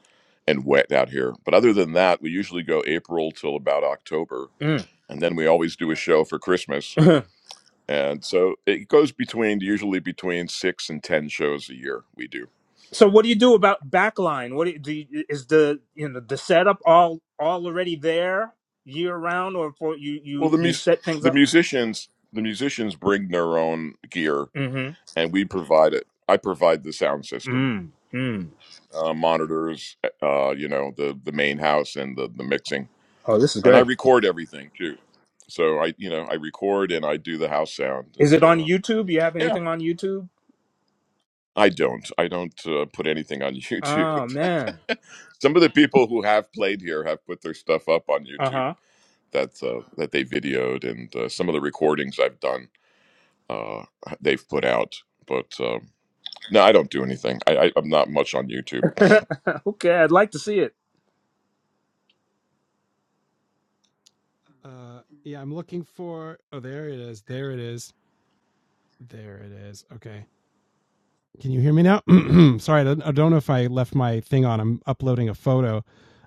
Speaker 9: and wet out here. But other than that, we usually go April till about October,
Speaker 7: Mm.
Speaker 9: and then we always do a show for Christmas.
Speaker 7: <laughs>
Speaker 9: And so it goes between usually between six and ten shows a year we do.
Speaker 7: so what do you do about backline? What do you, do you, is the you know the setup all all already there year round, or for you
Speaker 9: Well,
Speaker 7: you
Speaker 9: the
Speaker 7: you
Speaker 9: mus-
Speaker 7: set things
Speaker 9: the
Speaker 7: up?
Speaker 9: musicians the musicians bring their own gear,
Speaker 7: Mm-hmm.
Speaker 9: and we provide it. I provide the sound system,
Speaker 7: Mm. Mm.
Speaker 9: uh, monitors, uh, you know, the the main house and the the mixing,
Speaker 7: Oh, this is
Speaker 9: and I
Speaker 7: great.
Speaker 9: record everything too. So I you know I record and I do the house sound
Speaker 7: Is
Speaker 9: and
Speaker 7: it on
Speaker 9: uh,
Speaker 7: YouTube? You have
Speaker 9: yeah.
Speaker 7: anything on YouTube?
Speaker 9: I don't. I don't uh, put anything on <laughs>
Speaker 7: Oh
Speaker 9: YouTube.
Speaker 7: man.
Speaker 9: Some of the people who have played here have put their stuff up on YouTube.
Speaker 7: Uh
Speaker 9: That's uh, that they videoed, and uh, some of the recordings I've done, uh, they've put out. But um, no, I don't do anything. I, I, I'm not much on YouTube.
Speaker 7: huh. <laughs> okay, I'd like to see it.
Speaker 1: Uh, yeah, I'm looking for. Oh, there it is. There it is. There it is. Okay. Can you hear me now? <clears throat> Sorry, I don't, I don't know if I left my thing on. I'm uploading a photo.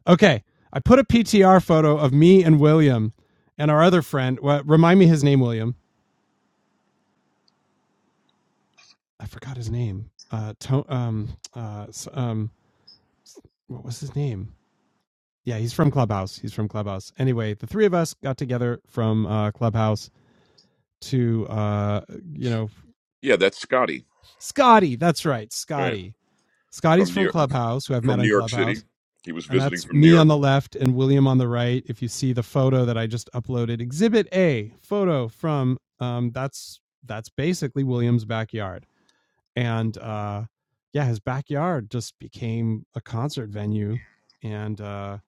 Speaker 1: Okay. I put a PTR photo of me and William and our other friend. Well, remind me his name, William. I forgot his name. Uh, to, um, uh, um, what was his name? Yeah, he's from Clubhouse. He's from Clubhouse. Anyway, the three of us got together from uh, Clubhouse to, uh, you know,
Speaker 9: Yeah, that's Scotty
Speaker 1: Scotty. That's right,
Speaker 9: right,
Speaker 1: Scotty. Scotty's
Speaker 9: from New
Speaker 1: from
Speaker 9: York,
Speaker 1: Clubhouse, who I've
Speaker 9: from
Speaker 1: met
Speaker 9: New
Speaker 1: on
Speaker 9: York City.
Speaker 1: Clubhouse,
Speaker 9: He was
Speaker 1: and
Speaker 9: visiting
Speaker 1: that's
Speaker 9: from New
Speaker 1: me on
Speaker 9: York.
Speaker 1: the left and William on the right. If you see the photo that I just uploaded, Exhibit A photo from, um, that's that's basically William's backyard and uh yeah his backyard just became a concert venue and uh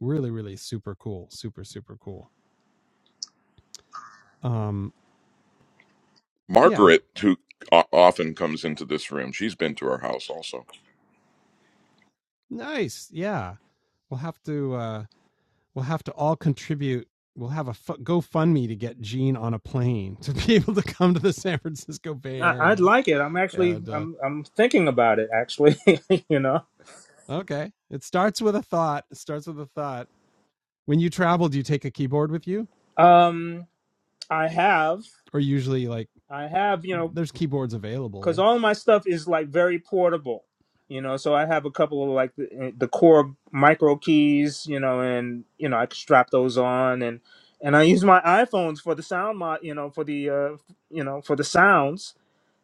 Speaker 1: really really super cool super super cool um yeah
Speaker 9: Margaret, who o- often comes into this room, she's been to our house also.
Speaker 1: nice yeah we'll have to uh we'll have to all contribute we'll have a f- gofundme to get gene on a plane <laughs> to be able to come to the san francisco bay
Speaker 7: I, I'd
Speaker 1: area
Speaker 7: like it. I'm actually
Speaker 1: and uh
Speaker 7: I'm I'm thinking about it actually. <laughs> you know.
Speaker 1: okay it starts with a thought it starts with a thought when you travel do you take a keyboard with you
Speaker 7: Um, I have
Speaker 1: or usually like
Speaker 7: I have you know
Speaker 1: there's keyboards
Speaker 7: because
Speaker 1: available
Speaker 7: all my stuff is like very portable you know so i have a couple of like the, eh, the core micro keys you know and you know i can strap those on and and i use my iphones for the sound mod you know for the uh you know for the sounds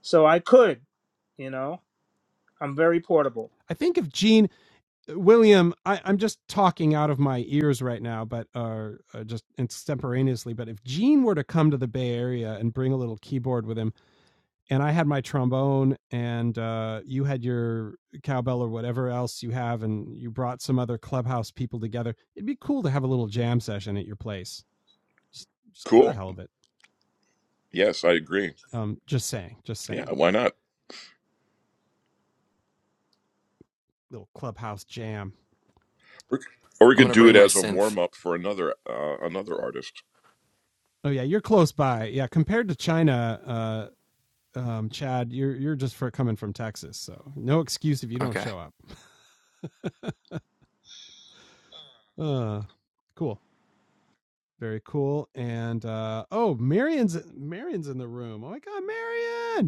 Speaker 7: so i could you know i'm very portable
Speaker 1: I think if Gene uh, William, I, I'm just talking out of my ears right now, but uh, uh, just extemporaneously. But if Gene were to come to the Bay Area and bring a little keyboard with him, and I had my trombone, and uh, you had your cowbell or whatever else you have, and you brought some other clubhouse people together, it'd be cool to have a little jam session at your place, just, just for the
Speaker 9: Cool.
Speaker 1: hell of it.
Speaker 9: Yes, I agree.
Speaker 1: Um, just saying, just
Speaker 9: Yeah,
Speaker 1: saying.
Speaker 9: why not?
Speaker 1: Little clubhouse jam.
Speaker 9: Or or we
Speaker 6: I'm
Speaker 9: could
Speaker 6: gonna
Speaker 9: do it
Speaker 6: bring my
Speaker 9: as a warm
Speaker 6: synth.
Speaker 9: up for another uh, another artist.
Speaker 1: Oh yeah, you're close by. Yeah, compared to China, uh, um, Chad, you're you're just for coming from Texas, so no excuse if you don't
Speaker 6: Okay.
Speaker 1: show up. Uh, cool, very cool. And uh, oh, Marion's Marion's in the room. Oh my God, Marion!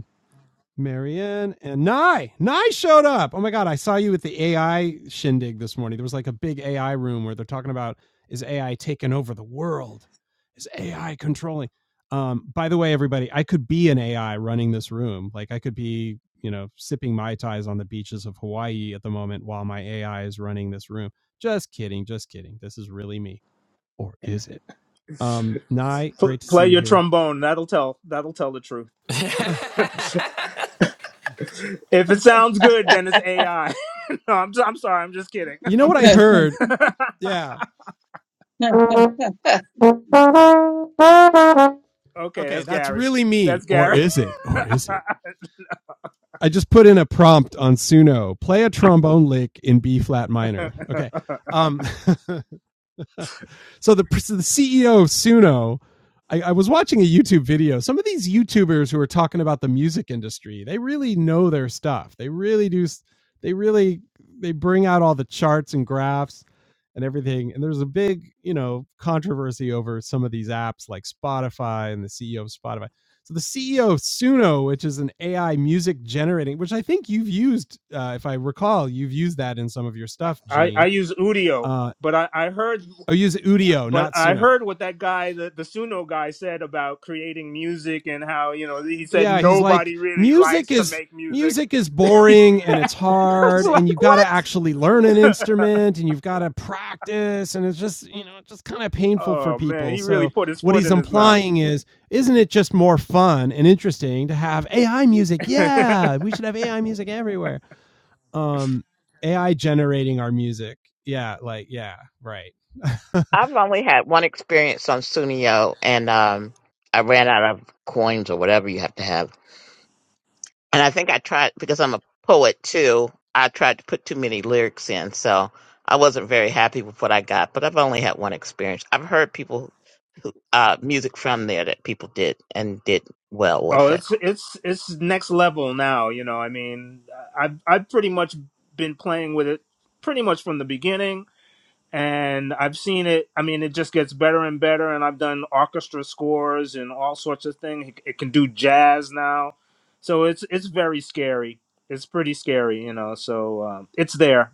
Speaker 1: Marianne and Nye. Nye showed up. Oh my God. I saw you at the AI shindig this morning. There was like a big AI room where they're talking about is AI taking over the world? Is AI controlling? Um, by the way, everybody, I could be an AI running this room. Like I could be, you know, sipping Mai Tais on the beaches of Hawaii at the moment while my AI is running this room. Just kidding. Just kidding. This is really me. Or is it? Um, Nye,
Speaker 7: Pl-
Speaker 1: great to see
Speaker 7: play
Speaker 1: you
Speaker 7: your
Speaker 1: here.
Speaker 7: trombone that'll tell that'll tell the truth
Speaker 1: <laughs>
Speaker 7: <laughs> if it sounds good then it's ai <laughs> no I'm, I'm sorry i'm just kidding
Speaker 1: you know what I heard?
Speaker 7: <laughs>
Speaker 1: Yeah.
Speaker 7: Okay,
Speaker 1: Okay,
Speaker 7: that's
Speaker 1: that's
Speaker 7: Gary.
Speaker 1: really me.
Speaker 7: That's
Speaker 1: Or
Speaker 7: Gary.
Speaker 1: is it? Or is it? I just put in a prompt on Suno. Play a trombone lick in B flat minor. Okay. Um <laughs> So the so the CEO of Suno, I, I was watching a YouTube video. Some of these YouTubers who are talking about the music industry, they really know their stuff. They really do. They really they bring out all the charts and graphs and everything. And there's a big you know controversy over some of these apps like Spotify and the CEO of Spotify. So the CEO of Suno, which is an AI music generating, which I think you've used, uh, if I recall, you've used that in some of your stuff,
Speaker 7: <laughs> I, I
Speaker 1: Gene.
Speaker 7: use Udio,
Speaker 1: Uh,
Speaker 7: but I, I heard
Speaker 1: oh, use Udio,
Speaker 7: but
Speaker 1: not
Speaker 7: I
Speaker 1: Suno.
Speaker 7: heard what that guy the, the Suno guy said about creating music and how, you know, he said
Speaker 1: yeah, he's like
Speaker 7: nobody really
Speaker 1: music
Speaker 7: likes to
Speaker 1: is
Speaker 7: make music.
Speaker 1: music is
Speaker 7: <laughs>
Speaker 1: boring and
Speaker 7: I
Speaker 1: it's hard
Speaker 7: was
Speaker 1: and
Speaker 7: like,
Speaker 1: you've got to
Speaker 7: what?
Speaker 1: actually learn an
Speaker 7: <laughs>
Speaker 1: instrument and you've got to practice and it's just you know just kind of painful for
Speaker 7: oh man,
Speaker 1: people
Speaker 7: he really
Speaker 1: so
Speaker 7: put his
Speaker 1: what
Speaker 7: foot
Speaker 1: he's
Speaker 7: in his mouth.
Speaker 1: implying is isn't it just more fun and interesting to have ai music
Speaker 7: <laughs>
Speaker 1: yeah
Speaker 7: oh,
Speaker 1: we should have ai music everywhere um ai generating our music yeah like yeah right <laughs>
Speaker 4: I've only had one experience on Sunio, and um, I ran out of coins or whatever you have to have. And I think I tried because I'm a poet too. I tried to put too many lyrics in, so I wasn't very happy with what I got. But I've only had one experience. I've heard people who uh, music from there that people did and did well with it.
Speaker 7: it's it's it's next level now, you know. I mean, I've I've pretty much been playing with it pretty much from the beginning and I've seen it. I mean, it just gets better and better. And I've done orchestra scores and all sorts of things. It, it can do jazz now, so it's it's very scary. It's pretty scary, you know. So um, it's there,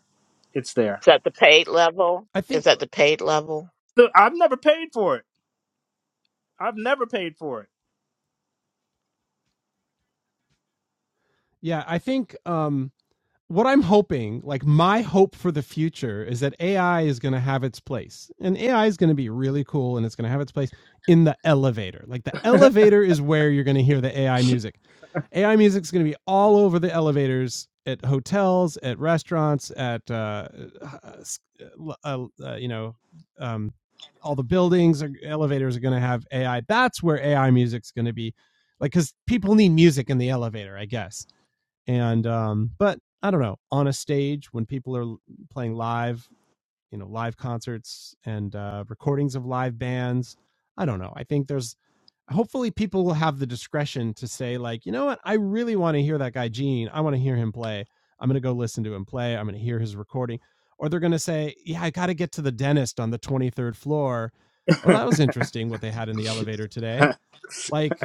Speaker 7: it's there.
Speaker 4: Is that the paid level?
Speaker 1: I
Speaker 4: Is
Speaker 1: think
Speaker 4: that the paid level?
Speaker 7: Look, I've never paid for it. I've never paid for it.
Speaker 1: yeah, I think um what I'm hoping, like my hope for the future is that AI is going to have its place. And AI is going to be really cool and it's going to have its place in the elevator. Like the elevator is where you're going to hear the AI music. AI music is going to be all over the elevators at hotels, at restaurants, at uh, uh, uh, uh, uh, you know, um, all the buildings. elevators are going to have AI. That's where AI music's going to be, like, because people need music in the elevator, I guess and um but i don't know on a stage when people are playing live you know live concerts and uh recordings of live bands i don't know i think there's hopefully people will have the discretion to say like you know what i really want to hear that guy gene i want to hear him play i'm going to go listen to him play i'm going to hear his recording or they're going to say yeah i got to get to the dentist on the 23rd floor oh that was interesting what they had in the elevator today like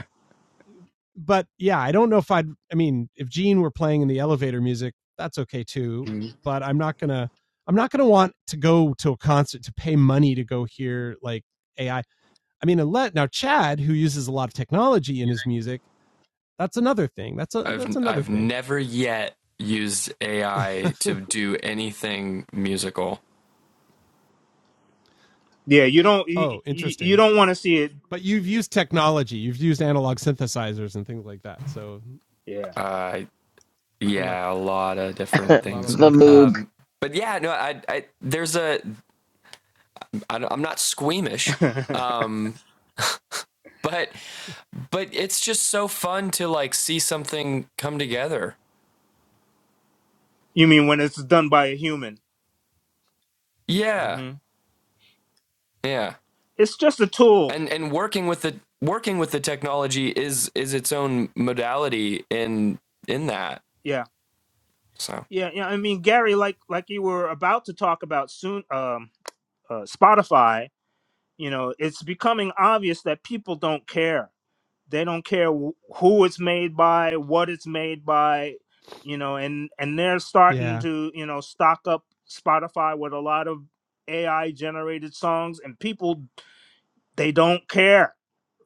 Speaker 1: but yeah, I don't know if I'd. I mean, if Gene were playing in the elevator music, that's okay too.
Speaker 7: Mhm.
Speaker 1: But I'm not gonna. I'm not gonna want to go to a concert to pay money to go hear like AI. I I mean, unless now Chad, who uses a lot of technology in his music, that's another thing. That's a
Speaker 6: I've
Speaker 1: that's another
Speaker 6: I've
Speaker 1: thing.
Speaker 6: never yet used AI
Speaker 1: <laughs>
Speaker 6: to do anything musical.
Speaker 7: Yeah, you don't you,
Speaker 1: oh,
Speaker 7: you you
Speaker 1: interesting.
Speaker 7: don't want to see it.
Speaker 1: But you've used technology. You've used analog synthesizers and things like that. So
Speaker 7: Yeah,
Speaker 6: Uh,
Speaker 1: elect
Speaker 6: Yeah, a lot of
Speaker 2: <laughs>
Speaker 6: different
Speaker 2: the
Speaker 1: a lot of
Speaker 6: things.
Speaker 1: electronics.
Speaker 2: Moog.
Speaker 6: Um, but yeah, no, I, I there's a I, don't- I'm not squeamish,
Speaker 7: <laughs>
Speaker 6: um, but but it's just so fun to like see something come together.
Speaker 7: you mean when it's done by a human?
Speaker 6: Yeah,
Speaker 7: hmm
Speaker 6: yeah,
Speaker 7: It's just a tool.
Speaker 6: and and working with the working with the technology is is its own modality in in that.
Speaker 7: Yeah,
Speaker 6: So
Speaker 7: yeah, yeah. I mean, Gary, like like you were about to talk about soon. Um, uh, Spotify, you know, it's becoming obvious that people don't care. They don't care wh- who it's made by, what it's made by, you know, and and they're starting
Speaker 1: Yeah,
Speaker 7: to, you know, stock up Spotify with a lot of AI generated songs and people they don't care,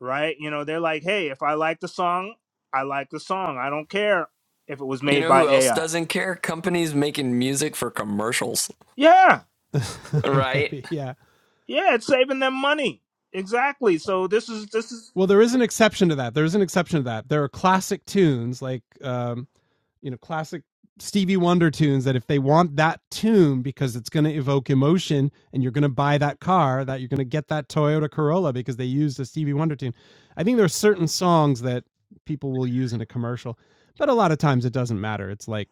Speaker 7: right? You know, they're like, "Hey, if I like the song, I like the song. I don't care if it was
Speaker 6: you
Speaker 7: made
Speaker 6: know
Speaker 7: by
Speaker 6: who else
Speaker 7: AI."
Speaker 6: doesn't care? Companies making music for commercials,
Speaker 7: Yeah.
Speaker 1: <laughs>
Speaker 6: right?
Speaker 1: maybe. Yeah.
Speaker 7: Yeah, it's saving them money. Exactly. So this is this is
Speaker 1: Well, there is an exception to that. There is an exception to that. There are classic tunes like um, you know, classic Stevie Wonder tunes that if they want that tune because it's going to evoke emotion and you're going to buy that car, that you're going to get that Toyota Corolla because they used a Stevie Wonder tune. I think there are certain songs that people will use in a commercial, but a lot of times it doesn't matter. It's like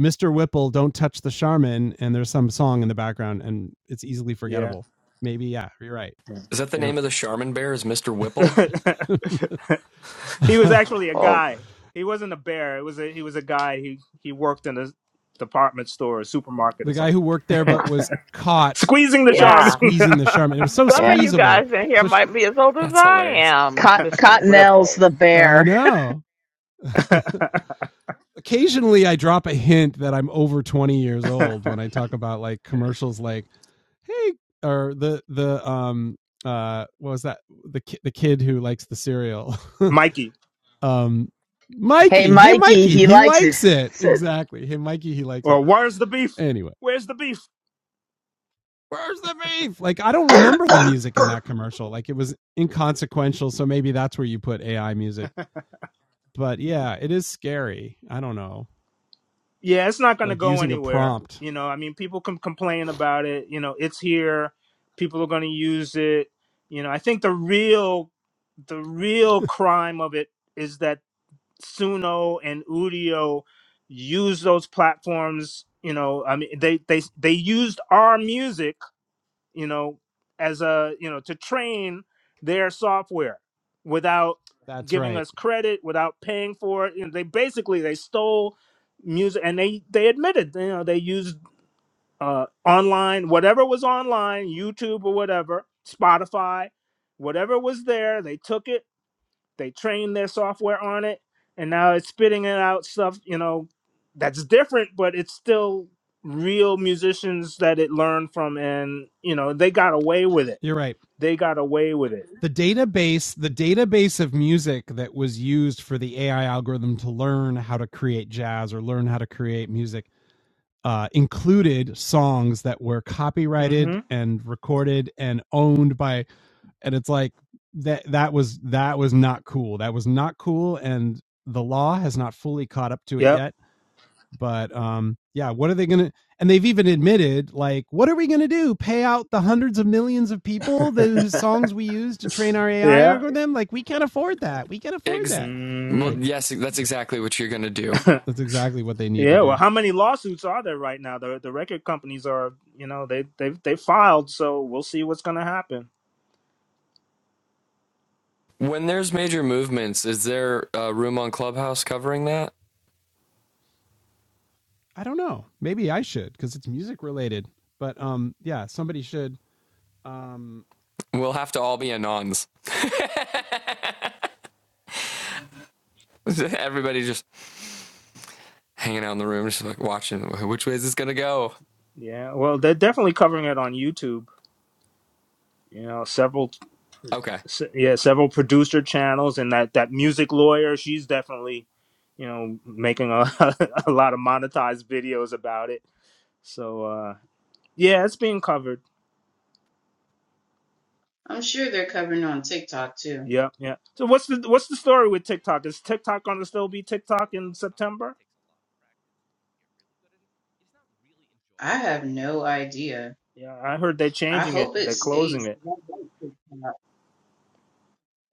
Speaker 1: Mr. Whipple, Don't Touch the Charmin, and there's some song in the background and it's easily
Speaker 7: yeah.
Speaker 1: forgettable. Maybe, yeah, you're right.
Speaker 6: Is that the
Speaker 1: They
Speaker 6: name
Speaker 1: don't.
Speaker 6: of the Charmin bear? Is Mr. Whipple?
Speaker 7: <laughs> he
Speaker 1: <laughs>
Speaker 7: was actually a
Speaker 2: Oh
Speaker 7: guy. He wasn't a bear. It was a, he was a guy. He he worked in a department store, a supermarket, or
Speaker 1: the guy who
Speaker 7: something.
Speaker 1: worked there but was
Speaker 7: <laughs>
Speaker 1: caught
Speaker 7: Squeezing the
Speaker 1: like
Speaker 7: charm,
Speaker 4: Yeah.
Speaker 1: squeezing the Charmin. It was so
Speaker 4: Some
Speaker 2: yeah.
Speaker 4: of you
Speaker 1: squeezable.
Speaker 4: guys in here
Speaker 1: So sh
Speaker 4: might be as old
Speaker 6: <laughs>
Speaker 4: as
Speaker 6: That's
Speaker 4: I
Speaker 6: hilarious.
Speaker 4: am,
Speaker 2: Cot-
Speaker 4: Mr.
Speaker 2: Cottonelle's
Speaker 4: Whipple.
Speaker 2: the
Speaker 1: I
Speaker 2: bear.
Speaker 1: know.
Speaker 7: <laughs>
Speaker 1: <laughs> Occasionally, I drop a hint that I'm over 20 years old when I talk about like commercials, like "Hey," or the the um uh what was that the ki- the kid who likes the cereal, <laughs>
Speaker 7: Mikey.
Speaker 1: um
Speaker 2: Hey,
Speaker 1: Mikey. Hey,
Speaker 2: Mikey,
Speaker 1: Mikey,
Speaker 2: he
Speaker 1: he
Speaker 2: likes it.
Speaker 1: likes
Speaker 2: He
Speaker 1: it
Speaker 2: said
Speaker 1: exactly. Hey, Mikey, he likes it
Speaker 7: Or where's the beef?
Speaker 1: anyway.
Speaker 7: Where's the beef?
Speaker 1: where's the beef? Like, I don't remember the music in that commercial. Like, it was inconsequential. So maybe that's where you put AI music. But yeah, it is scary. I don't know.
Speaker 7: Yeah, it's not going to
Speaker 1: Like,
Speaker 7: go
Speaker 1: using a
Speaker 7: anywhere.
Speaker 1: prompt.
Speaker 7: You know, I mean, people can complain about it. You know, it's here. People are going to use it. You know, I think the real the real
Speaker 1: <laughs>
Speaker 7: crime of it is that. Suno and Udio use those platforms. You know, I mean, they they they used our music, you know, as a you know to train their software without
Speaker 1: That's
Speaker 7: giving
Speaker 1: right.
Speaker 7: us credit, without paying for it. You know, they basically they stole music, and they they admitted, you know, they used uh, online whatever was online, YouTube or whatever, Spotify, whatever was there. They took it they train their software on it, and now it's spitting it out stuff, you know, that's different, but it's still real musicians that it learned from, and you know, they got away with it.
Speaker 1: You're right.
Speaker 7: They got away with it.
Speaker 1: the database the database of music that was used for the AI algorithm to learn how to create jazz or learn how to create music uh, included songs that were copyrighted
Speaker 7: Mm-hmm.
Speaker 1: and recorded and owned by and it's like that that was that was not cool that was not cool and the law has not fully caught up to it
Speaker 7: Yep.
Speaker 1: yet but um yeah what are they gonna and they've even admitted like what are we gonna do pay out the hundreds of millions of people whose songs we use to
Speaker 7: <laughs>
Speaker 1: train our ai
Speaker 7: Yeah.
Speaker 1: algorithm like we can't afford that we can't afford
Speaker 6: Ex-
Speaker 1: that
Speaker 6: well,
Speaker 1: like
Speaker 7: Mm.
Speaker 6: yes, that's
Speaker 1: but
Speaker 6: exactly what you're going to do.
Speaker 7: <laughs> yeah.
Speaker 1: that's exactly what they need to
Speaker 7: Well,
Speaker 1: do
Speaker 7: how many lawsuits are there right now? The the record companies are, you know, they they they filed, so we'll see what's gonna happen.
Speaker 6: When there's major movements, is there a room on Clubhouse covering that?
Speaker 1: i don't know maybe i should because it's music related but um yeah somebody should um.
Speaker 6: We'll have to all be anons. <laughs> Everybody just hanging out in the room, just like watching which way is this going to go?
Speaker 7: Yeah. Well, they're definitely covering it on YouTube. You know, several
Speaker 6: Okay.
Speaker 7: se- yeah several producer channels and that that music lawyer she's definitely you know making a, <laughs> a lot of monetized videos about it so uh yeah it's being covered
Speaker 8: I'm sure they're covering on TikTok too.
Speaker 7: yeah yeah so what's the what's the story with tiktok is tiktok gonna still be tiktok in september
Speaker 8: I have no idea.
Speaker 7: yeah i heard they're
Speaker 8: I
Speaker 7: changing it
Speaker 8: hope it
Speaker 7: they're closing
Speaker 8: stays.
Speaker 7: it
Speaker 8: 'cause I like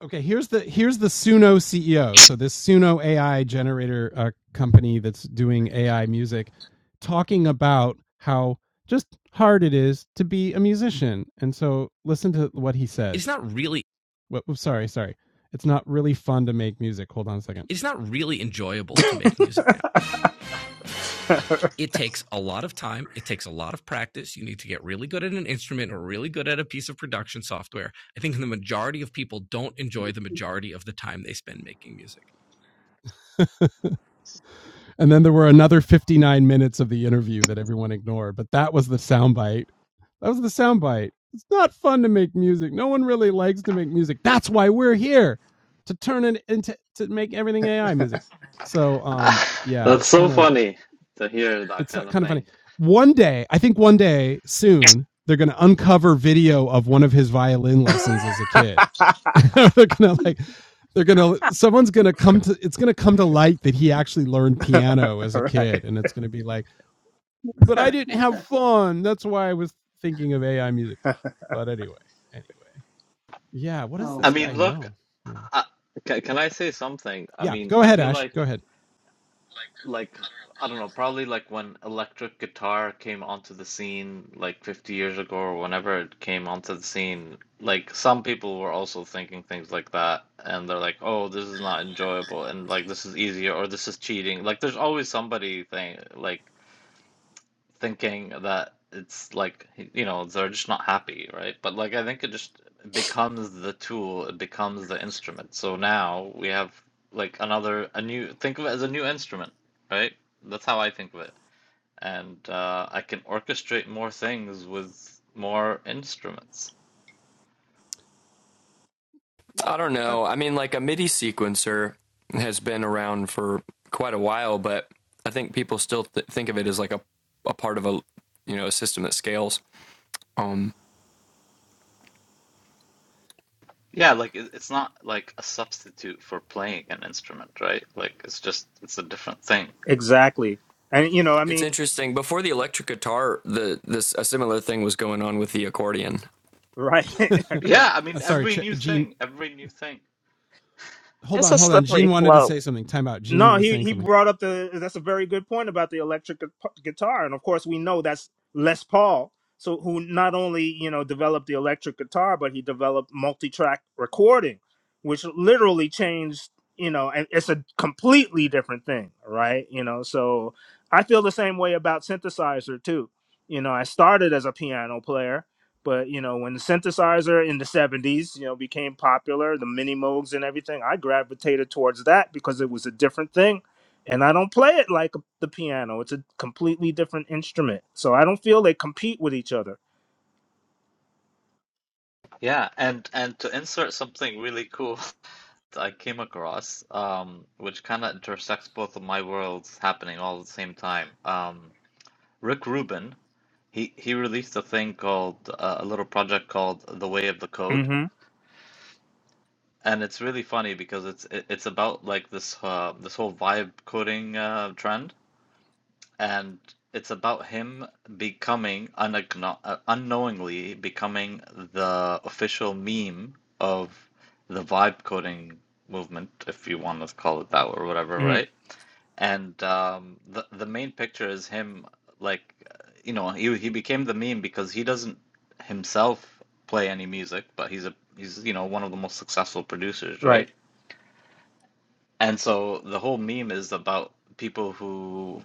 Speaker 1: Okay, here's the here's the Suno CEO. So this Suno AI generator uh, company that's doing AI music, talking about how just hard it is to be a musician. And so listen to what he said. What, sorry, sorry. It's not really fun to make music. Hold on a second. <laughs> and then there were another 59 minutes of the interview that everyone ignored, but that was the soundbite That was the soundbite. It's not fun to make music. No one really likes to make music. That's why we're here to turn it into to make everything AI music. So um
Speaker 10: <laughs>
Speaker 1: yeah,
Speaker 10: That's
Speaker 1: it's
Speaker 10: so
Speaker 1: kind of
Speaker 10: funny to hear that
Speaker 1: it's uh,
Speaker 10: kind of
Speaker 1: kind of funny.
Speaker 10: thing.
Speaker 1: One day, I think one day soon, they're going to uncover video of one of his violin lessons as a kid. <laughs> they're going to like they're going to someone's going to come to it's going to come to light that he actually learned piano
Speaker 7: <laughs>
Speaker 1: as a
Speaker 7: right
Speaker 1: kid and it's going to be like but I
Speaker 8: TikTok.
Speaker 1: didn't have fun. That's why I was thinking of AI music. But anyway, anyway, yeah. What
Speaker 8: <laughs>
Speaker 1: does
Speaker 8: oh
Speaker 10: I
Speaker 1: this guy
Speaker 8: boy.
Speaker 10: mean, look,
Speaker 1: know? Yeah,
Speaker 10: I, can, can I say something? I
Speaker 1: yeah.
Speaker 10: mean,
Speaker 1: Go
Speaker 10: I
Speaker 1: ahead,
Speaker 10: feel
Speaker 1: Ash. Go
Speaker 10: like,
Speaker 1: ahead.
Speaker 10: like, I don't know, probably like when electric guitar came onto the scene like 50 years ago or whenever it came onto the scene, like some people were also thinking things like that and they're like, "Oh, this is not enjoyable and like this is easier or this is cheating." Like there's always somebody thing like thinking that it's like you know they're just not happy right but like i think it just becomes the tool it becomes the instrument so now we have like another a new think of it as a new instrument right that's how i think of it and uh, i can orchestrate more things with more instruments
Speaker 6: I don't
Speaker 1: That.
Speaker 6: know. I mean, like a MIDI sequencer has been around for quite a while, but I think people still th- think of it as like a, a part of a you know a system that scales. Um,
Speaker 10: yeah like it- it's not like a substitute for playing an instrument right like it's just it's a different thing
Speaker 7: exactly and you know i
Speaker 6: it's
Speaker 7: mean
Speaker 6: interesting. Before the electric guitar, the this a similar thing was going on with the accordion.
Speaker 7: right
Speaker 1: <laughs>
Speaker 7: <laughs> right
Speaker 10: yeah i
Speaker 1: uh,
Speaker 10: mean
Speaker 1: sorry,
Speaker 10: every
Speaker 1: Ch-
Speaker 10: new
Speaker 1: Gene.
Speaker 10: thing every new thing
Speaker 1: Hold
Speaker 4: It's
Speaker 1: on,
Speaker 4: a
Speaker 1: hold on. Gene
Speaker 4: slippery
Speaker 1: wanted to
Speaker 4: slope.
Speaker 1: say something. Time out. Gene
Speaker 7: No,
Speaker 1: was
Speaker 7: he
Speaker 1: saying
Speaker 7: he
Speaker 1: something.
Speaker 7: brought up the that's a very good point about the electric gu- guitar, and of course we know that's Les Paul, so who not only you know developed the electric guitar, but he developed multi-track recording, which literally changed you know, and it's a completely different thing, right? You know, so I feel the same way about synthesizer too. You know, I started as a piano player but you know, when the synthesizer in the '70s, you know, became popular, the mini moogs and everything, I gravitated towards that because it was a different thing, and I don't play it like the piano. It's a completely different instrument, so I don't feel they compete with each other.
Speaker 10: Yeah, and and to insert something really cool <laughs> that I came across, um, which kind of intersects both of my worlds happening all at the same time. Um, Rick Rubin, he he released a thing called uh, a little project called The Way of the Code,
Speaker 7: Mm-hmm.
Speaker 10: and it's really funny because it's it, it's about like this uh, this whole vibe coding uh, trend. and it's about him becoming unagno- uh, unknowingly becoming the official meme of the vibe coding movement, if you want to call it that or whatever, right?
Speaker 7: Mm-hmm.
Speaker 10: And um, the the main picture is him, like, uh, you know, he he became the meme because he doesn't himself play any music, but he's a he's you know one of the most successful producers, right?
Speaker 7: Right.
Speaker 10: And so the whole meme is about people who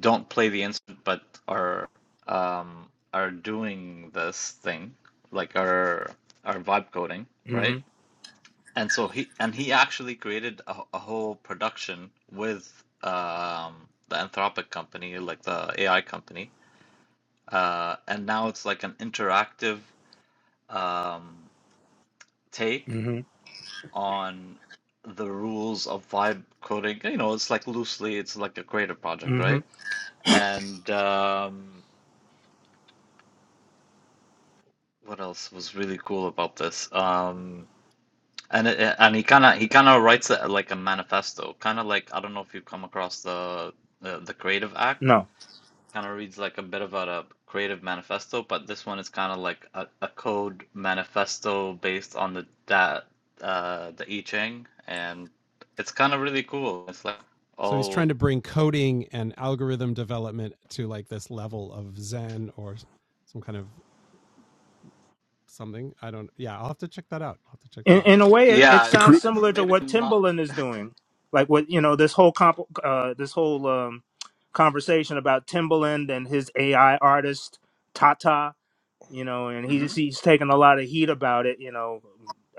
Speaker 10: don't play the instrument but are um are doing this thing like are are vibe coding right
Speaker 7: Mm-hmm.
Speaker 10: and so he and he actually created a, a whole production with um the Anthropic company like the AI company uh and now it's like an interactive um take
Speaker 7: Mm-hmm.
Speaker 10: on the rules of vibe coding you know it's like loosely it's like a creative project
Speaker 7: Mm-hmm.
Speaker 10: right and um What else was really cool about this? Um, and it, it- and he kind of he kind of writes it like a manifesto, kind of like I don't know if you've come across the the, the Creative Act.
Speaker 7: No.
Speaker 10: Kind of reads like a bit of a creative manifesto, but this one is kind of like a, a code manifesto based on the that uh the I Ching, and it's kind of really cool. It's like
Speaker 1: So he's trying
Speaker 10: oh
Speaker 1: to bring coding and algorithm development to like this level of Zen or some kind of something. I don't. Yeah, I'll have to check that out. I'll have to check that
Speaker 7: In,
Speaker 1: out.
Speaker 7: in a way, it, it
Speaker 10: yeah,
Speaker 9: The
Speaker 10: you
Speaker 9: cre-
Speaker 7: sounds
Speaker 10: got, it's
Speaker 7: similar to
Speaker 10: maybe
Speaker 7: what
Speaker 10: I'm not.
Speaker 7: Timbaland is doing, like what you know, this whole comp, uh, this whole um, conversation about Timbaland and his AI artist Tata you know, and
Speaker 10: hmm
Speaker 7: he's he's taking a lot of heat about it, you know.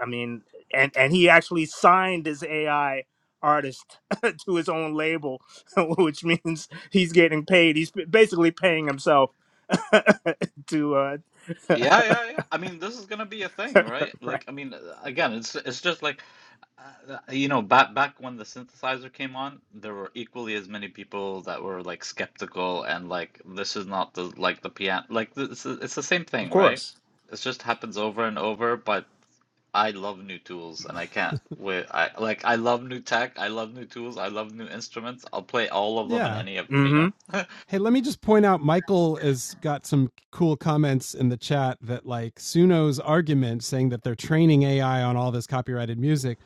Speaker 7: I mean, and and he actually signed his AI artist <laughs> to his own label, <laughs> which means he's getting paid. He's basically paying himself <laughs> to uh
Speaker 10: Yeah, yeah, yeah. I mean, this is gonna be a thing, right?
Speaker 7: <laughs> right.
Speaker 10: Like, I mean, uh, again, it's it's just like. Uh, you know, back back when the synthesizer came on, there were equally as many people that were like skeptical and like this is not the like the piano like this is, it's the same
Speaker 7: Of
Speaker 10: thing, right?
Speaker 7: course.
Speaker 10: It just happens over and over, but I love new tools and I can't
Speaker 1: <laughs>
Speaker 10: wait. I like I love new tech, I love new tools, I love new instruments. I'll play all of them and
Speaker 1: yeah,
Speaker 10: any of them, you know?
Speaker 7: Mhm.
Speaker 1: Hey, let me just point out Michael has got some cool comments in the chat that like Suno's argument saying that they're training AI on all this copyrighted music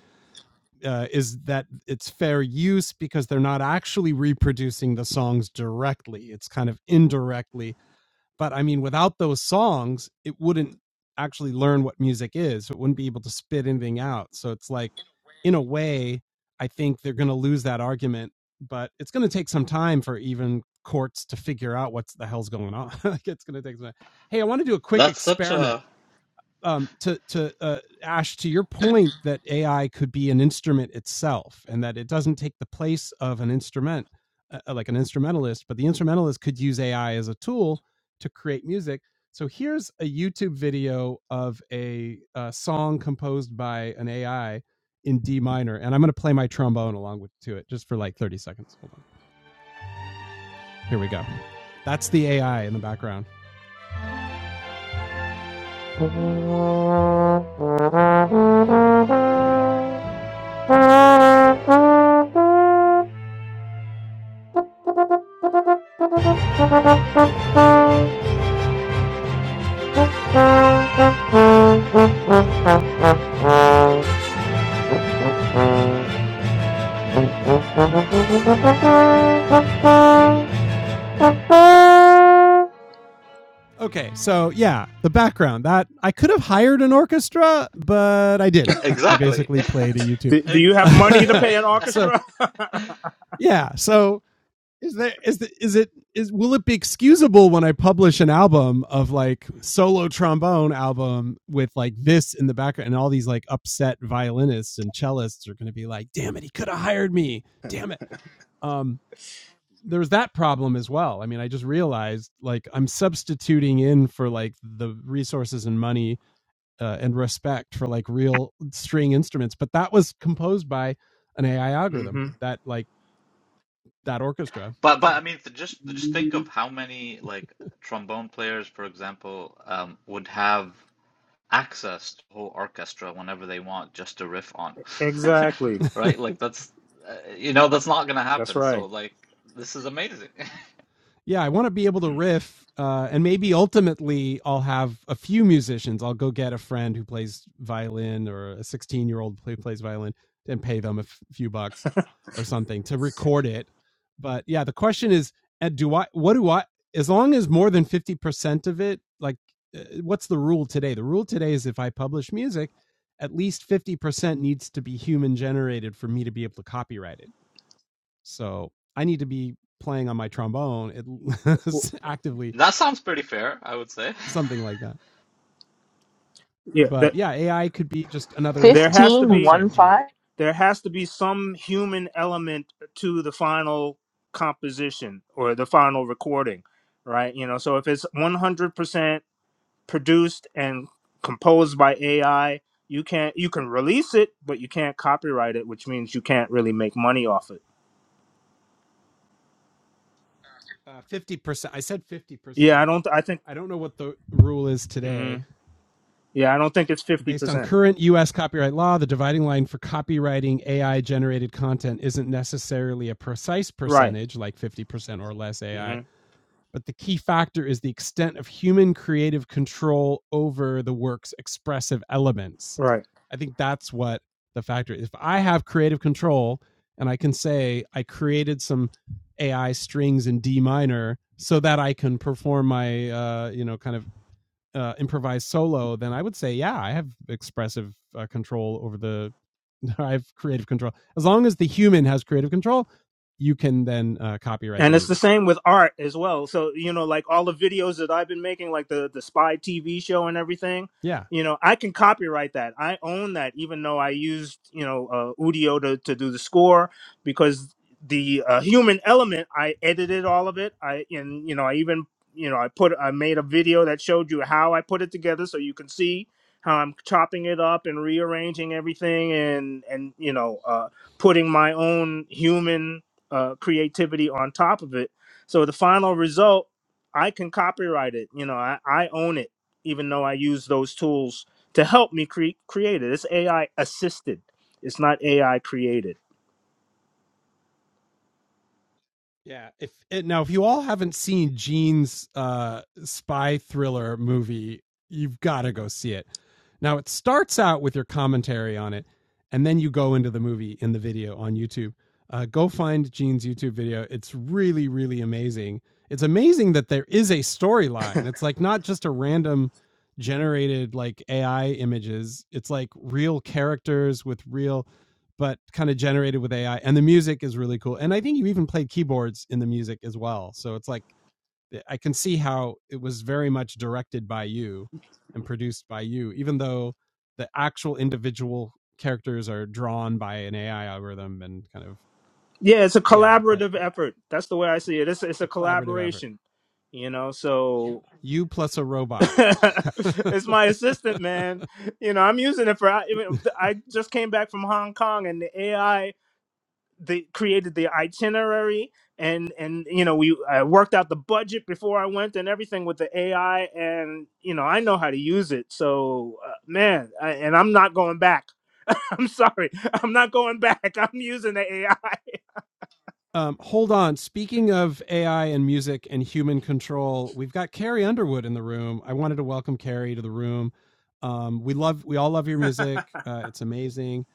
Speaker 1: uh, is that it's fair use because they're not actually reproducing the songs directly. It's kind of indirectly but I mean, without those songs, it wouldn't actually learn what music is. So It wouldn't be able to spit anything out. So it's like, in a way, I think they're going to lose that argument, but it's going to take some time for even courts to figure out what's the hell's going on. <laughs> it's going to take some time. Hey, I want to do a quick
Speaker 10: That's such
Speaker 1: experiment
Speaker 10: a
Speaker 1: um, to to uh, Ash, to your point that AI could be an instrument itself, and that it doesn't take the place of an instrument, uh, uh, like an instrumentalist, but the instrumentalist could use AI as a tool to create music. So here's a YouTube video of a, uh song composed by an AI in D minor, and I'm going to play my trombone along with to it just for like 30 seconds. Hold on, here we go. That's the AI in the background. <laughs> Okay, so yeah, the background that I could have hired an orchestra, but I didn't. I
Speaker 10: exactly.
Speaker 1: basically played
Speaker 10: <laughs>
Speaker 1: a YouTube.
Speaker 7: Do, do you have
Speaker 10: Exactly,
Speaker 7: money
Speaker 10: all
Speaker 7: to
Speaker 1: <laughs>
Speaker 7: pay
Speaker 10: right?
Speaker 7: an
Speaker 1: so
Speaker 7: orchestra? <laughs>
Speaker 10: <laughs>
Speaker 1: yeah, so is there is the, is it is will it be excusable when I publish an album of like solo trombone album with like this in the background and all these like upset violinists and cellists are going to be like, damn it, he could have hired me, damn it. Um, there's that problem as well. I mean, I just realized like I'm substituting in for like the resources and money uh, and respect for like real string instruments, but that was composed by an AI algorithm
Speaker 7: Mhm.
Speaker 1: that like that orchestra.
Speaker 10: But but
Speaker 1: So
Speaker 10: I mean, th- just just think
Speaker 8: Mhm.
Speaker 10: of how many like trombone players, for example, um, would have access to whole orchestra whenever they want just to riff on,
Speaker 7: Exactly.
Speaker 10: <laughs>
Speaker 1: <laughs>
Speaker 10: right? Like that's uh, you know that's not gonna
Speaker 7: That's
Speaker 10: happen. So
Speaker 7: right.
Speaker 10: like this is amazing. <laughs>
Speaker 1: yeah, I want to be able to riff, uh, and maybe ultimately I'll have a few musicians. I'll go get a friend who plays violin or a 16 year old who plays violin and pay them a f- few bucks or something to record it. But yeah, the question is, uh, do I? What do I? As long as more than 50 percent of it, like, uh, what's the rule today? The rule today is if I publish music, at least 50 percent needs to be human generated for me to be able to copyright it so I need to be playing on my trombone at <laughs>
Speaker 7: W-
Speaker 1: actively
Speaker 10: That sounds pretty fair, I would say.
Speaker 1: something
Speaker 10: <laughs>
Speaker 1: like that.
Speaker 7: Yeah,
Speaker 1: But
Speaker 7: that
Speaker 1: yeah, AI could be just another
Speaker 7: there
Speaker 1: instrument.
Speaker 7: has to
Speaker 1: Oh,
Speaker 2: fifteen
Speaker 7: be
Speaker 2: one
Speaker 1: sorry, Gene.
Speaker 2: five.
Speaker 7: there has to be some human element to the final composition or the final recording right you know so if it's 100% produced and composed by ai you can't you can release it but you can't copyright it which means you can't really make money off it
Speaker 1: Uh, Fifty percent. I said fifty
Speaker 7: yeah i
Speaker 1: percent.
Speaker 7: don't i think
Speaker 1: I don't know what the rule is
Speaker 7: mhm.
Speaker 1: today.
Speaker 7: yeah i don't think it's
Speaker 1: Based on
Speaker 7: 50%
Speaker 1: current U.S. copyright law, the dividing line for copywriting AI generated content isn't necessarily a precise
Speaker 7: right
Speaker 1: percentage, like 50% or less AI,
Speaker 7: hmm
Speaker 1: but the key factor is the extent of human creative control over the work's expressive elements.
Speaker 7: right
Speaker 1: I think that's what the factor is. If I have creative control and I can say I created some AI strings in D minor so that I can perform my uh, you know kind of uh, improvised solo, then I would say, yeah, I have expressive uh, control over the. <laughs> I have creative control. As long as the human has creative control, you can then uh, copyright the
Speaker 7: And it's the
Speaker 1: music.
Speaker 7: same with art as well. So, you know, like all the videos that I've been making, like the, the spy TV show and everything,
Speaker 1: Yeah,
Speaker 7: you know, I can copyright that. I own that, even though I used, you know, uh, Udio to, to do the score because the uh, human element, I edited all of it. I, and, you know, I even, you know, I put, I made a video that showed you how I put it together so you can see how I'm chopping it up and rearranging everything and, and, you know, uh, putting my own human uh, creativity on top of it. So the final result, I can copyright it. You know, I, I own it, even though I use those tools to help me cre- create it. It's AI assisted. It's not AI created.
Speaker 1: Yeah. If eh, now, if you all haven't seen Gene's uh, spy thriller movie, you've got to go see it. Now, it starts out with your commentary on it, and then you go into the movie in the video on YouTube. Uh, go find Gene's YouTube video. It's really, really amazing. It's amazing that there is a storyline. It's like not just a random generated like AI images. It's like real characters with real but kind of generated with AI. And the music is really cool. And I think you even played keyboards in the music as well. So it's like eh, I can see how it was very much directed by you and produced by you, even though the actual individual characters are drawn by an AI algorithm and kind of
Speaker 7: Yeah, it's a
Speaker 1: yeah, but
Speaker 7: collaborative
Speaker 1: yeah,
Speaker 7: effort. That's the way I see it. It's it's
Speaker 1: a
Speaker 7: a
Speaker 1: collaborative effort.
Speaker 7: collaboration. You know, so
Speaker 1: You plus a
Speaker 7: <laughs>
Speaker 1: robot.
Speaker 7: it's my assistant,
Speaker 1: <laughs>
Speaker 7: man. You know, I'm using it for. I, I
Speaker 1: <laughs>
Speaker 7: just came back from Hong Kong, and the AI the created the itinerary and and you know we I worked out the budget before I went and everything with the AI and you know I know how to use it so uh, man I, and I'm not going back <laughs> I'm sorry I'm not going back <laughs> I'm using the AI
Speaker 1: Um, hold on. Speaking of AI and music and human control, we've got Carrie Underwood in the room. I wanted to welcome Carrie to the room. Um, we love, we all love your music.
Speaker 7: I <laughs>
Speaker 1: Uh, it's amazing.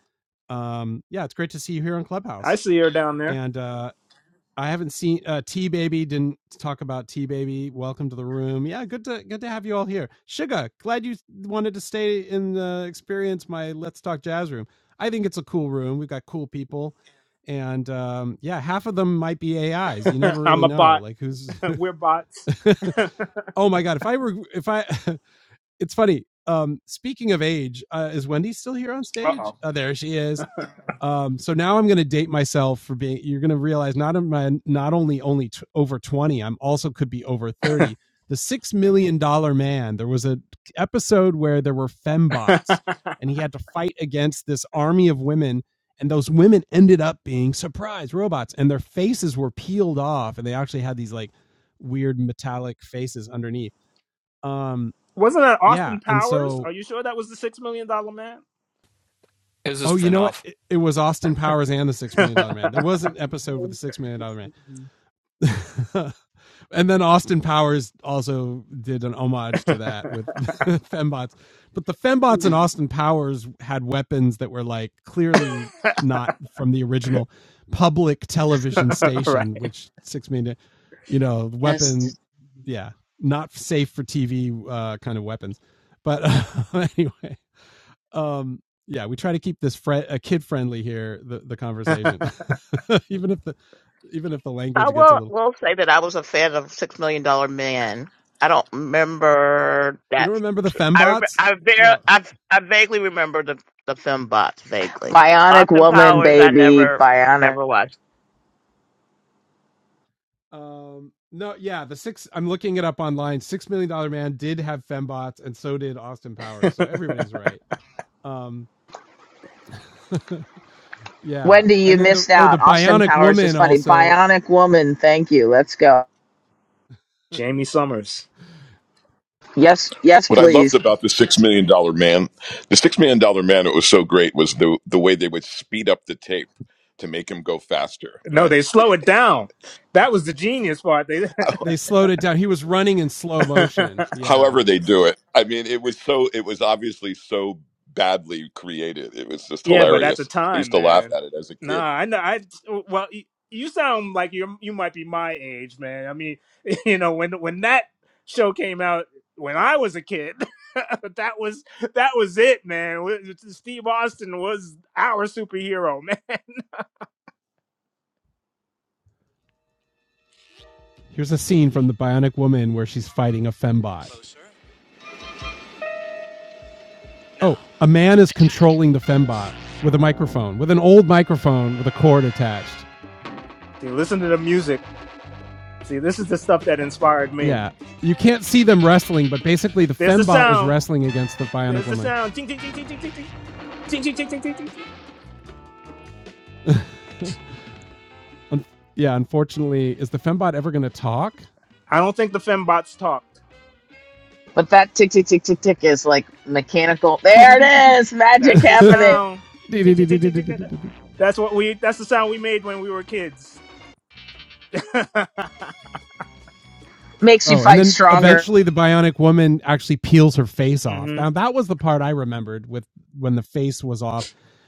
Speaker 1: Um, yeah, it's great to see you here on
Speaker 7: I
Speaker 1: Clubhouse.
Speaker 7: see her down there
Speaker 1: And uh, I haven't seen uh, T Baby. Didn't talk about T Baby. Welcome to the room. Yeah, good to good to have you all here. Sugar, glad you wanted to stay in the experience my Let's Talk Jazz room. I think it's a cool room. We've got cool people, and um, yeah, half of them might be AIs. You never
Speaker 7: <laughs> I'm
Speaker 1: really
Speaker 7: a
Speaker 1: know.
Speaker 7: bot
Speaker 1: Like who's.
Speaker 7: <laughs> we're bots
Speaker 1: <laughs> oh my god! If I were, if I, <laughs> it's funny. Um, speaking of age, uh, is Wendy still here on
Speaker 7: uh
Speaker 1: stage?
Speaker 7: oh
Speaker 1: Uh, there she is. Um, so now I'm going to date myself for being. You're going to realize not am I not only only t- over 20, I'm also could be over 30. The six million dollar man. There was a episode where there were fembots,
Speaker 7: <laughs>
Speaker 1: and he had to fight against this army of women. And those women ended up being surprise robots, and their faces were peeled off, and they actually had these like weird metallic faces underneath. Um,
Speaker 7: wasn't that
Speaker 1: yeah,
Speaker 7: Austin
Speaker 1: and
Speaker 7: Powers
Speaker 1: so
Speaker 7: are you sure that was the six million dollar man <laughs>
Speaker 6: It was a
Speaker 1: oh, you know what?
Speaker 6: spinoff.
Speaker 1: It, it was Austin Powers and the Six Million Dollar Man. There was an episode with the Six Million Dollar Man <laughs> and then Austin Powers also did an homage to that with <laughs> fembots. But the fembots and
Speaker 8: Mm,
Speaker 1: Austin Powers had weapons that were like clearly not from the original public
Speaker 7: all
Speaker 1: television station,
Speaker 7: right
Speaker 1: which six million, you know,
Speaker 8: That's
Speaker 1: weapon,
Speaker 8: just,
Speaker 1: yeah, not safe for TV uh, kind of weapons. But uh, <laughs> anyway, um, yeah, we try to keep this fri uh, kid friendly here. The the conversation, <laughs> even if the even if the
Speaker 4: I
Speaker 1: language gets a
Speaker 4: will
Speaker 1: little.
Speaker 4: will say that I was a fan of Six Million Dollar Man. I don't remember
Speaker 1: You don't
Speaker 4: that.
Speaker 1: remember the
Speaker 4: I rem-
Speaker 1: Fembots?
Speaker 4: I, var-
Speaker 1: No.
Speaker 4: I I vaguely remember the the film box vaguely.
Speaker 2: Bionic
Speaker 4: Austin
Speaker 2: woman,
Speaker 4: Powers, I
Speaker 2: baby.
Speaker 4: never
Speaker 2: Bionic.
Speaker 4: never watched.
Speaker 1: Um, no, yeah, the six. I'm looking it up online. Six Million Dollar Man did have fembots, and so did Austin Powers. So everybody's right. Um, <laughs> yeah,
Speaker 2: Wendy, you
Speaker 1: and then the
Speaker 2: missed
Speaker 1: oh, the
Speaker 2: out. Austin
Speaker 1: Bionic
Speaker 2: Powers is
Speaker 1: Woman
Speaker 2: funny.
Speaker 1: also.
Speaker 2: Bionic woman. Thank you. Let's go.
Speaker 7: <laughs>
Speaker 1: <laughs>
Speaker 7: Jamie Summers
Speaker 2: Yes, yes,
Speaker 9: What I loved
Speaker 2: please.
Speaker 9: about the Six Million Dollar Man, the Six Million Dollar Man, it was so great was the the way they would speed up the tape to make him go faster,
Speaker 7: No,
Speaker 9: right?
Speaker 7: they slow it down. That was the genius part. They,
Speaker 9: How-
Speaker 1: they slowed it down. He was running in slow motion. Yeah.
Speaker 9: However they do it, I mean, it was so it was obviously so badly created. It was
Speaker 7: <laughs>
Speaker 9: just
Speaker 7: yeah, but at the
Speaker 9: hilarious. I used
Speaker 7: time,
Speaker 9: to laugh
Speaker 7: man,
Speaker 9: at it as a
Speaker 7: nah,
Speaker 9: kid.
Speaker 7: I know. I well, you, you sound like you you might be my age, man. I mean, <laughs> you know, when when that show came out when I was a kid, <laughs> that was that was it, man. We- Steve Austin was our superhero, <laughs> man.
Speaker 1: Here's a scene from The Bionic Woman where she's fighting a fembot. Oh, a man is controlling the fembot with a microphone, with an old microphone with a cord attached.
Speaker 7: See, listen to the music. See, this is the stuff that inspired me.
Speaker 1: Yeah, you can't see them wrestling, but basically the
Speaker 7: There's the
Speaker 1: fembot is
Speaker 7: sound.
Speaker 1: wrestling against the Bionic
Speaker 7: There's the
Speaker 1: Woman.
Speaker 7: sound. Ting ting ting ting ting ting ting ting ting ting ting ting. ting.
Speaker 1: Un- yeah, unfortunately, is the fembot ever going to talk?
Speaker 7: I don't think the fembots talk.
Speaker 2: But that tick, tick, tick, tick, tick is like mechanical. There it is, magic
Speaker 7: That's the
Speaker 2: happening.
Speaker 7: sound. Ting, ting, ting, ting, ting, ting, ting.
Speaker 1: <laughs>
Speaker 7: That's what we. That's the sound we made when we were kids. <laughs>
Speaker 2: Makes you
Speaker 1: Oh, and
Speaker 2: fight
Speaker 1: then
Speaker 2: stronger.
Speaker 1: eventually the bionic woman actually peels her face off.
Speaker 7: hmm
Speaker 1: Now that was the part I remembered with when the face was off.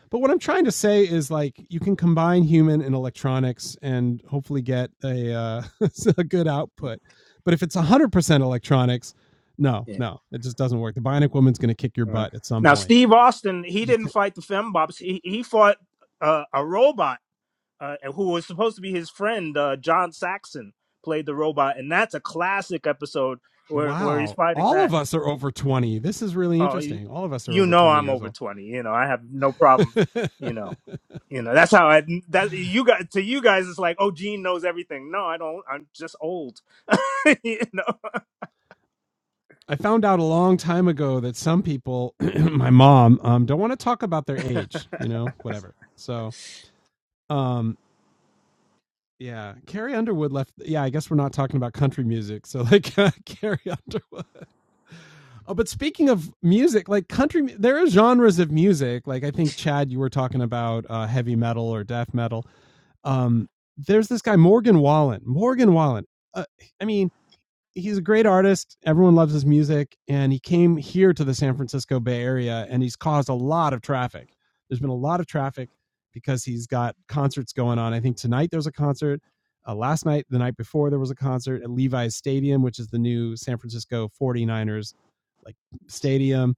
Speaker 1: But what I'm trying to say is like you can combine human and electronics and hopefully get a uh, <laughs> a good output. But if it's 100% electronics, no,
Speaker 7: Yeah.
Speaker 1: no, it just doesn't work. The bionic woman's going to kick your
Speaker 7: All right.
Speaker 1: butt at some
Speaker 7: Now
Speaker 1: point.
Speaker 7: Steve Austin, he
Speaker 1: She's
Speaker 7: didn't fight the fembops. He he fought uh, a robot uh, who was supposed to be his friend. Uh, John Saxon played the robot, and that's a classic episode where where he's
Speaker 1: wow,
Speaker 7: fighting
Speaker 1: all
Speaker 7: that.
Speaker 1: of us are over 20. This is really
Speaker 7: oh you,
Speaker 1: interesting. All of us are
Speaker 7: you
Speaker 1: over
Speaker 7: know
Speaker 1: 20
Speaker 7: i'm
Speaker 1: years
Speaker 7: over
Speaker 1: old.
Speaker 7: 20 you know i have no problems you
Speaker 1: <laughs>
Speaker 7: know you know that's how i that you guys to you guys it's like oh gene knows everything no i don't i'm just old <laughs> you know
Speaker 1: I found out a long time ago that some people, <clears throat> my mom, um, don't want to talk about their age, you know, whatever. So, um, yeah, Carrie Underwood left. Yeah, I guess we're not talking about country music. So, like, <laughs> Carrie Underwood. Oh, but speaking of music, like country, mu- there are genres of music. Like, I think, Chad, you were talking about uh, heavy metal or death metal. Um, there's this guy, Morgan Wallen. Morgan Wallen. Uh, I mean, he's a great artist. Everyone loves his music, and he came here to the San Francisco Bay Area, and he's caused a lot of traffic. There's been a lot of traffic because he's got concerts going on. I think tonight there's a concert. Uh, last night, the night before, there was a concert at Levi's Stadium, which is the new San Francisco Forty ers like stadium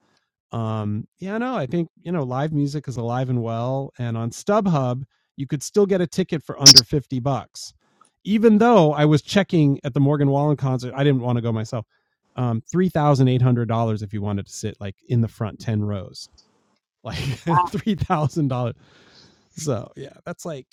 Speaker 1: um yeah no i think you know live music is alive and well and on stubhub you could still get a ticket for under 50 bucks even though i was checking at the morgan wallen concert i didn't want to go myself um $3800 if you wanted to sit like in the front 10 rows like <laughs> $3000 so yeah that's like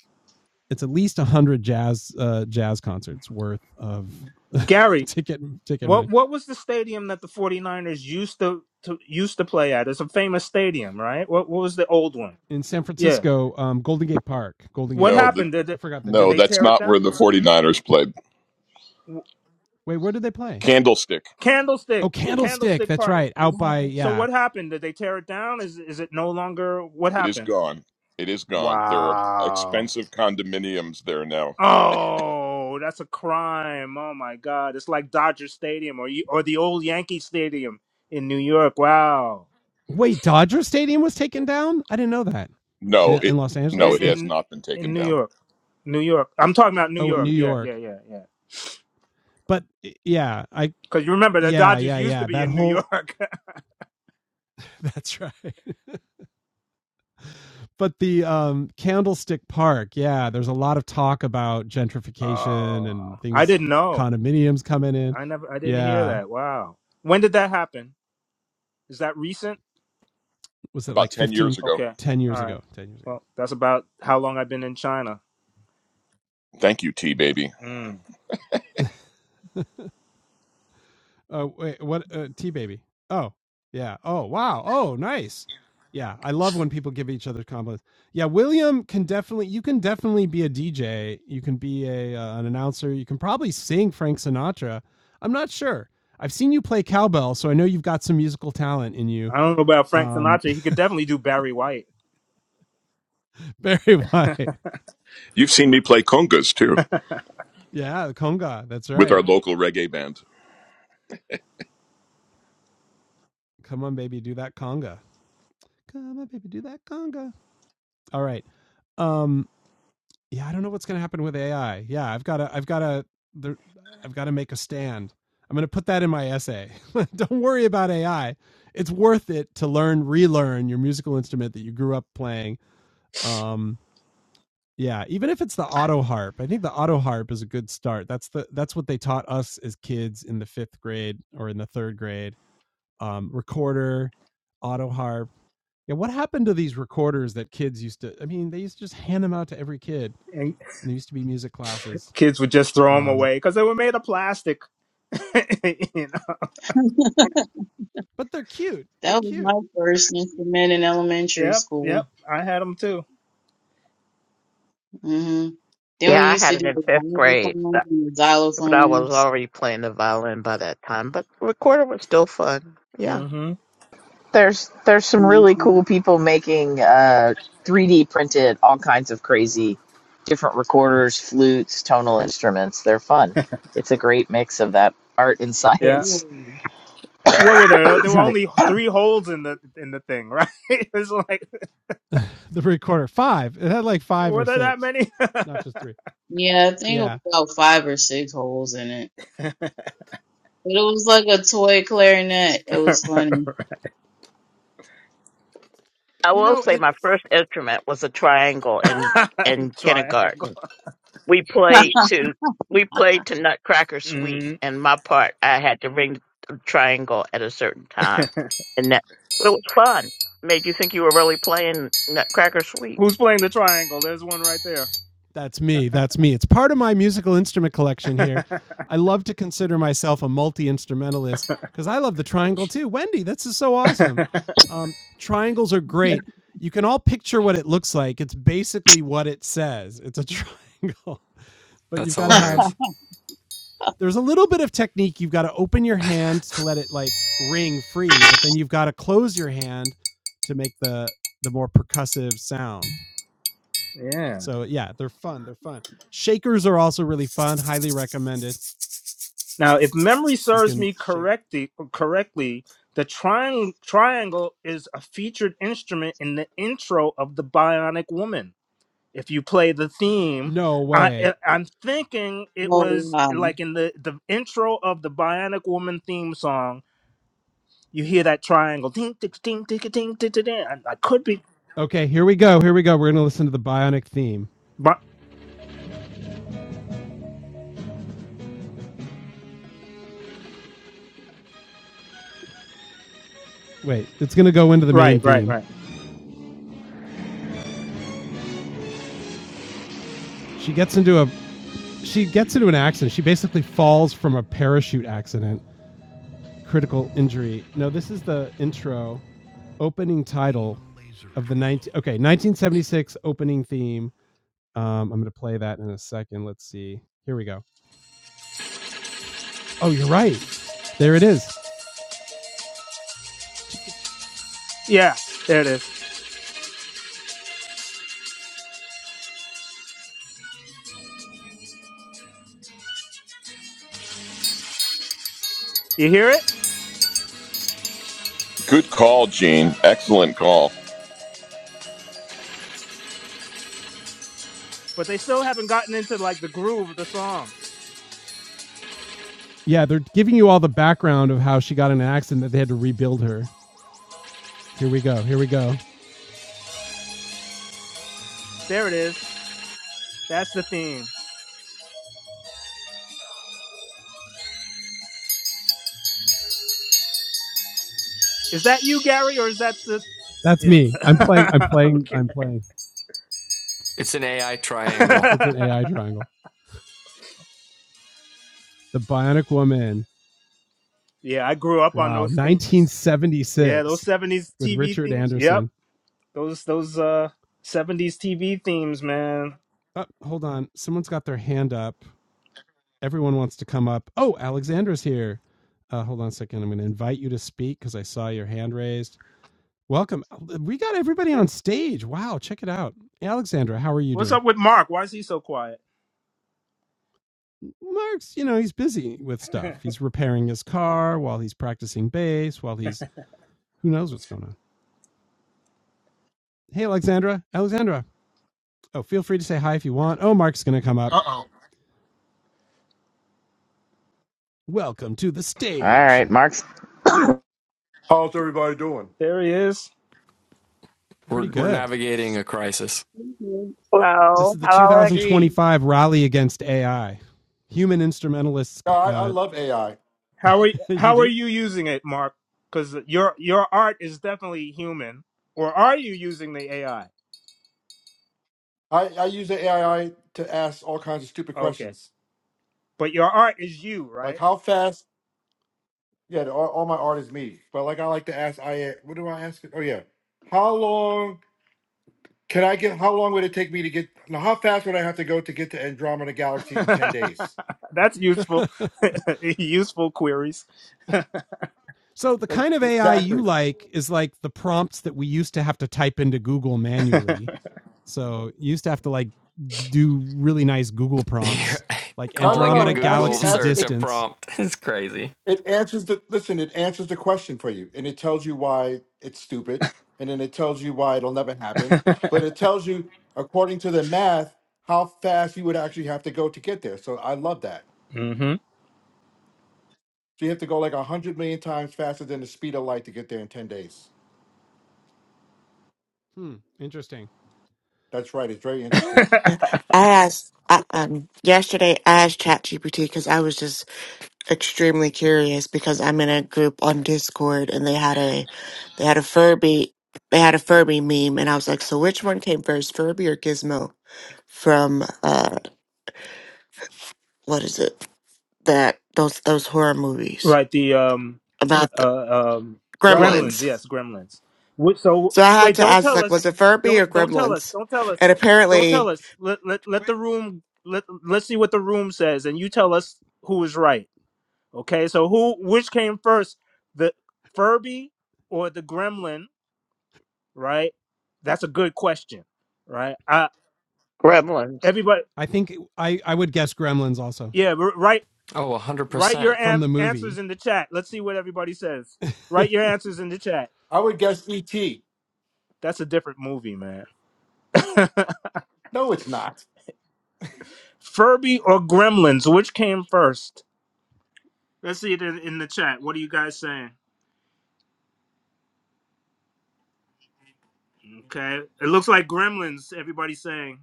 Speaker 1: it's at least 100 jazz uh jazz concerts worth of <laughs>
Speaker 7: gary
Speaker 1: ticket ticket
Speaker 7: what
Speaker 1: money
Speaker 7: what was the stadium that the 49ers used to, to used to play at it's a famous stadium right what what was the old one
Speaker 1: in san
Speaker 7: yeah
Speaker 1: francisco um golden gate park golden gate
Speaker 7: what
Speaker 9: No,
Speaker 1: park
Speaker 9: the,
Speaker 7: happened did
Speaker 1: I
Speaker 7: it,
Speaker 1: forgot the
Speaker 7: did
Speaker 9: no,
Speaker 1: name
Speaker 7: they
Speaker 9: that's
Speaker 7: tear it
Speaker 9: not
Speaker 7: down
Speaker 9: where the 49ers played.
Speaker 7: W-
Speaker 1: Wait, where did they play?
Speaker 9: Candlestick.
Speaker 1: Oh,
Speaker 7: candlestick
Speaker 1: Candlestick.
Speaker 7: candlestick
Speaker 1: That's
Speaker 7: park
Speaker 1: right. Out by
Speaker 7: so
Speaker 1: yeah.
Speaker 7: what happened did they tear it down is is it no longer what
Speaker 9: It is
Speaker 7: happened
Speaker 9: gone. It is gone. There are
Speaker 7: Wow.
Speaker 9: expensive condominiums there now.
Speaker 7: Oh, that's a crime. Oh my God. It's like Dodger Stadium or you- or the old Yankee Stadium in New York. Wow.
Speaker 1: Wait, Dodger Stadium was taken down? I didn't know that. In
Speaker 9: No,
Speaker 1: in
Speaker 9: it
Speaker 1: Los
Speaker 9: no,
Speaker 1: Angeles?
Speaker 7: In
Speaker 9: it
Speaker 1: They
Speaker 9: has
Speaker 7: in
Speaker 9: not been
Speaker 7: in
Speaker 9: taken
Speaker 7: New
Speaker 9: down.
Speaker 7: York. New York. I'm talking about New
Speaker 1: Oh, in
Speaker 7: York.
Speaker 1: New
Speaker 7: Yeah,
Speaker 1: York.
Speaker 7: yeah, yeah, yeah.
Speaker 1: But yeah, I
Speaker 7: Cuz you remember the
Speaker 1: yeah,
Speaker 7: Dodgers
Speaker 1: yeah,
Speaker 7: used to
Speaker 1: yeah.
Speaker 7: be
Speaker 1: That
Speaker 7: in New
Speaker 1: whole
Speaker 7: York. <laughs>
Speaker 1: <laughs> That's right. <laughs> but the um, Candlestick Park, yeah, there's a lot of talk about gentrification
Speaker 7: oh.
Speaker 1: and
Speaker 7: I
Speaker 1: things,
Speaker 7: didn't know.
Speaker 1: condominiums coming in.
Speaker 7: I never I didn't hear
Speaker 1: Yeah.
Speaker 7: that. Wow. When did that happen? Is that recent?
Speaker 1: Was it
Speaker 9: About
Speaker 1: like
Speaker 9: ten
Speaker 1: 15,
Speaker 9: years ago.
Speaker 7: Okay.
Speaker 1: 10
Speaker 7: All
Speaker 1: years
Speaker 7: right.
Speaker 1: ago? 10 years
Speaker 7: Well, that's about how long I've been in China.
Speaker 9: Thank you, T baby.
Speaker 7: Mm.
Speaker 1: ago. <laughs> Uh, wait, what? Uh, T baby. Oh, yeah. Oh, wow. Oh, nice. Yeah, I love when people give each other compliments. Yeah, William can definitely. You can definitely be a DJ. You can be a uh, an announcer. You can probably sing Frank Sinatra. I'm not sure. I've seen you play cowbell, so I know you've got some musical talent in you.
Speaker 7: I don't know about Frank
Speaker 1: Um,
Speaker 7: Sinatra. He could definitely do Barry White.
Speaker 1: <laughs> Barry White.
Speaker 9: You've seen me play congas too
Speaker 1: Yeah, the conga. That's
Speaker 9: with our
Speaker 1: right.
Speaker 9: local reggae band.
Speaker 1: Come on, baby, do that conga. Come on, baby, do that conga. All right. um. yeah, I don't know what's going to happen with AI. Yeah, I've got to, I've got to, there, I've got to make a stand. I'm going to put that in my essay. <laughs> don't worry about AI. It's worth it to learn, relearn your musical instrument that you grew up playing. Um, yeah, even if it's the auto harp, I think the auto harp is a good start. That's the that's what they taught us as kids in the fifth grade or in the third grade. Um, recorder, auto harp. Yeah, what happened to these recorders that kids used to? I mean, they used to just hand them out to every kid and there used to be music classes.
Speaker 7: Kids would just throw them
Speaker 1: Um,
Speaker 7: away because they were made of plastic. <laughs> you know?
Speaker 1: but they're cute. They're
Speaker 8: that was my
Speaker 1: cute.
Speaker 8: first instrument in elementary
Speaker 7: Yep,
Speaker 8: school.
Speaker 7: yep. I had them too.
Speaker 8: hmm Then
Speaker 4: Yeah,
Speaker 8: we
Speaker 4: I
Speaker 8: used
Speaker 4: had
Speaker 8: to
Speaker 4: it
Speaker 8: do
Speaker 4: in
Speaker 8: the
Speaker 4: fifth grade,
Speaker 8: gyrosongs
Speaker 4: but
Speaker 8: and the
Speaker 4: but I was
Speaker 8: xylophones.
Speaker 4: already playing the violin by that time. But recorder was still fun. Yeah,
Speaker 7: hmm
Speaker 2: There's there's some really
Speaker 8: hmm
Speaker 2: cool people making uh, 3D printed all kinds of crazy different recorders, flutes, tonal instruments. They're fun. It's a great mix of that art and
Speaker 7: Yeah.
Speaker 2: science.
Speaker 7: What were there?
Speaker 2: <laughs>
Speaker 7: There were
Speaker 2: Sorry.
Speaker 7: only three holes in the in the thing, right? <laughs> it's like
Speaker 1: <laughs> the recorder five. It had like five or
Speaker 7: were there that
Speaker 1: six,
Speaker 7: many?
Speaker 1: not just three.
Speaker 8: Yeah, I think it
Speaker 1: Yeah,
Speaker 8: was about five or six holes in it. But it was like a toy clarinet. It was funny.
Speaker 4: I
Speaker 1: you
Speaker 4: will
Speaker 1: know,
Speaker 4: say
Speaker 1: and
Speaker 4: my first instrument was a triangle in in
Speaker 7: <laughs>
Speaker 4: kindergarten.
Speaker 7: triangle.
Speaker 4: we
Speaker 8: <laughs>
Speaker 4: played to we played to Nutcracker Suite,
Speaker 7: hmm
Speaker 4: and my part I had to ring the triangle at a certain time, and that it was fun. Made you think you were really playing Nutcracker Suite.
Speaker 7: Who's playing the triangle? There's one right there.
Speaker 1: that's me. That's me. It's part of my musical instrument collection
Speaker 7: <laughs>
Speaker 1: here. I love to consider myself a multi instrumentalist because I love the triangle too. Wendy, this is so awesome. Um, triangles are great. You can all picture what it looks like. It's basically what it says. It's a triangle, <laughs> but
Speaker 6: That's
Speaker 1: you've got to
Speaker 8: oh,
Speaker 1: have
Speaker 6: hilarious.
Speaker 1: there's a little bit of technique. You've got to open your hand to let it like ring free, but then you've got to close your hand to make the the more percussive sound.
Speaker 7: yeah.
Speaker 1: So yeah, they're fun. They're fun. Shakers are also really fun. Highly recommended.
Speaker 7: Now, if memory
Speaker 1: You
Speaker 7: serves
Speaker 1: can
Speaker 7: me
Speaker 1: shake.
Speaker 7: correctly, correctly, the triang- triangle is a featured instrument in the intro of the Bionic Woman. if you play the theme
Speaker 1: No
Speaker 7: i
Speaker 1: way.
Speaker 7: I- i'm thinking it was
Speaker 8: wow.
Speaker 7: like in the the intro of the bionic woman theme song you hear that triangle ding ding ding ding ding ding ding ding. i I could be
Speaker 1: Okay, here we go. Here we go. We're gonna listen to the bionic theme.
Speaker 7: but
Speaker 1: Wait, it's gonna go into the main
Speaker 7: right right
Speaker 1: theme.
Speaker 7: right
Speaker 1: She gets into a she gets into an accident. She basically falls from a parachute accident. critical injury. No, this is the intro, opening title of the 19 okay 1976 opening theme. Um, I'm gonna play that in a second. Let's see. Here we go. Oh, you're right. There it is.
Speaker 7: yeah there it is you hear it
Speaker 9: Good call, Gene. Excellent call.
Speaker 7: but they still haven't gotten into like the groove of the song
Speaker 1: Yeah, they're giving you all the background of how she got in an accident that they had to rebuild her. Here we go. Here we go.
Speaker 7: there it is that's the theme is that you gary or is that the
Speaker 1: That's
Speaker 7: yeah
Speaker 1: me. I'm playing. I'm
Speaker 7: <laughs>
Speaker 1: playing.
Speaker 7: okay
Speaker 1: I'm playing.
Speaker 6: It's an AI triangle.
Speaker 1: It's an AI triangle. The Bionic Woman.
Speaker 7: <laughs> yeah i grew up on
Speaker 1: Wow.
Speaker 7: those themes yeah those
Speaker 1: 1976
Speaker 7: 70s
Speaker 1: with
Speaker 7: tv
Speaker 1: Richard
Speaker 7: themes yep
Speaker 1: Anderson.
Speaker 7: Those those uh 70s TV themes, man.
Speaker 1: Oh, hold on. Someone's got their hand up. everyone wants to come up. Oh, Alexandra's here. Uh, hold on a second. I'm going to invite you to speak because I saw your hand raised. Welcome. We got everybody on stage. Wow, check it out. Alexandra, how are you
Speaker 7: What's
Speaker 1: doing?
Speaker 7: up with Mark? Why is he so quiet?
Speaker 1: Mark's, you know, he's busy with stuff. He's repairing his car while he's practicing bass, while he's who knows what's going on. Hey, Alexandra. Alexandra. Oh, feel free to say hi if you want. Oh, Mark's going to come up.
Speaker 7: Uh oh.
Speaker 1: Welcome to the
Speaker 2: All
Speaker 1: stage.
Speaker 2: right, Mark's.
Speaker 11: How's everybody doing?
Speaker 7: There he is.
Speaker 1: Pretty
Speaker 6: We're we're
Speaker 1: good.
Speaker 6: navigating a crisis.
Speaker 8: Mhm.
Speaker 1: This
Speaker 4: Hello,
Speaker 1: is the
Speaker 4: hello. Alex.
Speaker 11: Gene,
Speaker 1: 2025 rally against AI. Human instrumentalists
Speaker 11: no, I, I
Speaker 1: uh,
Speaker 11: love AI.
Speaker 7: How are y
Speaker 1: <laughs> you
Speaker 7: how are
Speaker 1: do?
Speaker 7: you using it, Mark? Because your your art is definitely human, or are you using the AI?
Speaker 11: I, I I use the AI to ask all kinds of stupid
Speaker 7: Okay,
Speaker 11: questions.
Speaker 7: but your art is you,
Speaker 11: Like,
Speaker 7: right?
Speaker 11: how fast? Yeah, the- all, all my art is me. But, like, I like to ask, I what do I ask it? Oh, yeah. How long can I get? How long would it take me to get? Now, how fast would I have to go to get to Andromeda
Speaker 7: <laughs>
Speaker 11: Galaxy in 10 days?
Speaker 7: That's useful.
Speaker 1: <laughs>
Speaker 7: <laughs> useful queries.
Speaker 1: So the
Speaker 11: Like,
Speaker 1: kind of AI you
Speaker 11: exactly.
Speaker 1: like is like the prompts that we used to have to type into Google
Speaker 7: <laughs>
Speaker 1: manually. So you used to have to like do really nice Google prompts
Speaker 6: <laughs>
Speaker 1: like
Speaker 11: No, no,
Speaker 6: Calling a
Speaker 11: no.
Speaker 1: Andromeda
Speaker 11: It actually
Speaker 6: Google
Speaker 1: galaxy
Speaker 11: asks.
Speaker 6: search a
Speaker 1: distance
Speaker 6: prompt <laughs> It's crazy.
Speaker 11: It answers the listen, it answers the question for you and it tells you why it's stupid and then it tells you why it'll never happen. But it tells you according to the math how fast you would actually have to go to get there. So I love that.
Speaker 7: hmm
Speaker 11: So you have to go like 100 million times faster than the speed of light to get there in 10 days.
Speaker 1: Hmm. Interesting.
Speaker 11: That's right. It's very interesting.
Speaker 7: <laughs>
Speaker 12: I asked I, um, yesterday. I asked ChatGPT because I was just extremely curious because I'm in a group on Discord and they had a they had a Furby they had a Furby meme and I was like, so which one came first, Furby or Gizmo from uh what is it that those those horror movies
Speaker 7: right. The um.
Speaker 12: about the
Speaker 7: uh, um, Gremlins.
Speaker 12: Gremlins?
Speaker 11: Gremlins.
Speaker 7: Yes, Gremlins. Wh- So
Speaker 12: So I had
Speaker 7: wait,
Speaker 12: to
Speaker 7: don't
Speaker 12: ask
Speaker 7: tell
Speaker 12: like,
Speaker 7: us.
Speaker 12: was it Furby
Speaker 7: Don't
Speaker 12: or
Speaker 7: don't tell us.
Speaker 12: Gremlins?
Speaker 7: Don't tell us.
Speaker 12: And
Speaker 7: Don't
Speaker 12: apparently.
Speaker 7: tell us. Let let, let
Speaker 1: Wait,
Speaker 7: the room. Let let's see what the room says, and you tell us who is right. Okay. So who which came first, the Furby or the Gremlin? Right. That's a good question. Right. Uh,
Speaker 4: Gremlins.
Speaker 7: everybody.
Speaker 1: I think I I would guess Gremlins also
Speaker 7: Yeah. r- Right.
Speaker 6: Oh, 100%.
Speaker 7: Write your
Speaker 1: from
Speaker 7: am-
Speaker 1: the
Speaker 7: answers
Speaker 1: movie.
Speaker 7: in the chat. Let's see what everybody says. Write your answers
Speaker 1: <laughs>
Speaker 7: in the chat.
Speaker 11: I would guess ET.
Speaker 7: That's a different movie, man. <laughs>
Speaker 11: No, it's not.
Speaker 7: Furby or Gremlins? Which came first? Let's see it in in the chat. What are you guys saying? Okay, it looks like Gremlins. Everybody's saying.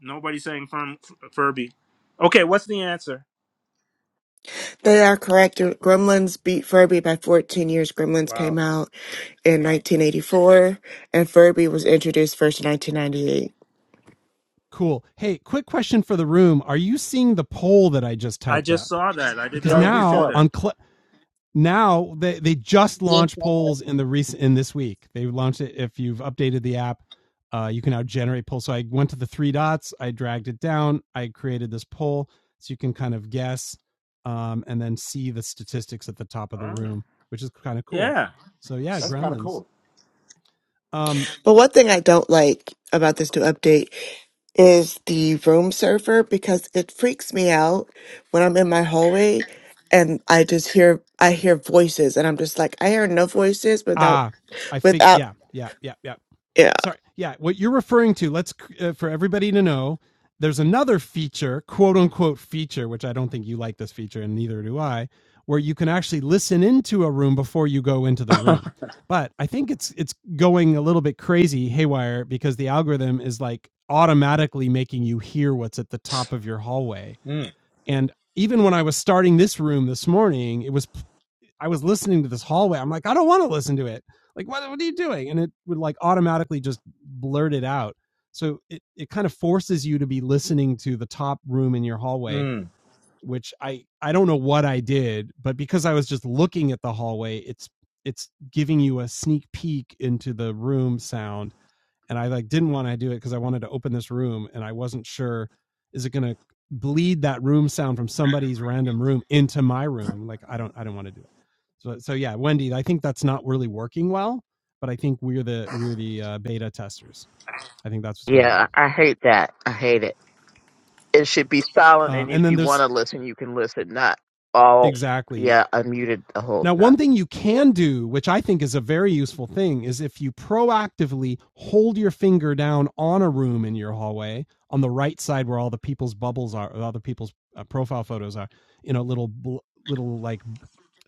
Speaker 7: Nobody's saying from Furby. Okay, what's the answer?
Speaker 12: They are correct. Gremlins beat Furby by 14 years. Gremlins
Speaker 7: Wow,
Speaker 12: came out in 1984, and Furby was introduced first in 1998.
Speaker 1: Cool. Hey, quick question for the room. Are you seeing the poll that I just
Speaker 7: I
Speaker 1: typed
Speaker 7: just
Speaker 1: up?
Speaker 7: saw that. I didn't
Speaker 1: Because
Speaker 7: know
Speaker 11: Yeah,
Speaker 7: you
Speaker 11: we
Speaker 7: could
Speaker 1: now
Speaker 7: do
Speaker 11: saw it.
Speaker 7: that.
Speaker 1: on Cl- now they, they just
Speaker 8: Just,
Speaker 1: launched
Speaker 8: uh,
Speaker 1: polls in the recent in this week. They launched it if you've updated the app, uh, you can now generate polls. So I went to the three dots, I dragged it down, I created this poll so you can kind of guess um, and then see the statistics at the top of the
Speaker 7: Oh,
Speaker 1: room, which is kind of cool.
Speaker 7: yeah.
Speaker 1: So yeah,
Speaker 11: That's kind of
Speaker 1: gremlins.
Speaker 11: cool.
Speaker 1: Um
Speaker 12: But one thing I don't like about this new update is the room surfer because it freaks me out when I'm in my hallway and I just hear I hear voices, and I'm just like I hear no voices without
Speaker 1: ah, I think
Speaker 12: without.
Speaker 1: yeah, yeah, yeah, yeah. Sorry. Yeah, what you're referring to, let's uh, for everybody to know, there's another feature, quote unquote feature, which I don't think you like this feature and neither do I, where you can actually listen into a room before you go into the room. But I think it's it's going a little bit crazy haywire because the algorithm is like automatically making you hear what's at the top of your hallway.
Speaker 7: Mm,
Speaker 1: And even when I was starting this room this morning, it was I was listening to this hallway. I'm like, I don't want to listen to it. Like, what, what are you doing? And it would like automatically just blurt it out. So it, it kind of forces you to be listening to the top room in your hallway,
Speaker 7: mm.
Speaker 1: which I, I don't know what I did, but because I was just looking at the hallway, it's, it's giving you a sneak peek into the room sound and I like didn't want to do it because I wanted to open this room and I wasn't sure is it going to bleed that room sound from somebody's random room into my room like I don't I don't want to do that. So so yeah, Wendy, I think that's not really working well, but I think we're the we're the uh, beta testers. I think that's what's going on.
Speaker 4: Yeah, I hate that. I hate it. It should be silent, and
Speaker 1: Um and
Speaker 4: if
Speaker 1: then
Speaker 4: you want
Speaker 1: there's
Speaker 4: to listen, you can listen. Not all.
Speaker 1: exactly
Speaker 4: Yeah, I muted the whole
Speaker 1: Now,
Speaker 4: time.
Speaker 1: one thing you can do, which I think is a very useful thing, is if you proactively hold your finger down on a room in your hallway on the right side where all the people's bubbles are, or other people's uh, profile photos are, in a little little like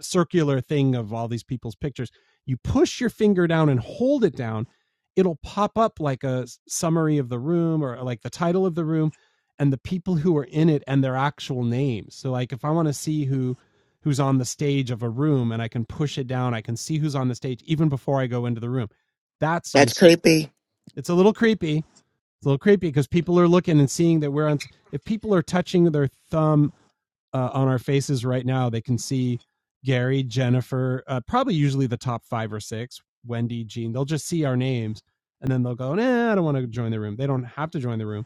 Speaker 1: circular thing of all these people's pictures. You push your finger down and hold it down, it'll pop up like a summary of the room or like the title of the room and the people who are in it and their actual names. So like if I want to see who who's on the stage of a room and I can push it down, I can see who's on the stage even before I go into the room. That's
Speaker 12: That's
Speaker 1: useful.
Speaker 12: creepy.
Speaker 1: It's a little creepy. It's a little creepy because people are looking and seeing that we're on if people are touching their thumb uh, on our faces right now, they can see Gary, Jennifer, uh, probably usually the top five or six, Wendy, Jean. They'll just see our names and then they'll go, nah, I don't want to join the room. They don't have to join the room,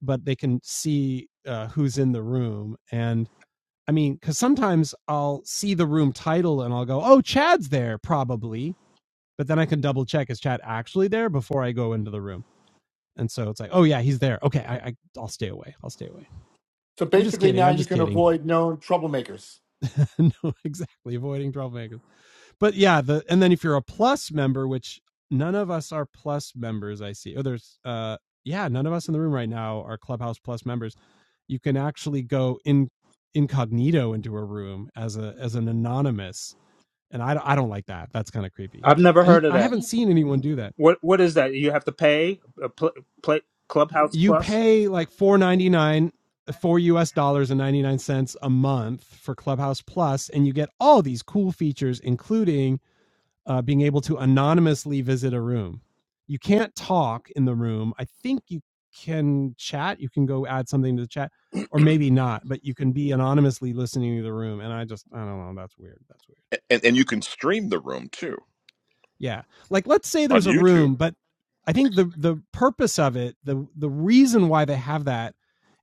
Speaker 1: but they can see uh, who's in the room. And I mean, because sometimes I'll see the room title and I'll go, oh, Chad's there probably. But then I can double check, is Chad actually there before I go into the room? And so it's like, oh, yeah, he's there. Okay, I, I, I'll stay away. I'll stay away.
Speaker 11: So
Speaker 1: I'm just
Speaker 11: basically
Speaker 1: kidding.
Speaker 11: now
Speaker 1: I'm
Speaker 11: you
Speaker 1: just
Speaker 11: can
Speaker 1: kidding.
Speaker 11: avoid known troublemakers.
Speaker 1: <laughs> no, exactly. Avoiding troublemakers. But yeah, the and then if you're a plus member, which none of us are plus members, I see. Oh, there's uh yeah, none of us in the room right now are Clubhouse Plus members. You can actually go in incognito into a room as a as an anonymous, and I I don't like that. That's kind of creepy.
Speaker 7: I've never
Speaker 1: And
Speaker 7: heard of
Speaker 1: I
Speaker 7: that.
Speaker 1: haven't seen anyone do that.
Speaker 7: What What is that? You have to pay a pl- play Clubhouse
Speaker 1: You
Speaker 7: Plus.
Speaker 1: pay like four ninety nine, four US dollars and ninety nine cents a month for Clubhouse Plus, and you get all these cool features, including uh, being able to anonymously visit a room. You can't talk in the room. I think you can chat. You can go add something to the chat, or maybe not. But you can be anonymously listening to the room. And I just I don't know. That's weird. That's weird.
Speaker 9: A- And and you can stream the room too
Speaker 1: Yeah. Like let's say
Speaker 9: on
Speaker 1: there's a
Speaker 9: YouTube.
Speaker 1: room, but I think the the purpose of it, the the reason why they have that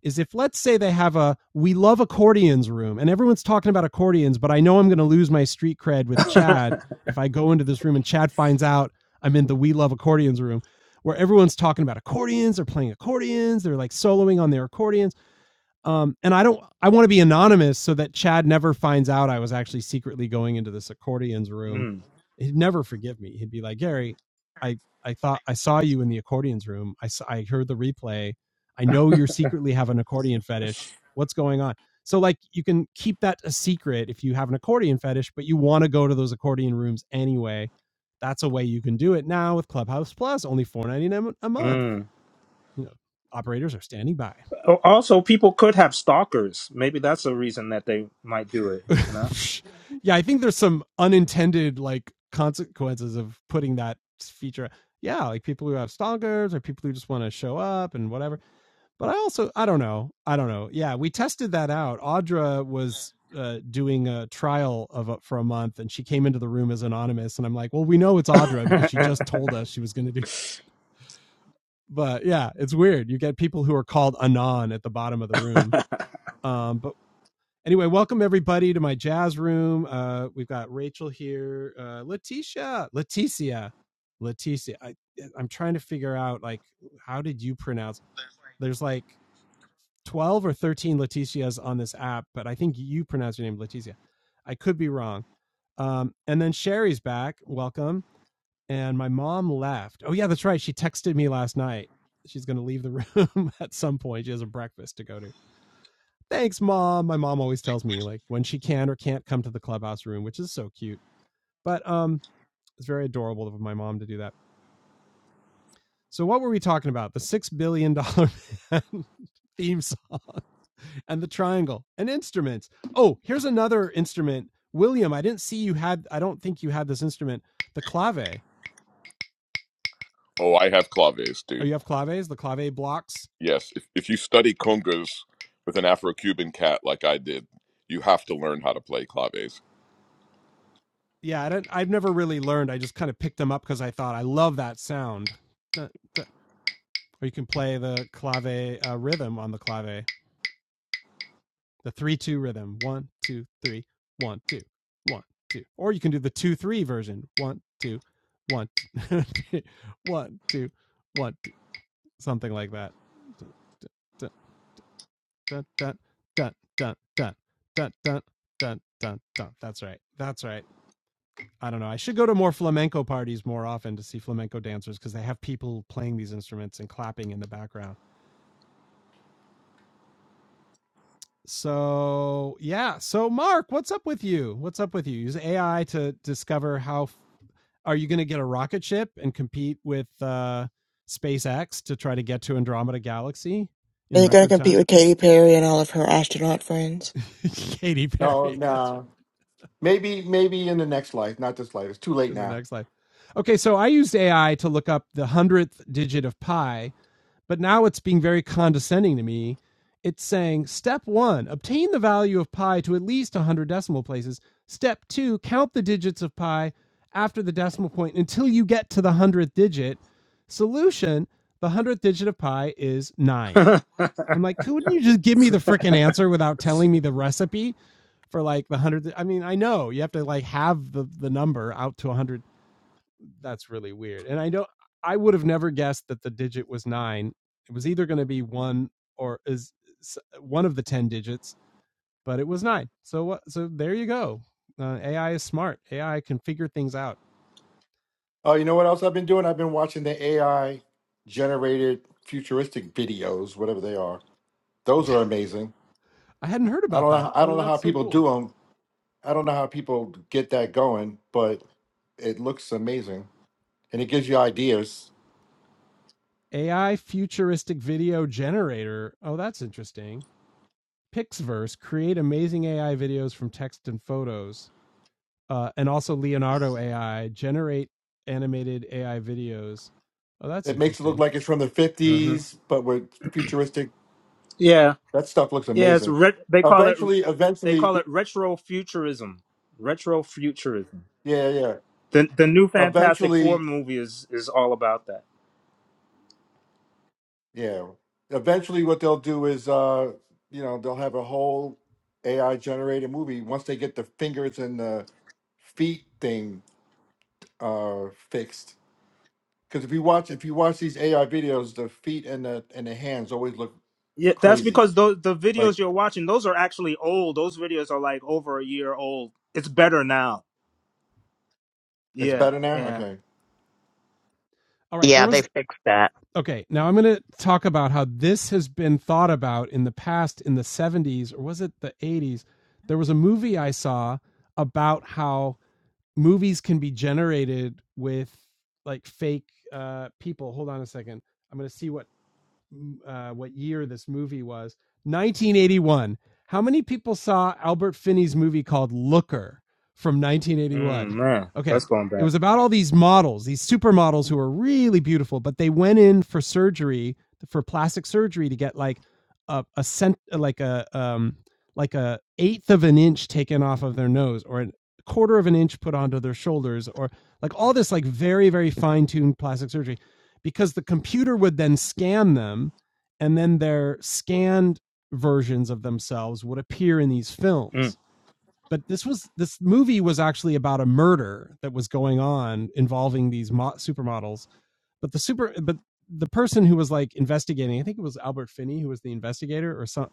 Speaker 1: is if let's say they have a we love accordions room and everyone's talking about accordions, but I know I'm going to lose my street cred
Speaker 7: <laughs>
Speaker 1: with
Speaker 7: mm,
Speaker 1: Chad if I go into this room and Chad finds out I'm in the we love accordions room where everyone's talking about accordions, they're playing accordions, they're like soloing on their accordions um, and I don't. I want to be anonymous so that Chad never finds out I was actually secretly going into this accordion's room. He'd never forgive me. He'd be like, Gary, I I thought I saw you in the accordion's room. I saw, I heard the replay. I know you're secretly have an accordion fetish. What's going on? So like you can keep that a secret if you have an accordion fetish, but you want to go to those accordion rooms anyway. That's a way you can do it now with Clubhouse Plus, only four ninety nine a month.
Speaker 7: mm.
Speaker 1: You know, operators are standing by.
Speaker 7: Al- Also, people could have stalkers. Maybe that's a reason that they might do it. You know.
Speaker 1: <laughs> yeah, I think there's some unintended like consequences of putting that feature. Yeah, like people who have stalkers or people who just want to show up and whatever. But I also I don't know. I don't know. Yeah, we tested that out. Audra was uh, doing a trial of a, for a month, and she came into the room as anonymous. And I'm like, well, we know it's Audra because she just told us she was going to do. <laughs> But yeah, it's weird. You get people who are called anon at the bottom of the room. Um, but Anyway, welcome everybody to my jazz room. Uh, we've got Rachel here, uh, Letitia, Leticia, Leticia. I, I'm trying to figure out like how did you pronounce? There's like 12 or 13 Leticias on this app, but I think you pronounce your name Leticia. I could be wrong. Um, and then Sherry's back. Welcome. And my mom left. Oh yeah, that's right. She texted me last night. She's going to leave the room <laughs> at some point. She has a breakfast to go to thanks mom my mom always tells me like when she can or can't come to the clubhouse room which is so cute but um it's very adorable of my mom to do that so what were we talking about the six billion dollar man <laughs> theme song and the triangle and instruments oh here's another instrument william i didn't see you had i don't think you had this instrument the clave
Speaker 9: Oh, I have claves,
Speaker 1: oh
Speaker 9: dude.
Speaker 1: you have claves the clave blocks
Speaker 9: Yes. If, if you study congas with an Afro Cuban cat like I did, you have to learn how to play claves.
Speaker 1: yeah i don't i've never really learned i just kind of picked them up because i thought i love that sound or you can play the clave uh, rhythm on the clave the three two rhythm. One, two, three, one, two, one, two. Or you can do the two three version. One, two, one, <laughs> two, one, two, one, two, something like that. Dun, dun, dun, dun, dun, dun, dun, dun, dun, dun, dun. That's right. That's right. I don't know. I should go to more flamenco parties more often to see flamenco dancers because they have people playing these instruments and clapping in the background. So yeah. So Mark, what's up with you? What's up with you? Use AI to discover how f- are you going to get a rocket ship and compete with uh, SpaceX to try to get to Andromeda Galaxy in
Speaker 12: Is it going to
Speaker 1: record
Speaker 12: compete
Speaker 1: time?
Speaker 12: with Katy Perry and all of her astronaut friends?
Speaker 1: <laughs> Katy
Speaker 11: No,
Speaker 1: Perry. That's
Speaker 11: no.
Speaker 1: right.
Speaker 11: Maybe, maybe in the next life, not this life. It's too late
Speaker 1: In the
Speaker 11: now.
Speaker 1: next life. Okay, so I used AI to look up the hundredth digit of pi But now it's being very condescending to me. It's saying step one, obtain the value of pi to at least 100 decimal places. Step two, count the digits of pi after the decimal point until you get to the 100th digit. Solution the 100th digit of pi is nine. I'm like, couldn't you just give me the freaking answer without telling me the recipe? for like the hundred. I mean, I know you have to like have the the number out to a hundred that's really weird. And I don't I would have never guessed that the digit was 9. It was either going to be 1 or is s- one of the 10 digits, but it was 9. So what so there you go. Uh, AI is smart. AI can figure things out.
Speaker 11: Oh, you know what else I've been doing? I've been watching the AI generated futuristic videos, whatever they are.
Speaker 1: <laughs>
Speaker 11: Those are amazing.
Speaker 1: I hadn't heard
Speaker 11: I
Speaker 1: about
Speaker 11: don't know.
Speaker 1: that.
Speaker 11: I
Speaker 1: Oh,
Speaker 11: don't know how
Speaker 1: that's so
Speaker 11: people do
Speaker 1: cool.
Speaker 11: them. I don't know how people get that going, but it looks amazing, and it gives you ideas.
Speaker 1: AI futuristic video generator. Oh, that's interesting. Pixverse create amazing AI videos from text and photos. uh, and also Leonardo AI generate animated AI videos. Oh, that's
Speaker 11: It makes it look
Speaker 1: interesting.
Speaker 11: like it's from the
Speaker 7: hmm
Speaker 11: fifties, but with futuristic.
Speaker 7: Yeah,
Speaker 11: That stuff looks
Speaker 7: yeah. It's
Speaker 11: amazing.
Speaker 7: re- they call it
Speaker 11: Eventually,
Speaker 7: they
Speaker 11: eventually,
Speaker 7: call it retro futurism. Retro futurism.
Speaker 11: yeah, yeah. yeah.
Speaker 7: The the new Fantastic Four
Speaker 11: Eventually,
Speaker 7: movie is is all about that.
Speaker 11: Yeah. Eventually, what they'll do is, uh, you know, they'll have a whole AI generated movie once they get the fingers and the feet thing uh, fixed. Because if you watch, if you watch these AI videos, the feet and the and the hands always look
Speaker 7: Yeah, that's
Speaker 11: crazy.
Speaker 7: because those the
Speaker 11: Like
Speaker 7: videos you're watching those are actually old. Those videos are like over a year old. It's better now.
Speaker 11: it's
Speaker 7: Yeah,
Speaker 11: better now.
Speaker 7: yeah.
Speaker 11: Okay.
Speaker 1: All right, there
Speaker 4: Yeah, they
Speaker 1: was
Speaker 4: fixed that.
Speaker 1: okay. Now I'm going to talk about how this has been thought about in the past, in the 70s or was it the 80s? There was a movie I saw about how movies can be generated with like fake uh, people. Hold on a second. I'm going to see what uh, what year this movie was. 1981. How many people saw Albert Finney's movie called Looker from
Speaker 7: Mm,
Speaker 1: 1981?
Speaker 7: man,
Speaker 1: Okay,
Speaker 7: that's going
Speaker 1: it
Speaker 7: back.
Speaker 1: was about all these models, these supermodels who were really beautiful, but they went in for surgery, for plastic surgery, to get like a a cent, like a um, like a eighth of an inch taken off of their nose, or a quarter of an inch put onto their shoulders, or like all this like very very fine tuned plastic surgery because the computer would then scan them and then their scanned versions of themselves would appear in these
Speaker 7: Mm,
Speaker 1: films but this was this movie was actually about a murder that was going on involving these mo- supermodels but the super but the person who was like investigating i think it was albert finney who was the investigator or some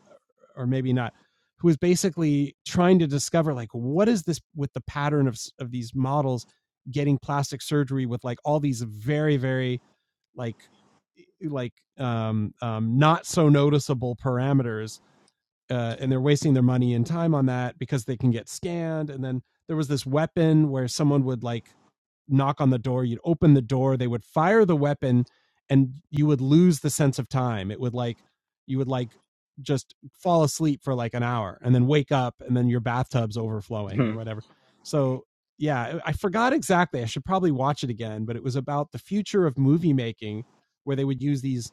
Speaker 1: or maybe not who was basically trying to discover like what is this with the pattern of of these models getting plastic surgery with like all these very very like e, e, like um um not so noticeable parameters uh, and they're wasting their money and time on that because they can get scanned. And then there was this weapon where someone would like knock on the door, you'd open the door, they would fire the weapon, and you would lose the sense of time. It would like you would like just fall asleep for like an hour and then wake up and then your bathtub's overflowing or
Speaker 7: mhm,
Speaker 1: whatever. So yeah, I I forgot exactly. I should probably watch it again, but it was about the future of movie making where they would use these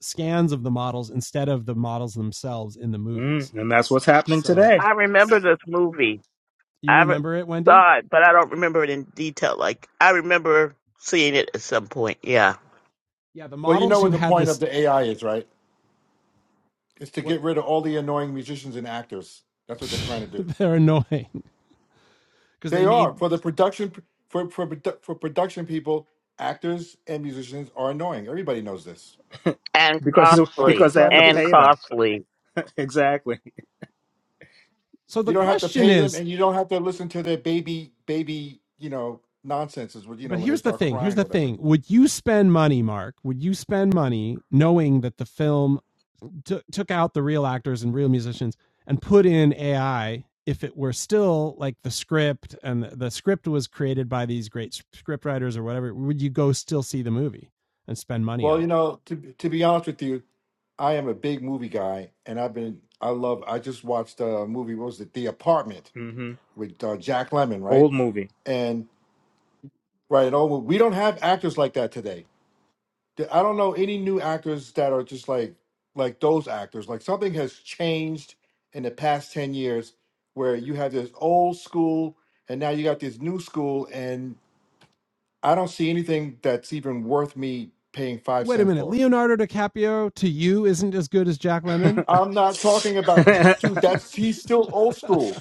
Speaker 1: scans of the models instead of the models themselves in the movies.
Speaker 7: mm. And that's what's happening
Speaker 1: So,
Speaker 7: today
Speaker 4: I
Speaker 1: s
Speaker 4: remember this movie.
Speaker 1: you
Speaker 4: I re-
Speaker 1: remember it, Wendy?
Speaker 4: saw it, but I don't remember it in detail. Like I remember seeing it at some point. Yeah,
Speaker 1: Yeah, the
Speaker 11: Well, you know
Speaker 1: models
Speaker 11: what
Speaker 1: who
Speaker 11: the
Speaker 1: had
Speaker 11: point of
Speaker 1: this,
Speaker 11: the AI
Speaker 1: yeah,
Speaker 11: is, right? It's to
Speaker 1: what
Speaker 11: get rid of all the annoying musicians and actors. That's what they're trying to
Speaker 1: <laughs>
Speaker 11: do.
Speaker 1: they're annoying because
Speaker 11: They
Speaker 1: they
Speaker 11: are
Speaker 1: need.
Speaker 11: for the production for for produ- for production people. Actors and musicians are annoying. Everybody knows this.
Speaker 4: and
Speaker 7: because
Speaker 11: That's what they're
Speaker 4: costly,
Speaker 7: because they
Speaker 11: trying
Speaker 7: have
Speaker 11: to
Speaker 7: to
Speaker 11: do.
Speaker 4: and
Speaker 7: pay them.
Speaker 4: costly.
Speaker 7: <laughs> Exactly.
Speaker 1: So the
Speaker 11: You don't have to
Speaker 1: question
Speaker 11: pay them,
Speaker 1: is,
Speaker 11: and you don't have to listen to their baby baby you know nonsense. Is what you know
Speaker 1: but
Speaker 11: when they
Speaker 1: here's the
Speaker 11: start
Speaker 1: thing. Here's
Speaker 11: crying
Speaker 1: the
Speaker 11: or whatever.
Speaker 1: thing. Would you spend money, Mark? Would you spend money knowing that the film took took out the real actors and real musicians and put in AI? If it were still like the script and the, the script was created by these great script writers or whatever, would you go still see the movie and spend money
Speaker 11: Well,
Speaker 1: on it?
Speaker 11: you know to to be honest with you, I am a big movie guy, and I've been I love. I just watched a movie. What was it? The Apartment
Speaker 7: hmm
Speaker 11: with uh, Jack Lemmon, right?
Speaker 7: Old movie.
Speaker 11: And right, and all we don't have actors like that today th- I don't know any new actors that are just like like those actors. Like something has changed in the past ten years where you have this old school and now you got this new school, and I don't see anything that's even worth me paying five
Speaker 1: Wait a
Speaker 11: cents
Speaker 1: minute,
Speaker 11: for.
Speaker 1: Leonardo DiCaprio to you isn't as good as Jack Lemmon.
Speaker 11: I'm not talking about
Speaker 7: <laughs>
Speaker 11: dude. That's
Speaker 1: <laughs>
Speaker 11: he's still old school,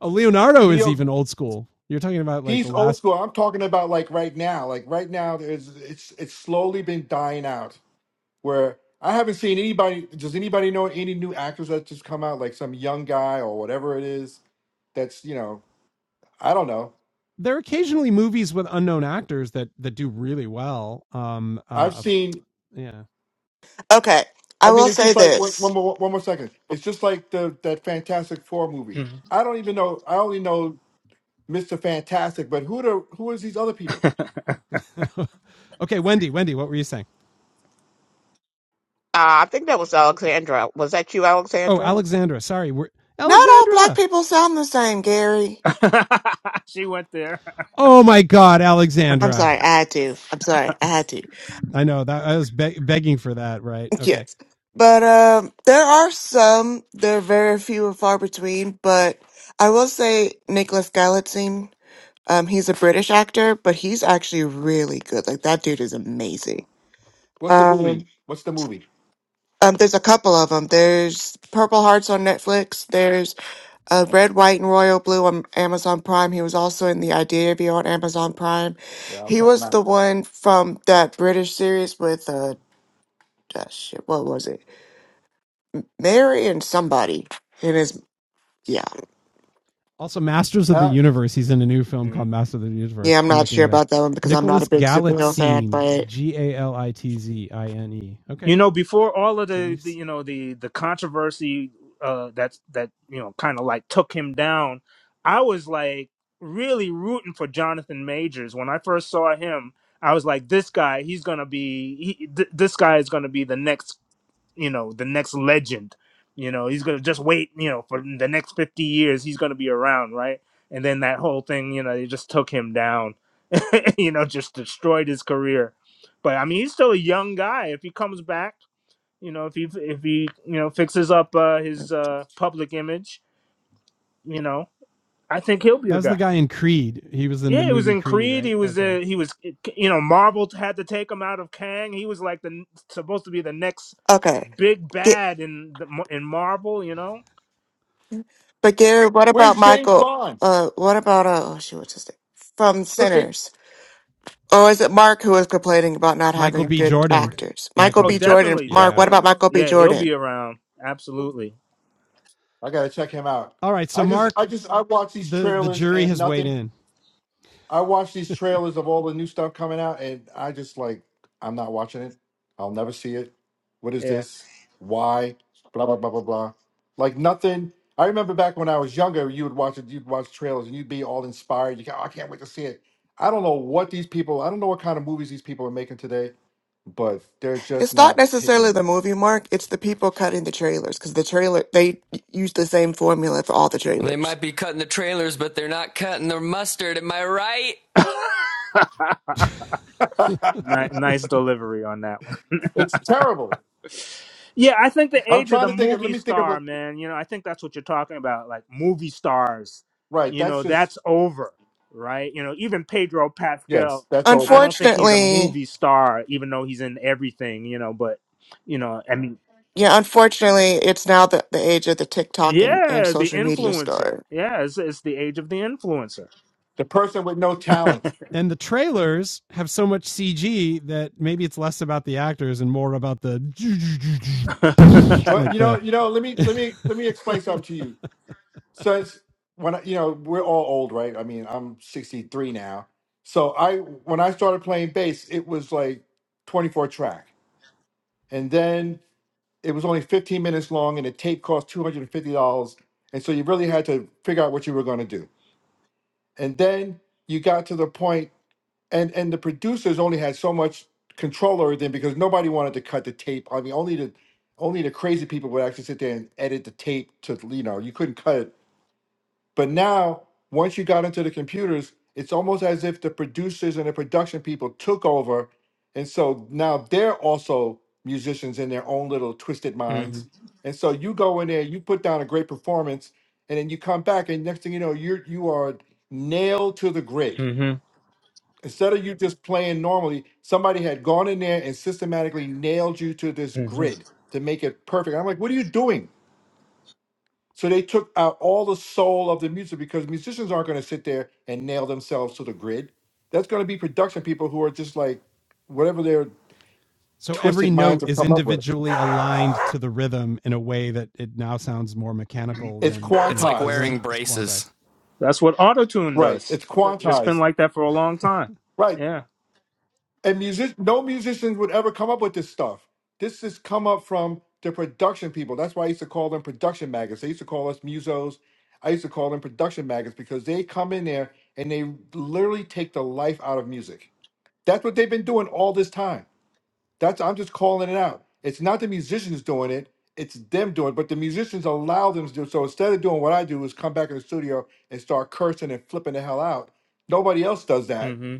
Speaker 1: oh, Leonardo is
Speaker 11: Leo.
Speaker 1: even old school. You're talking about like the
Speaker 11: He's old
Speaker 1: last.
Speaker 11: school. I'm talking about like right now. Like right now, there's it's it's slowly been dying out. where I haven't seen anybody. Does anybody know any new actors that just come out, like some young guy or whatever it is? That's you know, I don't know.
Speaker 1: There are occasionally movies with unknown actors that that do really well. Um,
Speaker 11: I've
Speaker 1: uh,
Speaker 11: seen.
Speaker 1: yeah.
Speaker 12: Okay,
Speaker 11: I
Speaker 12: I
Speaker 11: mean,
Speaker 12: will
Speaker 11: it's
Speaker 12: say
Speaker 11: just like one,
Speaker 12: this.
Speaker 11: one more one more second. It's just like the that Fantastic Four movie. I don't even know. I only know Mister Fantastic, but who the who is these other people?
Speaker 1: <laughs> okay, Wendy, Wendy, what were you saying?
Speaker 4: Uh, I think that was Alexandra. Was that you,
Speaker 1: Oh,
Speaker 4: Alexandra?
Speaker 1: Alexandra. Sorry, we're
Speaker 12: Not all black
Speaker 1: Alexandra.
Speaker 12: people sound the same, Gary.
Speaker 7: she went there.
Speaker 1: Oh my God,
Speaker 12: I'm
Speaker 1: Alexandra.
Speaker 12: sorry, I had to. I'm sorry, I had to. <laughs>
Speaker 1: I know that I was beg begging for that. Right? Okay.
Speaker 12: Yes. But um there are some, they're very few and far between, but I will say Nicholas Gallatin, um, he's a British actor, but he's actually really good. Like that dude is amazing.
Speaker 11: What's the
Speaker 12: Um,
Speaker 11: movie? What's the movie?
Speaker 12: Um, there's a couple of them. There's Purple Hearts on Netflix. There's uh, Red, White, and Royal Blue on Amazon Prime. He was also in The Idea of You on Amazon Prime.
Speaker 11: Yeah, I'll
Speaker 12: He
Speaker 11: check them
Speaker 12: was the
Speaker 11: out.
Speaker 12: one from that British series with uh, uh shit, what was it? Mary and somebody. It is yeah,
Speaker 1: Also, Masters of the
Speaker 11: Uh,
Speaker 1: Universe. He's in a new film called
Speaker 7: Mm.
Speaker 1: Master of the
Speaker 12: yeah.
Speaker 1: Universe.
Speaker 12: I'm
Speaker 1: I'm
Speaker 12: not
Speaker 1: looking
Speaker 12: sure
Speaker 1: at him.
Speaker 12: about that one because I'm not
Speaker 1: Nicholas
Speaker 12: a big superhero fan,
Speaker 1: Galitzine.
Speaker 12: but
Speaker 1: G A L I T Z I N E. Okay,
Speaker 7: You know, before all of
Speaker 1: So
Speaker 7: the,
Speaker 1: you've
Speaker 7: the
Speaker 1: s-
Speaker 7: you know the the controversy uh, that that you know kind of like took him down, I was like really rooting for Jonathan Majors when I first saw him. I was like, this guy, he's gonna be, he, th- this guy is gonna be the next you know the next legend you know he's gonna just wait you know for the next 50 years he's gonna be around right and then that whole thing you know they just took him down <laughs> you know just destroyed his career but i mean he's still a young guy if he comes back you know if he if he you know fixes up uh, his uh, public image you know i think he'll be
Speaker 1: that
Speaker 7: the
Speaker 1: was the
Speaker 7: guy
Speaker 1: guy in Creed. He was in the
Speaker 7: yeah, it was
Speaker 1: movie
Speaker 7: in
Speaker 1: Creed,
Speaker 7: Creed.
Speaker 1: right?
Speaker 7: He was
Speaker 1: Okay.
Speaker 7: uh, he was you know Marvel had to take him out of Kang. He was like the supposed to be the next
Speaker 12: okay.
Speaker 7: big
Speaker 12: yeah.
Speaker 7: bad in the, in Marvel, you know?
Speaker 12: But Gary, what about
Speaker 11: where's James
Speaker 12: Michael?
Speaker 11: Bond?
Speaker 12: Uh, what about uh, oh shoot, what's his name from
Speaker 11: Look, they,
Speaker 12: Sinners? Or is it Mark who was complaining about not
Speaker 1: Michael
Speaker 12: having
Speaker 1: B.
Speaker 12: good
Speaker 1: Jordan.
Speaker 12: actors? Michael
Speaker 1: Michael
Speaker 7: Oh,
Speaker 1: B.
Speaker 12: B.
Speaker 1: Jordan.
Speaker 12: Jordan.
Speaker 7: definitely,
Speaker 12: Mark,
Speaker 1: Yeah.
Speaker 12: what about
Speaker 7: definitely.
Speaker 12: Michael B.
Speaker 7: Yeah, he'll
Speaker 12: Jordan?
Speaker 7: be around. Absolutely.
Speaker 11: I gotta check him out.
Speaker 1: All right. So
Speaker 11: I just
Speaker 1: Mark,
Speaker 11: I just I watch these
Speaker 1: the the
Speaker 11: trailers
Speaker 1: jury
Speaker 11: and
Speaker 1: has
Speaker 11: nothing
Speaker 1: weighed in.
Speaker 11: I watch
Speaker 1: <laughs>
Speaker 11: these trailers of all the new stuff coming out, and I just like, I'm not watching it. I'll never see it. What is
Speaker 7: Yeah.
Speaker 11: this? Why? Blah blah blah blah blah. Like nothing. I remember back when I was younger, you would watch it. You'd watch trailers, and you'd be all inspired. You go, "Oh, I can't wait to see it. I don't know what these people. I don't know what kind of movies these people are making today, but they're just
Speaker 12: It's not
Speaker 11: not
Speaker 12: necessarily
Speaker 11: hitting.
Speaker 12: the movie, Mark. It's the people cutting the trailers because the trailer they use the same formula for all the
Speaker 6: They
Speaker 12: trailers.
Speaker 6: might be cutting the trailers, but they're not cutting the mustard. Am I right?
Speaker 7: <laughs>
Speaker 11: <laughs>
Speaker 7: nice, nice delivery on that one.
Speaker 11: it's terrible.
Speaker 7: Yeah, I think the
Speaker 11: I'm
Speaker 7: age of
Speaker 11: trying
Speaker 7: the
Speaker 11: to think. Of, let
Speaker 7: movie
Speaker 11: me think of
Speaker 7: star,
Speaker 11: a.
Speaker 7: man. You know, I think that's what you're talking about, like movie stars.
Speaker 11: Right.
Speaker 7: You
Speaker 11: That's
Speaker 7: know,
Speaker 11: just
Speaker 7: that's over, right? You know, even Pedro
Speaker 11: yes.
Speaker 7: Pascal.
Speaker 11: That's
Speaker 7: I
Speaker 11: over.
Speaker 7: don't think he's a
Speaker 12: Unfortunately,
Speaker 7: movie star, even though he's in everything. You know, but you know, I mean,
Speaker 12: Yeah, unfortunately, it's now the, the age of the TikTok and, and
Speaker 7: yeah, the
Speaker 12: social media
Speaker 7: influencer.
Speaker 12: star.
Speaker 7: Yeah, it's, it's the age of the influencer
Speaker 11: The person with no talent.
Speaker 1: and the trailers have so much CG that maybe it's less about the actors and more about the
Speaker 7: <laughs> hmm
Speaker 11: Well,
Speaker 1: like
Speaker 11: you know,
Speaker 1: the
Speaker 11: you know, let me let me let me explain something to
Speaker 1: <laughs>
Speaker 11: you. Since when I, you know we're all old, right? I mean, I'm 63 now. So I when I started playing bass, it was like 24 track, and then it was only 15 minutes long, and the tape cost 250 dollars, and so you really had to figure out what you were going to do. And then you got to the point and and the producers only had so much control over them because nobody wanted to cut the tape. I mean, only the only the crazy people would actually sit there and edit the tape to you know you couldn't cut it. But now, once you got into the computers, it's almost as if the producers and the production people took over, and so now they're also musicians in their own little twisted
Speaker 7: hmm
Speaker 11: minds. And so you go in there, you put down a great performance, and then you come back, and next thing you know, you're you are nailed to the grid
Speaker 7: hmm
Speaker 11: Instead of you just playing normally, somebody had gone in there and systematically nailed you to this
Speaker 7: hmm
Speaker 11: grid to make it perfect. I'm like, what are you doing? So they took out all the soul of the music because musicians aren't going to sit there and nail themselves to the grid. That's going to be production people who are just like whatever their
Speaker 1: so every
Speaker 11: twisted
Speaker 1: note
Speaker 11: minds have
Speaker 1: is
Speaker 11: come up with.
Speaker 1: individually aligned to the rhythm in a way that it now sounds more mechanical
Speaker 11: It's
Speaker 1: than
Speaker 6: It's
Speaker 1: human.
Speaker 6: like
Speaker 11: quantized.
Speaker 6: wearing
Speaker 1: It's
Speaker 6: braces.
Speaker 1: quantized.
Speaker 7: That's what autotune
Speaker 11: Right.
Speaker 7: does.
Speaker 11: It's
Speaker 7: It's been
Speaker 11: quantized.
Speaker 7: like that for a long
Speaker 1: <laughs>
Speaker 7: time.
Speaker 11: Right.
Speaker 7: Yeah.
Speaker 11: And music, no musicians would ever come up with this stuff. This has come up from the production people. That's why I used to call them production maggots. They used to call us musos. I used to call them production maggots because they come in there and they literally take the life out of music. That's what they've been doing all this time. That's I'm just calling it out. It's not the musicians doing it. It's them doing it, but the musicians allow them to do it. So instead of doing what I do is come back in the studio and start cursing and flipping the hell out. Nobody else does that
Speaker 7: hmm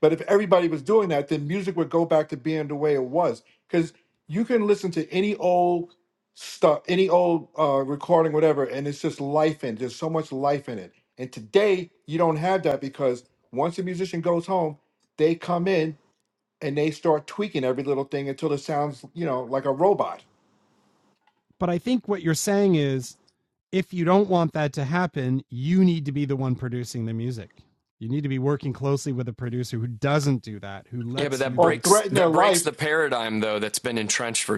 Speaker 11: but if everybody was doing that, then music would go back to being the way it was. Because you can listen to any old stuff, any old uh, recording, whatever, and it's just life in. There's so much life in it. And today you don't have that because once a musician goes home, they come in and they start tweaking every little thing until it sounds, you know, like a robot
Speaker 1: But I think what you're saying is if you don't want that to happen, you need to be the one producing the music. You need to be working closely with a producer who doesn't do that, who
Speaker 6: Yeah, but
Speaker 1: lets you
Speaker 6: that
Speaker 11: or
Speaker 1: be.
Speaker 6: breaks
Speaker 11: threaten their
Speaker 6: that breaks
Speaker 11: life.
Speaker 6: the paradigm though that's been entrenched for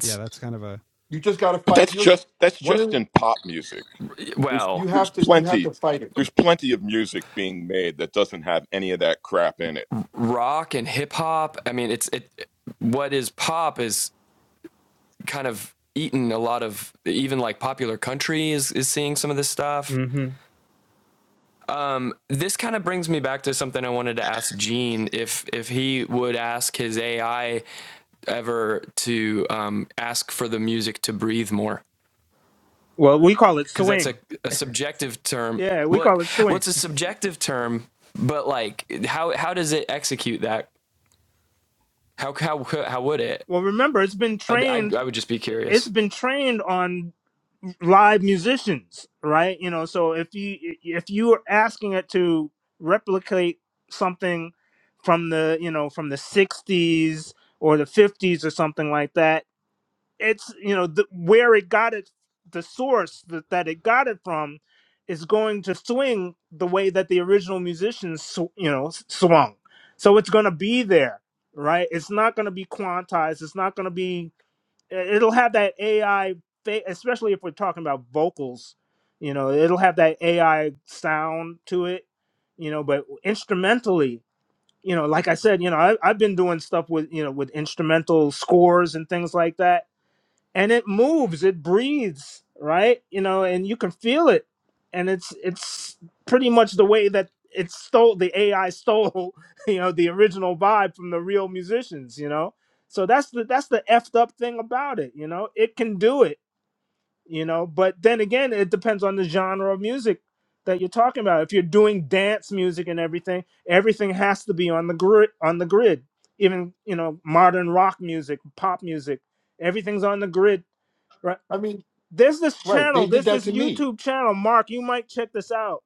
Speaker 1: Yeah, that's kind of a
Speaker 11: You just got to
Speaker 9: But
Speaker 11: fight.
Speaker 9: that's
Speaker 11: You just
Speaker 9: just that's
Speaker 11: one
Speaker 9: just
Speaker 11: of
Speaker 9: in pop music. There's
Speaker 11: you
Speaker 6: Well,
Speaker 9: there's
Speaker 11: have to you have to
Speaker 9: plenty
Speaker 11: fight it.
Speaker 9: there's plenty of music being made that doesn't have any of that crap in it.
Speaker 6: rock and hip hop, I mean it's it what is pop is kind of eaten a lot of even like popular country is, is seeing some of this stuff.
Speaker 7: hmm
Speaker 6: Um, this kind of brings me back to something I wanted to ask Gene if if he would ask his AI ever to um, ask for the music to breathe more
Speaker 7: Well, we call it
Speaker 6: because that's a,
Speaker 7: swing.
Speaker 6: a subjective term.
Speaker 7: Yeah, we call
Speaker 6: What
Speaker 7: it swing.
Speaker 6: what's a subjective term? But like how how does it execute that? How how how would it?
Speaker 7: Well, remember, it's been
Speaker 6: I I,
Speaker 7: trained.
Speaker 6: I would just be
Speaker 7: It's
Speaker 6: curious.
Speaker 7: been trained on live musicians, right? You know, so if you if you are asking it to replicate something from the you know from the '60s or the '50s or something like that, it's you know the, where it got it the source that, that it got it from is going to swing the way that the original musicians sw- you know s- swung so it's going to be there right it's not going to be quantized it's not going to be it- it'll have that ai fa- especially if we're talking about vocals you know it'll have that ai sound to it you know but instrumentally you know like i said you know I, i've been doing stuff with you know with instrumental scores and things like that and it moves it breathes right you know and you can feel it and it's it's pretty much the way that it stole the ai stole <laughs> you know the original vibe from the real musicians you know so that's the that's the effed up thing about it you know it can do it you know but then again it depends on the genre of music that you're talking about if you're doing dance music and everything everything has to be on the grid on the grid even you know modern rock music pop music everything's on the grid Right.
Speaker 11: I mean,
Speaker 7: There's this
Speaker 11: right? They
Speaker 7: channel.
Speaker 11: did
Speaker 7: There's
Speaker 11: that
Speaker 7: this
Speaker 11: to me.
Speaker 7: YouTube channel. Mark, you might check this out.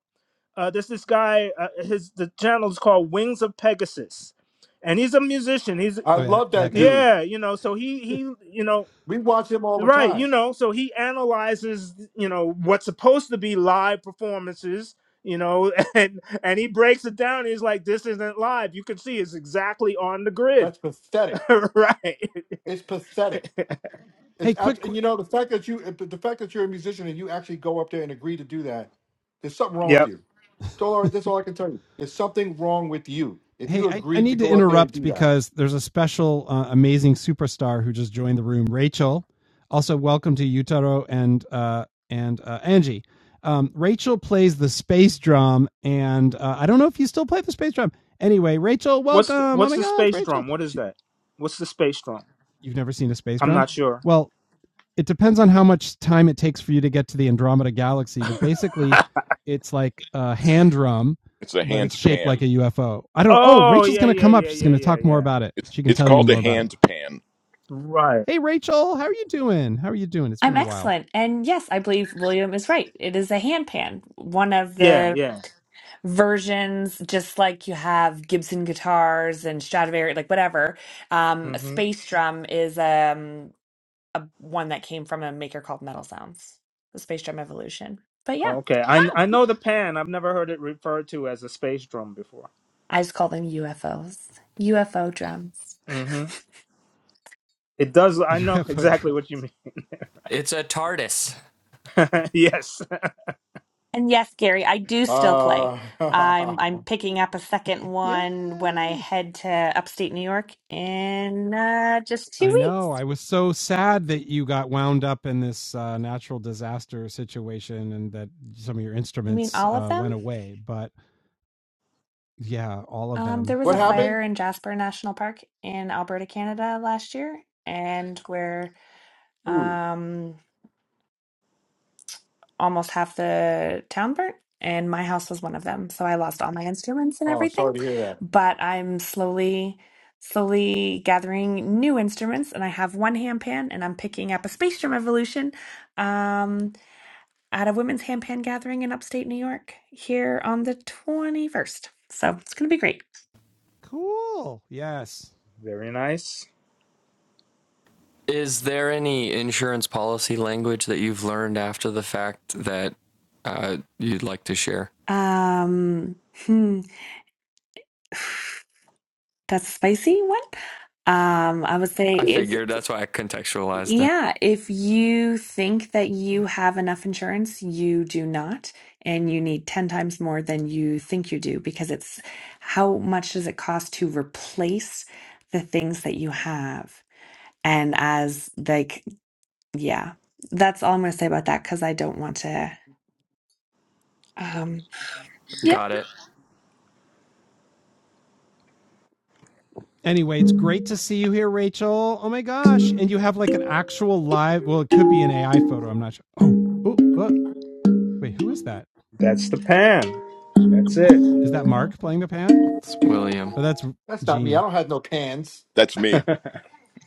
Speaker 7: Uh, there's this guy. Uh, his the channel is called Wings of Pegasus, and he's a musician. He's
Speaker 11: I
Speaker 1: Oh yeah,
Speaker 11: love
Speaker 1: that
Speaker 11: that
Speaker 1: guy.
Speaker 11: dude.
Speaker 7: yeah, you know. So he he you know
Speaker 11: We watch him all the
Speaker 7: right
Speaker 11: time.
Speaker 7: you know. So he analyzes you know what's supposed to be live performances. You know, <laughs> and and he breaks it down. He's like, "This isn't live. You can see it's exactly on the grid,
Speaker 11: That's pathetic.
Speaker 7: <laughs> right?"
Speaker 11: It's pathetic. It's
Speaker 1: Hey, quick,
Speaker 11: absolutely, and you
Speaker 1: quick.
Speaker 11: know the fact that you the fact that you're a musician and you actually go up there and agree to do that. There's something wrong with
Speaker 7: Yep.
Speaker 11: you.
Speaker 1: <laughs>
Speaker 11: That's all, I- that's all I can tell you. There's something wrong with you if
Speaker 1: Hey,
Speaker 11: you
Speaker 1: I, I
Speaker 11: agreed to
Speaker 1: need to
Speaker 11: go up there and
Speaker 1: interrupt
Speaker 11: do that.
Speaker 1: because there's a special uh, amazing superstar who just joined the room, Rachel. Also, welcome to Yutaro and uh, and uh, Angie. Um, Rachel plays the space drum, and uh, I don't know if you still play the space drum. Anyway, Rachel,
Speaker 7: What's the,
Speaker 1: welcome. Oh
Speaker 7: what's
Speaker 1: my
Speaker 7: the
Speaker 1: gosh,
Speaker 7: space
Speaker 1: Rachel,
Speaker 7: drum? What is
Speaker 1: she,
Speaker 7: that? What's the space drum?
Speaker 1: you've never seen a space
Speaker 7: I'm
Speaker 1: drum?
Speaker 7: not sure.
Speaker 1: Well, it depends on how much time it takes for you to get to the Andromeda galaxy, but basically it's like a hand drum,
Speaker 9: It's a
Speaker 1: but it's
Speaker 9: hand
Speaker 1: shaped like
Speaker 9: pan.
Speaker 1: a UFO. I don't know. Oh,
Speaker 7: Oh
Speaker 1: Rachel's
Speaker 7: yeah,
Speaker 1: going to
Speaker 7: yeah,
Speaker 1: come up.
Speaker 7: yeah,
Speaker 1: She's
Speaker 7: yeah,
Speaker 1: going to
Speaker 7: yeah,
Speaker 1: talk more
Speaker 7: yeah.
Speaker 1: about it.
Speaker 9: It's
Speaker 1: She can
Speaker 9: it's
Speaker 1: tell you
Speaker 9: called a
Speaker 1: more about it.
Speaker 9: hand pan.
Speaker 7: Right.
Speaker 1: Hey Rachel, how are you doing? How are you doing? It's been
Speaker 13: I'm
Speaker 1: a while.
Speaker 13: excellent. And yes, I believe William is right. It is a hand pan, one of
Speaker 7: Yeah,
Speaker 13: the
Speaker 7: yeah.
Speaker 13: versions, just like you have Gibson guitars and Stradivari, like whatever. Um,
Speaker 7: Mm-hmm.
Speaker 13: Space Drum is um, a one that came from a maker called Metal Sounds, the Space Drum Evolution. But yeah,
Speaker 7: Okay. I
Speaker 13: Huh.
Speaker 7: I know the pan. I've never heard it referred to as a space drum before.
Speaker 13: I just call them UFOs, UFO drums.
Speaker 7: Mm-hmm.
Speaker 13: <laughs>
Speaker 7: It does.
Speaker 1: <laughs>
Speaker 7: I know <laughs>
Speaker 1: UFO
Speaker 7: exactly what you
Speaker 1: drones.
Speaker 7: mean.
Speaker 6: It's a TARDIS.
Speaker 7: <laughs> yes.
Speaker 13: And yes, Gary, I do still play.
Speaker 11: Uh,
Speaker 13: I'm
Speaker 11: <laughs>
Speaker 13: I'm picking up a second one when I
Speaker 1: Yay!
Speaker 13: head to upstate New York in uh, just two
Speaker 1: I know.
Speaker 13: weeks.
Speaker 1: I was so sad that you got wound up in this uh, natural disaster situation and that some of your
Speaker 13: You mean
Speaker 1: instruments
Speaker 13: all of
Speaker 1: uh,
Speaker 13: them?
Speaker 1: went away. But yeah, all of
Speaker 13: Um, there
Speaker 1: them.
Speaker 13: was
Speaker 11: what
Speaker 13: a
Speaker 1: Mm.
Speaker 11: happened?
Speaker 13: fire in Jasper National Park in Alberta, Canada last year, and where.
Speaker 11: Ooh,
Speaker 13: um, almost half the town burnt, and my house was one of them. So I lost all my instruments and
Speaker 11: oh,
Speaker 13: everything.
Speaker 11: sorry to hear that.
Speaker 13: But I'm slowly, slowly gathering new instruments, and I have one handpan, and I'm picking up a Space Jam Evolution um, at a women's handpan gathering in upstate New York here on the 21st. So it's going to be great.
Speaker 1: Cool. Yes.
Speaker 7: Very nice.
Speaker 6: Is there any insurance policy language that you've learned after the fact that uh, you'd like to share?
Speaker 13: Um, hmm, <sighs> that's a spicy one. Um, I would say
Speaker 6: I
Speaker 13: if
Speaker 6: figured that's why I contextualized it.
Speaker 13: Yeah, if you think that you have enough insurance, you do not, and you need 10 times more than you think you do because it's how much does it cost to replace the things that you have? And as like, yeah, that's all I'm going to say about that because I don't want to. Um, yep,
Speaker 6: Got it.
Speaker 1: Anyway, it's great to see you here, Rachel. Oh my gosh. And you have like an actual live, well, it could be an AI photo. I'm not sure. Oh, oh, uh, wait, who is that?
Speaker 7: That's the pan. That's it.
Speaker 1: Is that Mark playing the pan?
Speaker 6: It's William.
Speaker 1: Oh, that's
Speaker 11: That's not me. I
Speaker 1: Gene.
Speaker 11: don't have no pans.
Speaker 9: That's me.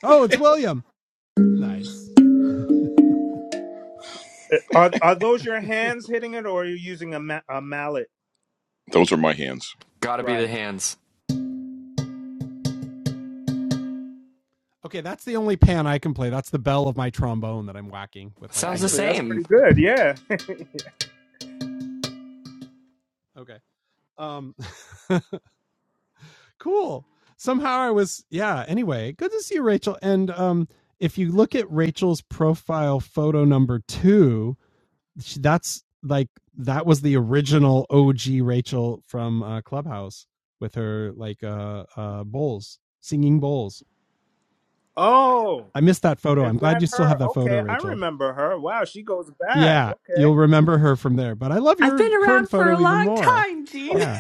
Speaker 1: Oh, it's William. Nice. <laughs>
Speaker 7: Uh, Are are those your hands hitting it, or are you using a ma- a mallet?
Speaker 9: Those are my hands.
Speaker 6: Gotta be the
Speaker 7: Right.
Speaker 6: hands.
Speaker 1: Okay, that's the only pan I can play. That's the bell of my trombone that I'm whacking with my
Speaker 6: Sounds the
Speaker 7: Actually,
Speaker 1: finger.
Speaker 7: that's
Speaker 6: same.
Speaker 7: pretty good. Yeah. <laughs>
Speaker 1: Okay. Um <laughs> cool. Somehow I was yeah, anyway, good to see you Rachel and um if you look at Rachel's profile photo number 2, that's like that was the original OG Rachel from uh, Clubhouse with her like uh uh bowls, singing bowls.
Speaker 7: Oh,
Speaker 1: I missed that photo. I'm
Speaker 7: is
Speaker 1: glad
Speaker 7: that
Speaker 1: you still have
Speaker 7: her?
Speaker 1: that photo,
Speaker 7: Okay, I
Speaker 1: Rachel.
Speaker 7: remember her. Wow, she goes back.
Speaker 1: Yeah,
Speaker 7: Okay,
Speaker 1: you'll remember her from there. But I love
Speaker 13: I've
Speaker 1: your
Speaker 13: been
Speaker 1: current
Speaker 13: around for
Speaker 1: photo
Speaker 13: a
Speaker 1: even
Speaker 13: long
Speaker 1: more.
Speaker 13: time, Gene. <laughs>
Speaker 1: Yeah,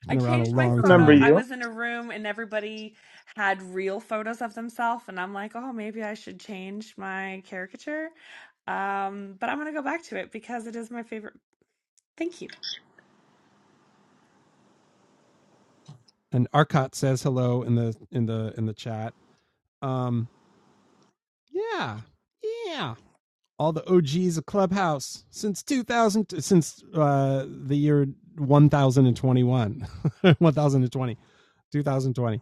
Speaker 1: it's
Speaker 13: I
Speaker 1: been around a
Speaker 13: changed
Speaker 7: I
Speaker 13: my
Speaker 1: long
Speaker 7: remember
Speaker 13: photo.
Speaker 1: time.
Speaker 13: I
Speaker 7: you.
Speaker 13: was in a room and everybody had real photos of themselves, and I'm like, oh, maybe I should change my caricature. Um, but I'm gonna go back to it because it is my favorite. Thank you.
Speaker 1: And Arcot says hello in the in the in the chat. Um, yeah, yeah. all the OGs of Clubhouse since 2000 since uh the year 1021 thousand and <laughs> twenty, two thousand twenty.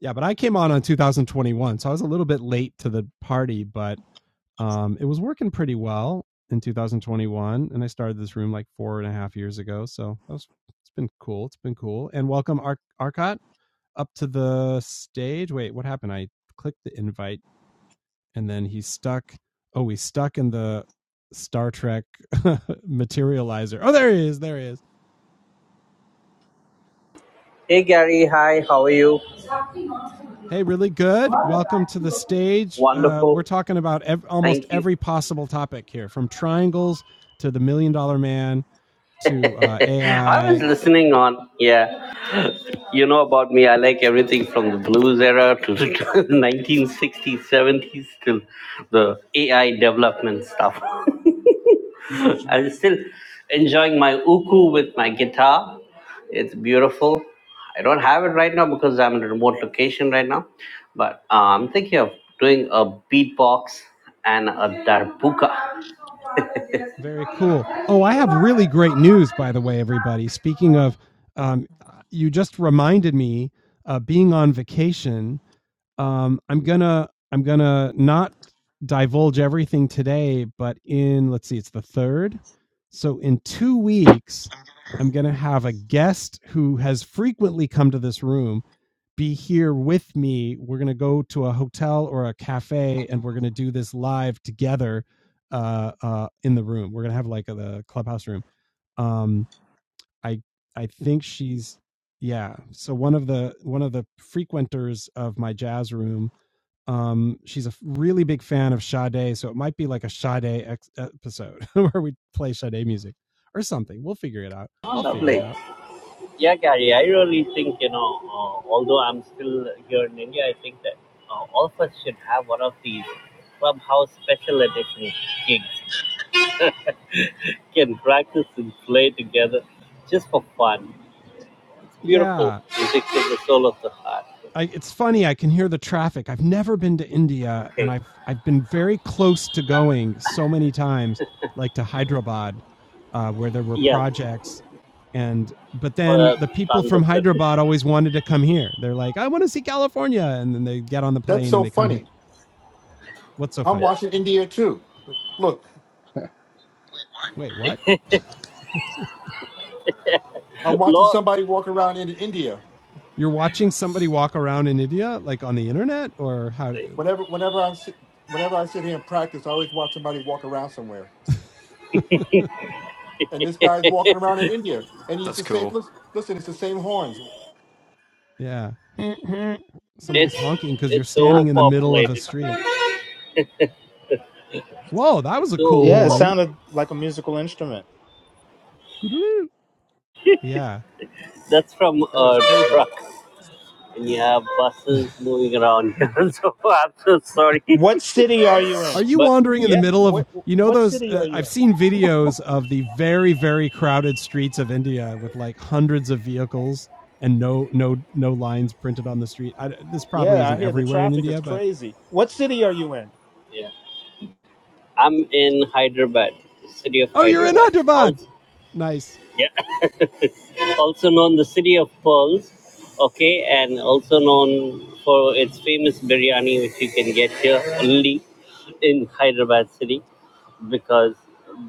Speaker 1: yeah but I came on on 2021 so I was a little bit late to the party but um it was working pretty well in 2021 and I started this room like four and a half years ago so that was it's been cool it's been cool and welcome Ar- Arcot up to the stage wait what happened I clicked the invite and then he's stuck. Oh, he's stuck in the Star Trek <laughs> materializer. Oh, there he is. There he is.
Speaker 14: Hey Gary, hi, how are you?
Speaker 1: Hey, really good. Welcome to the stage. Uh, we're
Speaker 14: Wonderful,
Speaker 1: talking about ev- almost
Speaker 14: thank you.
Speaker 1: every possible topic here, from triangles to the Million Dollar Man to uh,
Speaker 14: I was
Speaker 1: AI.
Speaker 14: listening on, yeah, you know about me, I like everything from the blues era to the <laughs> 1960s, 70s till the AI development stuff. <laughs> I am still enjoying my uku with my guitar. It's beautiful. I don't have it right now because I'm in a remote location right now, but uh, I'm thinking of doing a beatbox and a darbuka. <laughs>
Speaker 1: Very cool. Oh, I have really great news, by the way, everybody. Speaking of, um, you just reminded me uh, being on vacation um i'm gonna i'm gonna not divulge everything today but in let's see it's the third so in two weeks i'm gonna have a guest who has frequently come to this room be here with me we're gonna go to a hotel or a cafe and we're gonna do this live together uh uh in the room we're gonna have like a, the clubhouse room um i i think she's yeah so one of the one of the frequenters of my jazz room um, she's a really big fan of Sade, so it might be like a Sade ex- episode <laughs> where we play Sade music or something. We'll figure it out.
Speaker 14: Oh,
Speaker 1: I'll figure it
Speaker 14: lovely.
Speaker 1: out.
Speaker 14: Yeah, Gary, I really think, you know, uh, although I'm still here in India, I think that uh, all of us should have one of these Clubhouse special edition gigs. can practice and play together just for fun. It's
Speaker 1: Yeah,
Speaker 14: beautiful. Music is the soul of the heart.
Speaker 1: I, it's funny. I can hear the traffic. I've never been to India, and
Speaker 14: Okay.
Speaker 1: I've I've been very close to going so many times, like to Hyderabad, uh, where there were
Speaker 14: Yeah.
Speaker 1: projects, and but then
Speaker 14: Uh,
Speaker 1: the people
Speaker 14: tons
Speaker 1: from
Speaker 14: of them.
Speaker 1: Hyderabad always wanted to come here. They're like, I want to see California, and then they get on the
Speaker 11: That's
Speaker 1: plane and
Speaker 11: so
Speaker 1: they come here.
Speaker 11: funny.
Speaker 1: What's so
Speaker 11: I'm
Speaker 1: funny?
Speaker 11: watching India too. Look,
Speaker 1: Wait, what? <laughs>
Speaker 11: I'm
Speaker 14: <laughs>
Speaker 11: watching
Speaker 14: Law.
Speaker 11: somebody walk around in India.
Speaker 1: You're watching somebody walk around in India, like on the internet, or how? Do,
Speaker 11: Whenever, whenever I sit, whenever I sit here and practice, I always watch somebody walk around somewhere,
Speaker 1: <laughs>
Speaker 11: and this guy's walking around in India, and he's
Speaker 6: That's
Speaker 11: the
Speaker 6: cool.
Speaker 11: same. Listen, listen, it's the same horns.
Speaker 1: yeah, somebody's
Speaker 14: It's
Speaker 1: honking because you're
Speaker 14: it's so
Speaker 1: standing in the middle of a
Speaker 14: populated.
Speaker 1: street. Whoa, that
Speaker 14: It's
Speaker 1: was a
Speaker 14: so
Speaker 1: cool
Speaker 7: Yeah, it
Speaker 1: horn.
Speaker 14: overpopulated.
Speaker 7: sounded like a musical instrument.
Speaker 1: Yeah.
Speaker 14: That's from
Speaker 11: That is
Speaker 14: a
Speaker 11: crazy.
Speaker 14: truck, and you have buses moving around here. <laughs> so I'm so sorry. <laughs>
Speaker 7: What city are you
Speaker 1: Are
Speaker 7: in?
Speaker 1: you
Speaker 14: but
Speaker 1: wandering in the
Speaker 14: yeah,
Speaker 1: middle of
Speaker 7: What
Speaker 1: you know
Speaker 7: what
Speaker 1: those
Speaker 7: city
Speaker 1: uh,
Speaker 7: are you
Speaker 1: I've
Speaker 7: in?
Speaker 1: seen videos of the very very crowded streets of India with like hundreds of vehicles and no no no lines printed on the street. I, this probably
Speaker 7: Yeah, I
Speaker 1: isn't
Speaker 7: hear the
Speaker 1: everywhere in
Speaker 7: traffic is
Speaker 1: India, but
Speaker 7: crazy. What city are you in?
Speaker 14: yeah. I'm in Hyderabad, city of
Speaker 1: oh, you're in
Speaker 14: Hyderabad.
Speaker 1: Hyderabad.
Speaker 14: Also,
Speaker 1: Nice.
Speaker 14: yeah. also known the city of pearls okay and also known for its famous biryani which you can get here only in hyderabad city because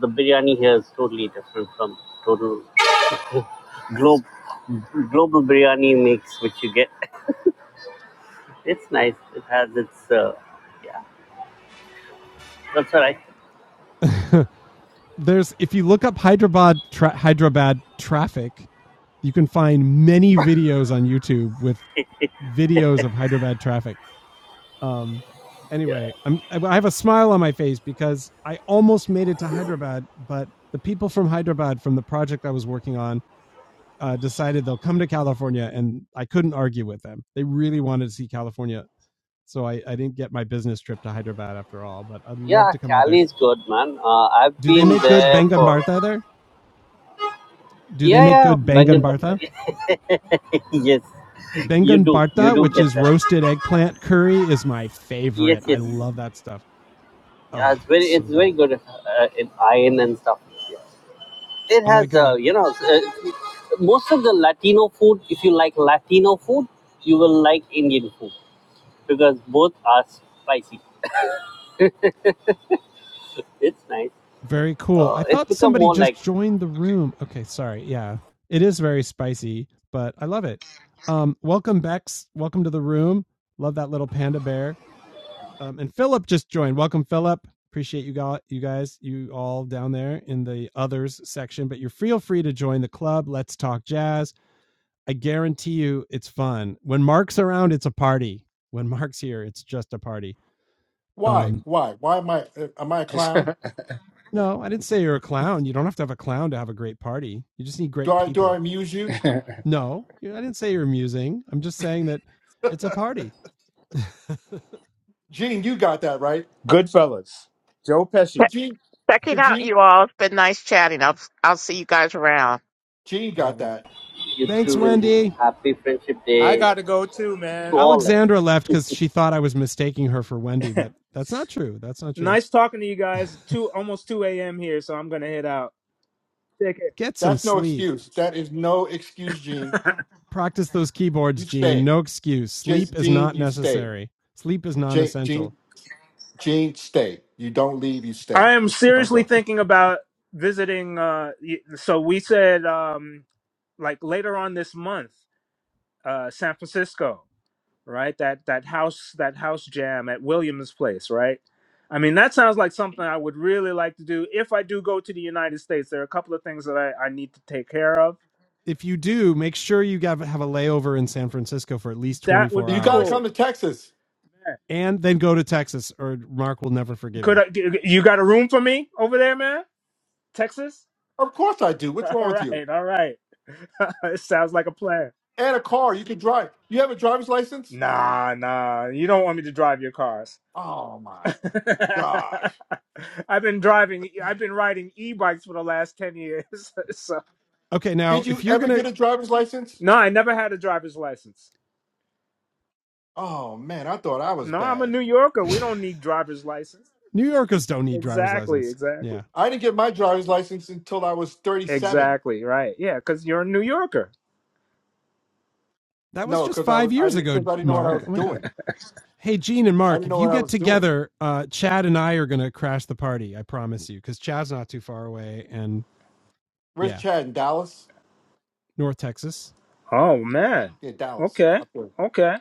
Speaker 14: the biryani here is totally different from total globe global biryani mix which you get <laughs> it's nice it has its uh, yeah that's all right
Speaker 1: <laughs> There's if you look up Hyderabad tra- Hyderabad traffic, you can find many videos on YouTube with videos of Hyderabad traffic Um, anyway,
Speaker 14: yeah
Speaker 1: I'm I have a smile on my face because I almost made it to Hyderabad, but the people from Hyderabad from the project I was working on uh, decided they'll come to California, and I couldn't argue with them. They really wanted to see California, so I, I didn't get my business trip to Hyderabad after all. But I'd love
Speaker 14: yeah
Speaker 1: to come out there.
Speaker 14: cali is good man uh, i've
Speaker 1: Do they
Speaker 14: been
Speaker 1: make good
Speaker 14: there
Speaker 1: bangan
Speaker 14: for
Speaker 1: bartha there? Do they
Speaker 14: Yeah,
Speaker 1: make
Speaker 14: yeah,
Speaker 1: good bangan
Speaker 14: bangan bhatta.
Speaker 1: bartha?
Speaker 14: <laughs> yes, you
Speaker 1: Bengan
Speaker 14: do. You
Speaker 1: bartha,
Speaker 14: do
Speaker 1: which
Speaker 14: get
Speaker 1: is
Speaker 14: that.
Speaker 1: roasted eggplant curry, is my
Speaker 14: Yes,
Speaker 1: favorite. I
Speaker 14: yes.
Speaker 1: love that stuff.
Speaker 14: Yeah, it's
Speaker 1: Ah, it's
Speaker 14: very,
Speaker 1: so
Speaker 14: it's very
Speaker 1: good.
Speaker 14: good uh, in iron and stuff. Yeah. It
Speaker 1: Oh my
Speaker 14: has,
Speaker 1: god.
Speaker 14: uh, you know, uh, most of the Latino food. If you like Latino food, you will like Indian food because both are spicy. It's nice.
Speaker 1: Very cool.
Speaker 14: Uh,
Speaker 1: I
Speaker 14: it's
Speaker 1: thought
Speaker 14: become
Speaker 1: somebody
Speaker 14: more
Speaker 1: just
Speaker 14: like
Speaker 1: joined the room. Okay, sorry. Yeah, it is very spicy, but I love it. Um, welcome, Bex. Welcome to the room. Love that little panda bear. Um, and Philip just joined. Welcome, Philip. Appreciate you got you guys, you all down there in the others section. But you're feel free to join the club. Let's talk jazz. I guarantee you, it's fun. When Mark's around, it's a party. When Mark's here, it's just a party.
Speaker 11: Why?
Speaker 1: Um.
Speaker 11: Why? Why am I? uh, Am I a
Speaker 7: <laughs>
Speaker 11: clown?
Speaker 1: No, I didn't say you're a clown. You don't have to have a clown to have a great party. You just need
Speaker 11: Do
Speaker 1: great
Speaker 11: I? Do I
Speaker 1: people.
Speaker 11: amuse you?
Speaker 1: No, I didn't say you're amusing. I'm just saying that it's
Speaker 11: <laughs>
Speaker 1: a party. <laughs>
Speaker 11: Gene, you got that right.
Speaker 7: Goodfellas. Joe
Speaker 4: Che-
Speaker 11: But
Speaker 7: Pesci.
Speaker 11: Gene,
Speaker 4: Checking
Speaker 11: but
Speaker 4: out,
Speaker 11: Gene,
Speaker 4: you all. It's been nice chatting. I'll I'll see you guys around.
Speaker 11: Gene got that.
Speaker 14: you
Speaker 1: Thanks,
Speaker 14: two will be
Speaker 1: Wendy.
Speaker 14: happy friendship
Speaker 7: I
Speaker 14: day
Speaker 7: gotta go too,
Speaker 14: to
Speaker 7: man.
Speaker 14: all.
Speaker 1: Alexandra left because she thought I was mistaking her for Wendy,
Speaker 7: <laughs>
Speaker 1: but that's not true. That's not true.
Speaker 7: nice talking to you guys.
Speaker 1: <laughs>
Speaker 7: Two almost two a.m. here, so I'm gonna head out. Take
Speaker 1: Get some
Speaker 11: That's no
Speaker 1: sleep.
Speaker 11: excuse. That is no excuse, Gene.
Speaker 7: care. <laughs>
Speaker 1: Practice those
Speaker 11: You
Speaker 1: keyboards, Gene.
Speaker 11: stay.
Speaker 1: No excuse.
Speaker 11: J-
Speaker 1: Sleep is
Speaker 11: Gene,
Speaker 1: not
Speaker 11: you stay.
Speaker 1: necessary. Sleep is non
Speaker 11: J-
Speaker 1: essential.
Speaker 11: Gene, Gene, stay. You don't leave. You stay.
Speaker 7: I am
Speaker 11: Don't
Speaker 7: seriously
Speaker 11: go.
Speaker 1: <laughs>
Speaker 7: thinking about visiting. Uh, y- so we said um, like later on this month, uh, San Francisco. right? That that house that house jam at Williams Place, right? I mean, that sounds like something I would really like to do if I do go to the United States. There are a couple of things that I, I need to take care of.
Speaker 1: If you do, make sure you have, a layover in San Francisco for at least
Speaker 7: That would
Speaker 1: 24
Speaker 7: be
Speaker 11: You got to
Speaker 1: hours
Speaker 11: come
Speaker 7: cool.
Speaker 11: to Texas.
Speaker 7: Yeah.
Speaker 1: and then go to Texas or Mark will never forgive
Speaker 7: Could
Speaker 1: you.
Speaker 7: I, g- you got a room for me over there, man? Texas?
Speaker 11: Of course I do. What's
Speaker 7: <laughs>
Speaker 11: wrong
Speaker 7: All
Speaker 11: with you?
Speaker 7: right, all right. <laughs> it sounds like a plan.
Speaker 11: And a car you can drive. You have a driver's license?
Speaker 7: Nah, nah. You don't want me to drive your cars.
Speaker 11: Oh my
Speaker 7: <laughs>
Speaker 11: God.
Speaker 7: I've been driving. I've been riding e-bikes for the last ten years. <laughs> so
Speaker 1: Okay, now
Speaker 11: Did you
Speaker 1: if you're
Speaker 11: ever
Speaker 1: going
Speaker 11: get a driver's license?
Speaker 7: no, I never had a driver's license.
Speaker 11: Oh man, I thought I was
Speaker 7: No, I'm a
Speaker 11: bad.
Speaker 7: New Yorker.
Speaker 1: <laughs>
Speaker 7: We
Speaker 1: to
Speaker 7: don't need driver's license.
Speaker 1: New Yorkers don't need driver's
Speaker 7: Exactly,
Speaker 1: license.
Speaker 7: exactly.
Speaker 1: Yeah.
Speaker 11: I didn't get my driver's license until I was 37.
Speaker 7: Exactly, right. Yeah, cuz you're a New Yorker.
Speaker 1: That was
Speaker 11: No,
Speaker 1: just
Speaker 11: because I
Speaker 1: 5
Speaker 11: was I
Speaker 1: years
Speaker 11: didn't
Speaker 1: ago,
Speaker 11: because I didn't know what I
Speaker 1: Mark.
Speaker 11: was
Speaker 1: Oh my god.
Speaker 11: doing.
Speaker 1: Hey, Gene and
Speaker 11: I
Speaker 1: Mark,
Speaker 11: didn't
Speaker 1: if
Speaker 11: know
Speaker 1: you
Speaker 11: what I
Speaker 1: get
Speaker 11: was doing.
Speaker 1: together, uh, Chad and I are going to crash the party. I promise you, because Chad's not too far away. And
Speaker 11: Where's
Speaker 1: yeah,
Speaker 11: Chad in Dallas?
Speaker 1: North Texas.
Speaker 7: Oh man.
Speaker 11: Yeah, Dallas.
Speaker 7: Okay.
Speaker 11: Up there.
Speaker 7: Okay.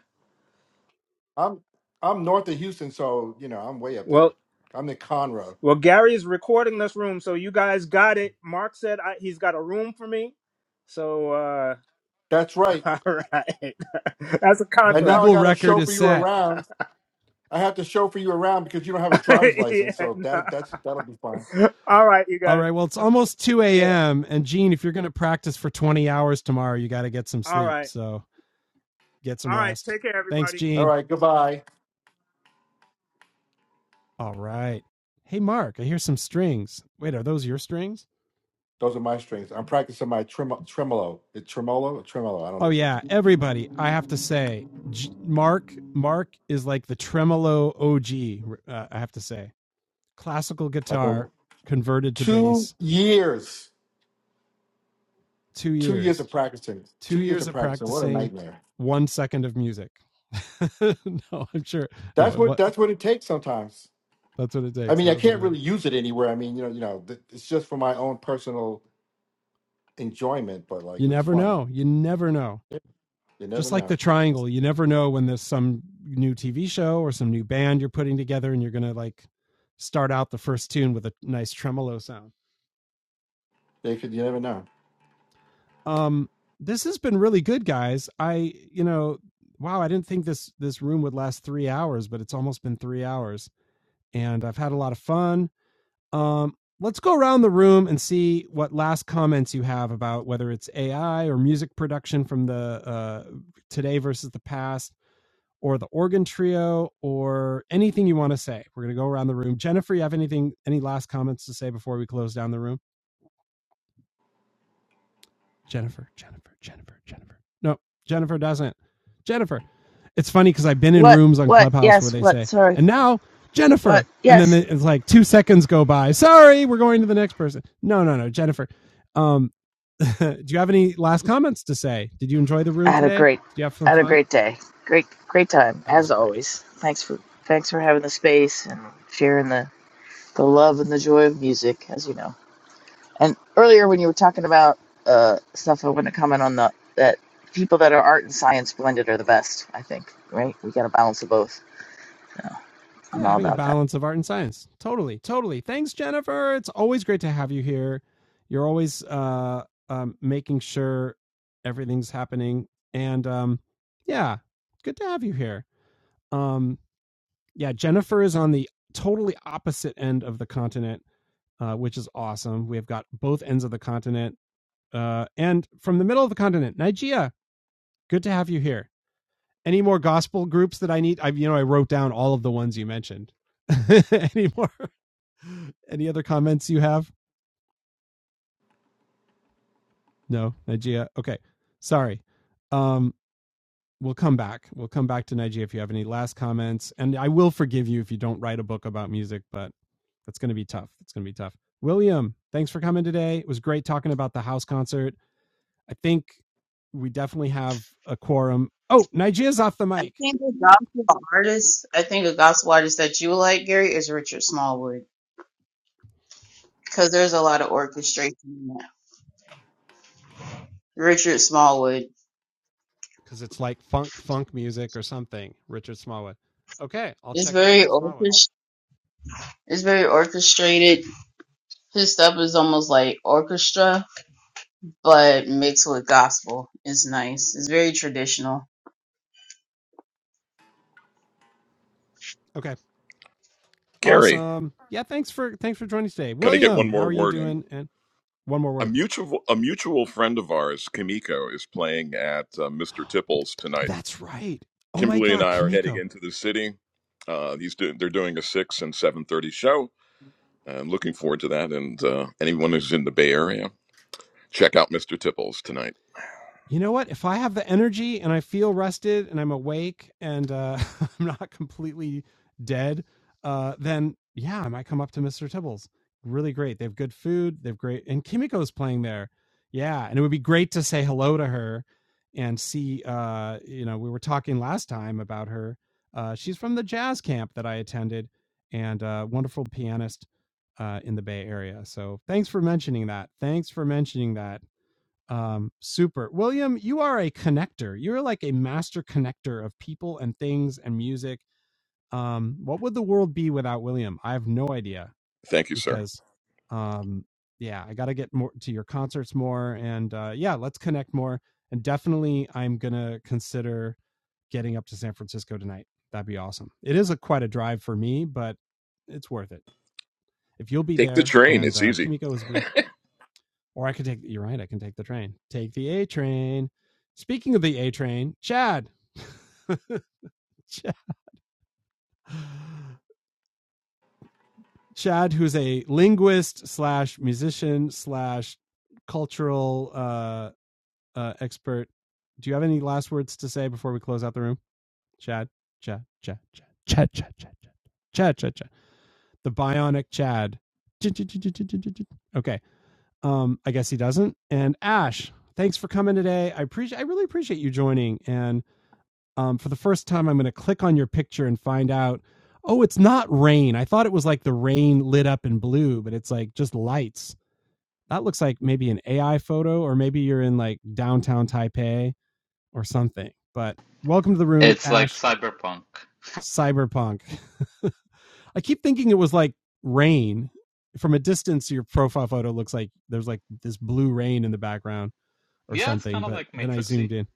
Speaker 11: I'm I'm north of Houston, so you know, I'm way up
Speaker 7: Well,
Speaker 11: there. I'm in Conroe.
Speaker 7: well Gary is recording this room, so you guys got it. Mark said I, he's got a room for me. So uh
Speaker 11: That's
Speaker 7: <laughs>
Speaker 11: right.
Speaker 7: all right. <laughs> That's a
Speaker 1: The
Speaker 11: And now
Speaker 7: contract.
Speaker 11: I
Speaker 1: legal
Speaker 11: gotta
Speaker 1: record is
Speaker 11: chauffeur you
Speaker 1: set.
Speaker 11: around I have to chauffeur you around because you don't have a
Speaker 7: <laughs>
Speaker 11: driver's license,
Speaker 7: yeah.
Speaker 11: so that
Speaker 7: nah.
Speaker 11: that's that'll be fine.
Speaker 7: All right, you
Speaker 1: All
Speaker 7: guys.
Speaker 1: right. Well, it's almost 2
Speaker 7: Yeah.
Speaker 1: a.m. And Gene, if you're going to practice for 20 hours tomorrow, you got to get some
Speaker 7: All
Speaker 1: sleep.
Speaker 7: right.
Speaker 1: So get some
Speaker 7: All right.
Speaker 1: rest.
Speaker 7: Take care
Speaker 1: Thanks,
Speaker 7: everybody.
Speaker 11: All
Speaker 1: Gene.
Speaker 11: right, goodbye.
Speaker 1: All right. Hey, Mark, I hear some strings. Wait, are those your strings?
Speaker 11: Those are my strings. I'm practicing my trem- tremolo. It's tremolo or tremolo. I don't know
Speaker 1: Oh,
Speaker 11: which one.
Speaker 1: yeah. Everybody, I have to say, J- Mark, Mark is like the tremolo OG, uh, I have to say. Classical
Speaker 11: I've been
Speaker 1: guitar converted to
Speaker 11: two
Speaker 1: bass,
Speaker 11: years,
Speaker 1: two
Speaker 11: two years of
Speaker 1: years.
Speaker 11: practicing,
Speaker 1: Two
Speaker 11: two years
Speaker 1: years
Speaker 11: of
Speaker 1: of
Speaker 11: practicing. What a
Speaker 1: practicing,
Speaker 11: nightmare.
Speaker 1: one second of music. <laughs> no, I'm sure. No,
Speaker 11: That's
Speaker 1: it,
Speaker 11: what
Speaker 1: wa-
Speaker 11: that's what it takes sometimes.
Speaker 1: that's what it
Speaker 11: I
Speaker 1: takes.
Speaker 11: mean, I
Speaker 1: That was what
Speaker 11: can't
Speaker 1: it
Speaker 11: really
Speaker 1: takes.
Speaker 11: use it anywhere. I mean, you know, you know, th- it's just for my own personal enjoyment, but like
Speaker 1: You
Speaker 11: it's
Speaker 1: never
Speaker 11: fun.
Speaker 1: know. You never know.
Speaker 11: Yeah, You never
Speaker 1: just like the
Speaker 11: know.
Speaker 1: triangle you never know when there's some new tv show or some new band you're putting together and you're gonna like start out the first tune with a nice tremolo sound
Speaker 11: They could. You never know.
Speaker 1: um this has been really good guys i you know wow i didn't think this this room would last three hours but it's almost been three hours and i've had a lot of fun um let's go around the room and see what last comments you have about whether it's ai or music production from the uh today versus the past or the organ trio or anything you want to say. We're going to go around the room. Jennifer, you have anything, any last comments to say before we close down the room? Jennifer, Jennifer, Jennifer, Jennifer. No, Jennifer doesn't. Jennifer. It's funny because I've been in
Speaker 2: What?
Speaker 1: rooms on
Speaker 2: What?
Speaker 1: Clubhouse where
Speaker 2: Yes.
Speaker 1: they
Speaker 2: What?
Speaker 1: say,
Speaker 2: Sorry.
Speaker 1: and now
Speaker 2: What?
Speaker 1: Jennifer. And then
Speaker 2: Yes.
Speaker 1: it's like two seconds go by. Sorry, we're going to the next person. No, no, no, Jennifer. Um, <laughs> do you have any last comments to say? Did you enjoy the
Speaker 2: I
Speaker 1: room
Speaker 2: had a
Speaker 1: today?
Speaker 2: great,
Speaker 1: Did you have
Speaker 2: I
Speaker 1: some
Speaker 2: had a
Speaker 1: fun?
Speaker 2: great day. Great, great time
Speaker 1: That was
Speaker 2: as
Speaker 1: great.
Speaker 2: always. Thanks for, thanks for having the space and sharing the, the love and the joy of music, as you know. And earlier when you were talking about uh, stuff, I want to comment on the that people that are art and science blended are the best. I think, right? We got to balance of both. I'm
Speaker 1: yeah,
Speaker 2: all
Speaker 1: having a
Speaker 2: about that.
Speaker 1: balance of art and science. Totally, totally. Thanks, Jennifer. It's always great to have you here. You're always uh, um, making sure everything's happening, and um, yeah, good to have you here. Um, yeah, Jennifer is on the totally opposite end of the continent, uh, which is awesome. We've got both ends of the continent, uh, and from the middle of the continent, Nigeria. Good to have you here. Any more gospel groups that I need? I've you know I wrote down all of the ones you mentioned. <laughs> Any more? Any other comments you have? No, Nigeria. Okay, sorry. Um, we'll come back. We'll come back to Nigeria if you have any last comments. And I will forgive you if you don't write a book about music, but that's going to be tough. It's going to be tough. William, thanks for coming today. It was great talking about the house concert. I think we definitely have a quorum. Oh, Nigeria's off the
Speaker 8: I
Speaker 1: mic.
Speaker 8: think a gospel artist, I think a gospel artist that you would like, Gary, is Richard Smallwood. Because there's a lot of orchestration in that. Richard Smallwood.
Speaker 1: because it's like funk funk music or something. Richard Smallwood. Okay, I'll
Speaker 8: It's
Speaker 1: check out
Speaker 8: very
Speaker 1: Richard Smallwood.
Speaker 8: orchest- it's very orchestrated His stuff is almost like orchestra, but mixed with gospel. It's nice. It's very traditional.
Speaker 1: Okay,
Speaker 9: Gary,
Speaker 1: awesome. Yeah, thanks for thanks for joining today,
Speaker 9: can I get one
Speaker 1: William. How
Speaker 9: more
Speaker 1: are you
Speaker 9: word in?
Speaker 1: doing? And one more
Speaker 9: a
Speaker 1: word.
Speaker 9: mutual a mutual friend of ours, Kimiko, is playing at uh, Mr. Tipples tonight.
Speaker 1: That's right. Oh my
Speaker 9: Kimberly and
Speaker 1: God,
Speaker 9: I are heading
Speaker 1: Kimiko.
Speaker 9: into the city. Uh, he's doing they're doing a six and seven thirty show. I'm looking forward to that. And uh, anyone who's in the Bay Area, check out Mr. Tipples tonight.
Speaker 1: you know what? If I have the energy and I feel rested and I'm awake and uh, <laughs> I'm not completely dead, uh, then yeah, I might come up to Mr. Tibble's. Really great. They have good food. They've great, and Kimiko's playing there. Yeah, and it would be great to say hello to her and see. Uh, you know, we were talking last time about her. Uh, she's from the jazz camp that I attended, and uh, wonderful pianist uh, in the Bay Area. So thanks for mentioning that. Thanks for mentioning that um super william you are a connector you're like a master connector of people and things and music um what would the world be without william i have no idea
Speaker 9: Thank you, sir.
Speaker 1: because um yeah i gotta get more to your concerts more and uh yeah let's connect more and definitely i'm gonna consider getting up to san francisco tonight that'd be awesome it is a quite a drive for me but it's worth it if you'll be
Speaker 9: Take the
Speaker 1: there
Speaker 9: train;
Speaker 1: and
Speaker 9: it's
Speaker 1: uh
Speaker 9: easy.
Speaker 1: kimiko is be or I could take, you're right, I can take the train. Take the A train. Speaking of the A train, Chad. <laughs> Chad, Chad, who's a linguist slash musician slash cultural uh, uh, expert. Do you have any last words to say before we close out the room? Chad, Chad, Chad, Chad, Chad, Chad, Chad, Chad, Chad, Chad, Chad. The bionic Chad. Okay. Um, I guess he doesn't. And Ash, thanks for coming today. I appreciate I really appreciate you joining. And um, for the first time, I'm going to click on your picture and find out. Oh, it's not rain. I thought it was like the rain lit up in blue, but it's like just lights. That looks like maybe an AI photo, or maybe you're in like downtown Taipei or something. But welcome to the room,
Speaker 10: It's like
Speaker 1: Ash.
Speaker 10: cyberpunk.
Speaker 1: Cyberpunk. <laughs> I keep thinking it was like rain. From a distance, your profile photo looks like there's like this blue rain in the background or
Speaker 10: Yeah, it's
Speaker 1: something.
Speaker 10: kind of
Speaker 1: But
Speaker 10: like
Speaker 1: then I
Speaker 10: Matrixy.
Speaker 1: zoomed in,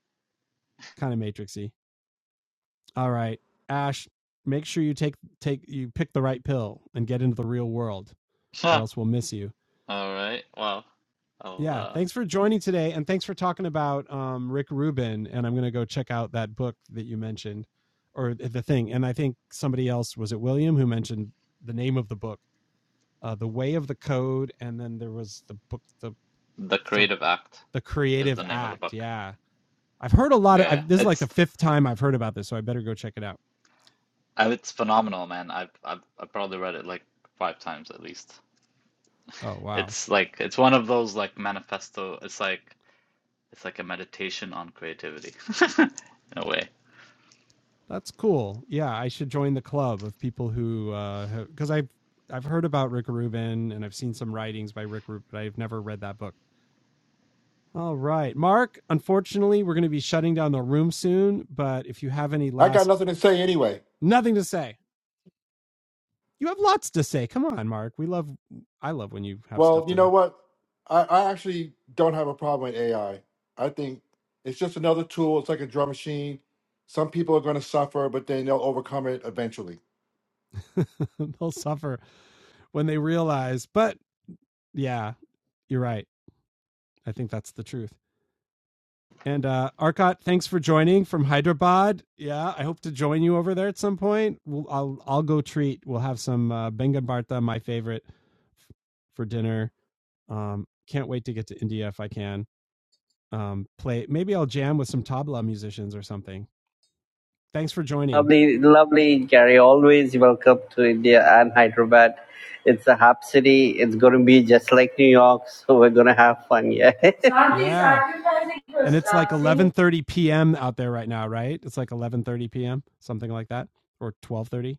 Speaker 1: kind of matrixy. All right, Ash, make sure you take take you pick the right pill and get into the real world,
Speaker 10: <laughs>
Speaker 1: or
Speaker 10: Huh.
Speaker 1: else we'll miss you.
Speaker 10: All right. Well, I'll,
Speaker 1: Yeah,
Speaker 10: uh,
Speaker 1: thanks for joining today, and thanks for talking about um, Rick Rubin. And I'm gonna go check out that book that you mentioned, or the thing. And I think somebody else was it William who mentioned the name of the book, uh, "The Way of the Code," and then there was the book, the
Speaker 10: The
Speaker 1: some
Speaker 10: Creative Act
Speaker 1: the
Speaker 10: is
Speaker 1: Creative
Speaker 10: the name of the
Speaker 1: Act.
Speaker 10: book.
Speaker 1: Yeah, I've heard a lot of.
Speaker 10: Yeah, yeah.
Speaker 1: I've, this is like
Speaker 10: It's
Speaker 1: the fifth time I've heard about this, so I better go check it out.
Speaker 10: I, it's phenomenal, man. I've, I've I've probably read it like five times at least.
Speaker 1: Oh wow,
Speaker 10: It's like it's one of those like manifesto. It's like it's like a meditation on creativity <laughs> in a way.
Speaker 1: that's cool. Yeah, I should join the club of people who uh, because I've I've heard about Rick Rubin and I've seen some writings by Rick Rubin, but I've never read that book. All right, Mark. Unfortunately, we're going to be shutting down the room soon. But if you have any
Speaker 11: I got
Speaker 1: last,
Speaker 11: nothing to say anyway.
Speaker 1: nothing to say. You have lots to say. Come on, Mark. We love I love when you have
Speaker 11: Well,
Speaker 1: stuff
Speaker 11: you
Speaker 1: to
Speaker 11: know what? I, I actually don't have a problem with AI. I I think it's just another tool. It's like a drum machine. Some people are going to suffer, but then they'll overcome it eventually.
Speaker 1: say. <laughs> They'll <laughs> suffer when they realize. But yeah, you're right. I think that's the truth. And uh Arcot, thanks for joining from Hyderabad. Yeah, I hope to join you over there at some point. We'll, I'll I'll go treat. We'll have some uh, Bengan Bartha, my favorite, f- for dinner. Um, can't wait to get to India if I can. Um, play maybe I'll jam with some tabla musicians or something. Thanks for joining.
Speaker 14: Lovely lovely Gary, always welcome to India and Hyderabad. It's a hub city. It's going to be just like New York, <laughs> so we're going to have fun. Yeah. Shanti
Speaker 1: Yeah.
Speaker 14: sacrificing for
Speaker 1: and it's like
Speaker 14: stuff. See?
Speaker 1: 11:30 p.m. out there right now, right? It's like 11:30 p.m., something like that, or 12:30.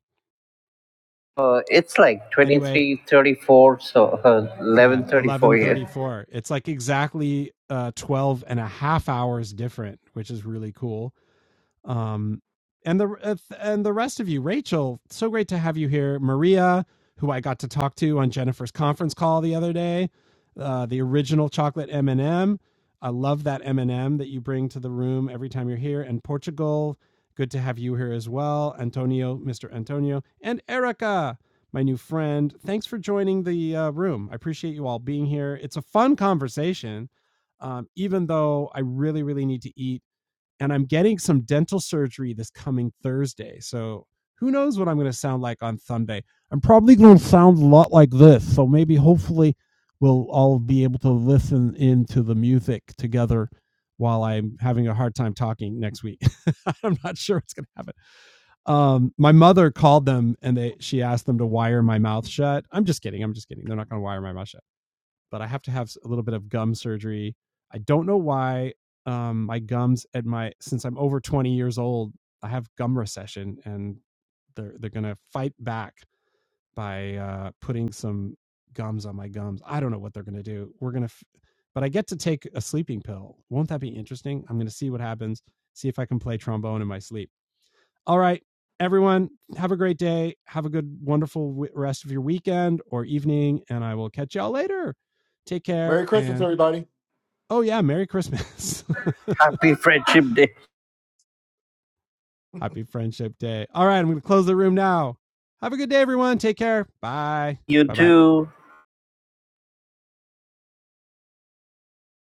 Speaker 14: Uh, it's like
Speaker 1: Anyway,
Speaker 14: 23:34, so uh,
Speaker 1: yeah,
Speaker 14: 11:34 here.
Speaker 1: 11:34. It's like exactly uh 12 and a half hours different, which is really cool. Um, and the uh, and the rest of you, Rachel, so great to have you here. Maria, who I got to talk to on Jennifer's conference call the other day, uh, the original chocolate M and m I love that M and m that you bring to the room every time you're here. And Portugal, good to have you here as well. Antonio, Mr. Antonio, and Erica, my new friend. Thanks for joining the uh, room. I appreciate you all being here. It's a fun conversation, um, even though I really, really need to eat and I'm getting some dental surgery this coming Thursday. So who knows what I'm going to sound like on Sunday? I'm probably going to sound a lot like this. So maybe hopefully we'll all be able to listen into the music together while I'm having a hard time talking next week. <laughs> I'm not sure what's going to happen. Um, my mother called them and they she asked them to wire my mouth shut. I'm just kidding. I'm just kidding. They're not going to wire my mouth shut but I have to have a little bit of gum surgery. I don't know why um, my gums at my since I'm over 20 years old, I have gum recession, and they're they're gonna fight back by uh, putting some gums on my gums. I don't know what they're gonna do. We're gonna, f- but I get to take a sleeping pill. Won't that be interesting? I'm gonna see what happens. See if I can play trombone in my sleep. All right, everyone, have a great day. Have a good, wonderful rest of your weekend or evening, and I will catch y'all later. Take care,
Speaker 11: Merry Christmas,
Speaker 1: and
Speaker 11: everybody.
Speaker 1: oh, yeah, Merry Christmas.
Speaker 14: Happy Friendship Day.
Speaker 1: <laughs> Happy Friendship Day. All right, I'm going to close the room now. Have a good day, everyone. Take care. Bye.
Speaker 14: You
Speaker 1: Bye bye.
Speaker 14: too.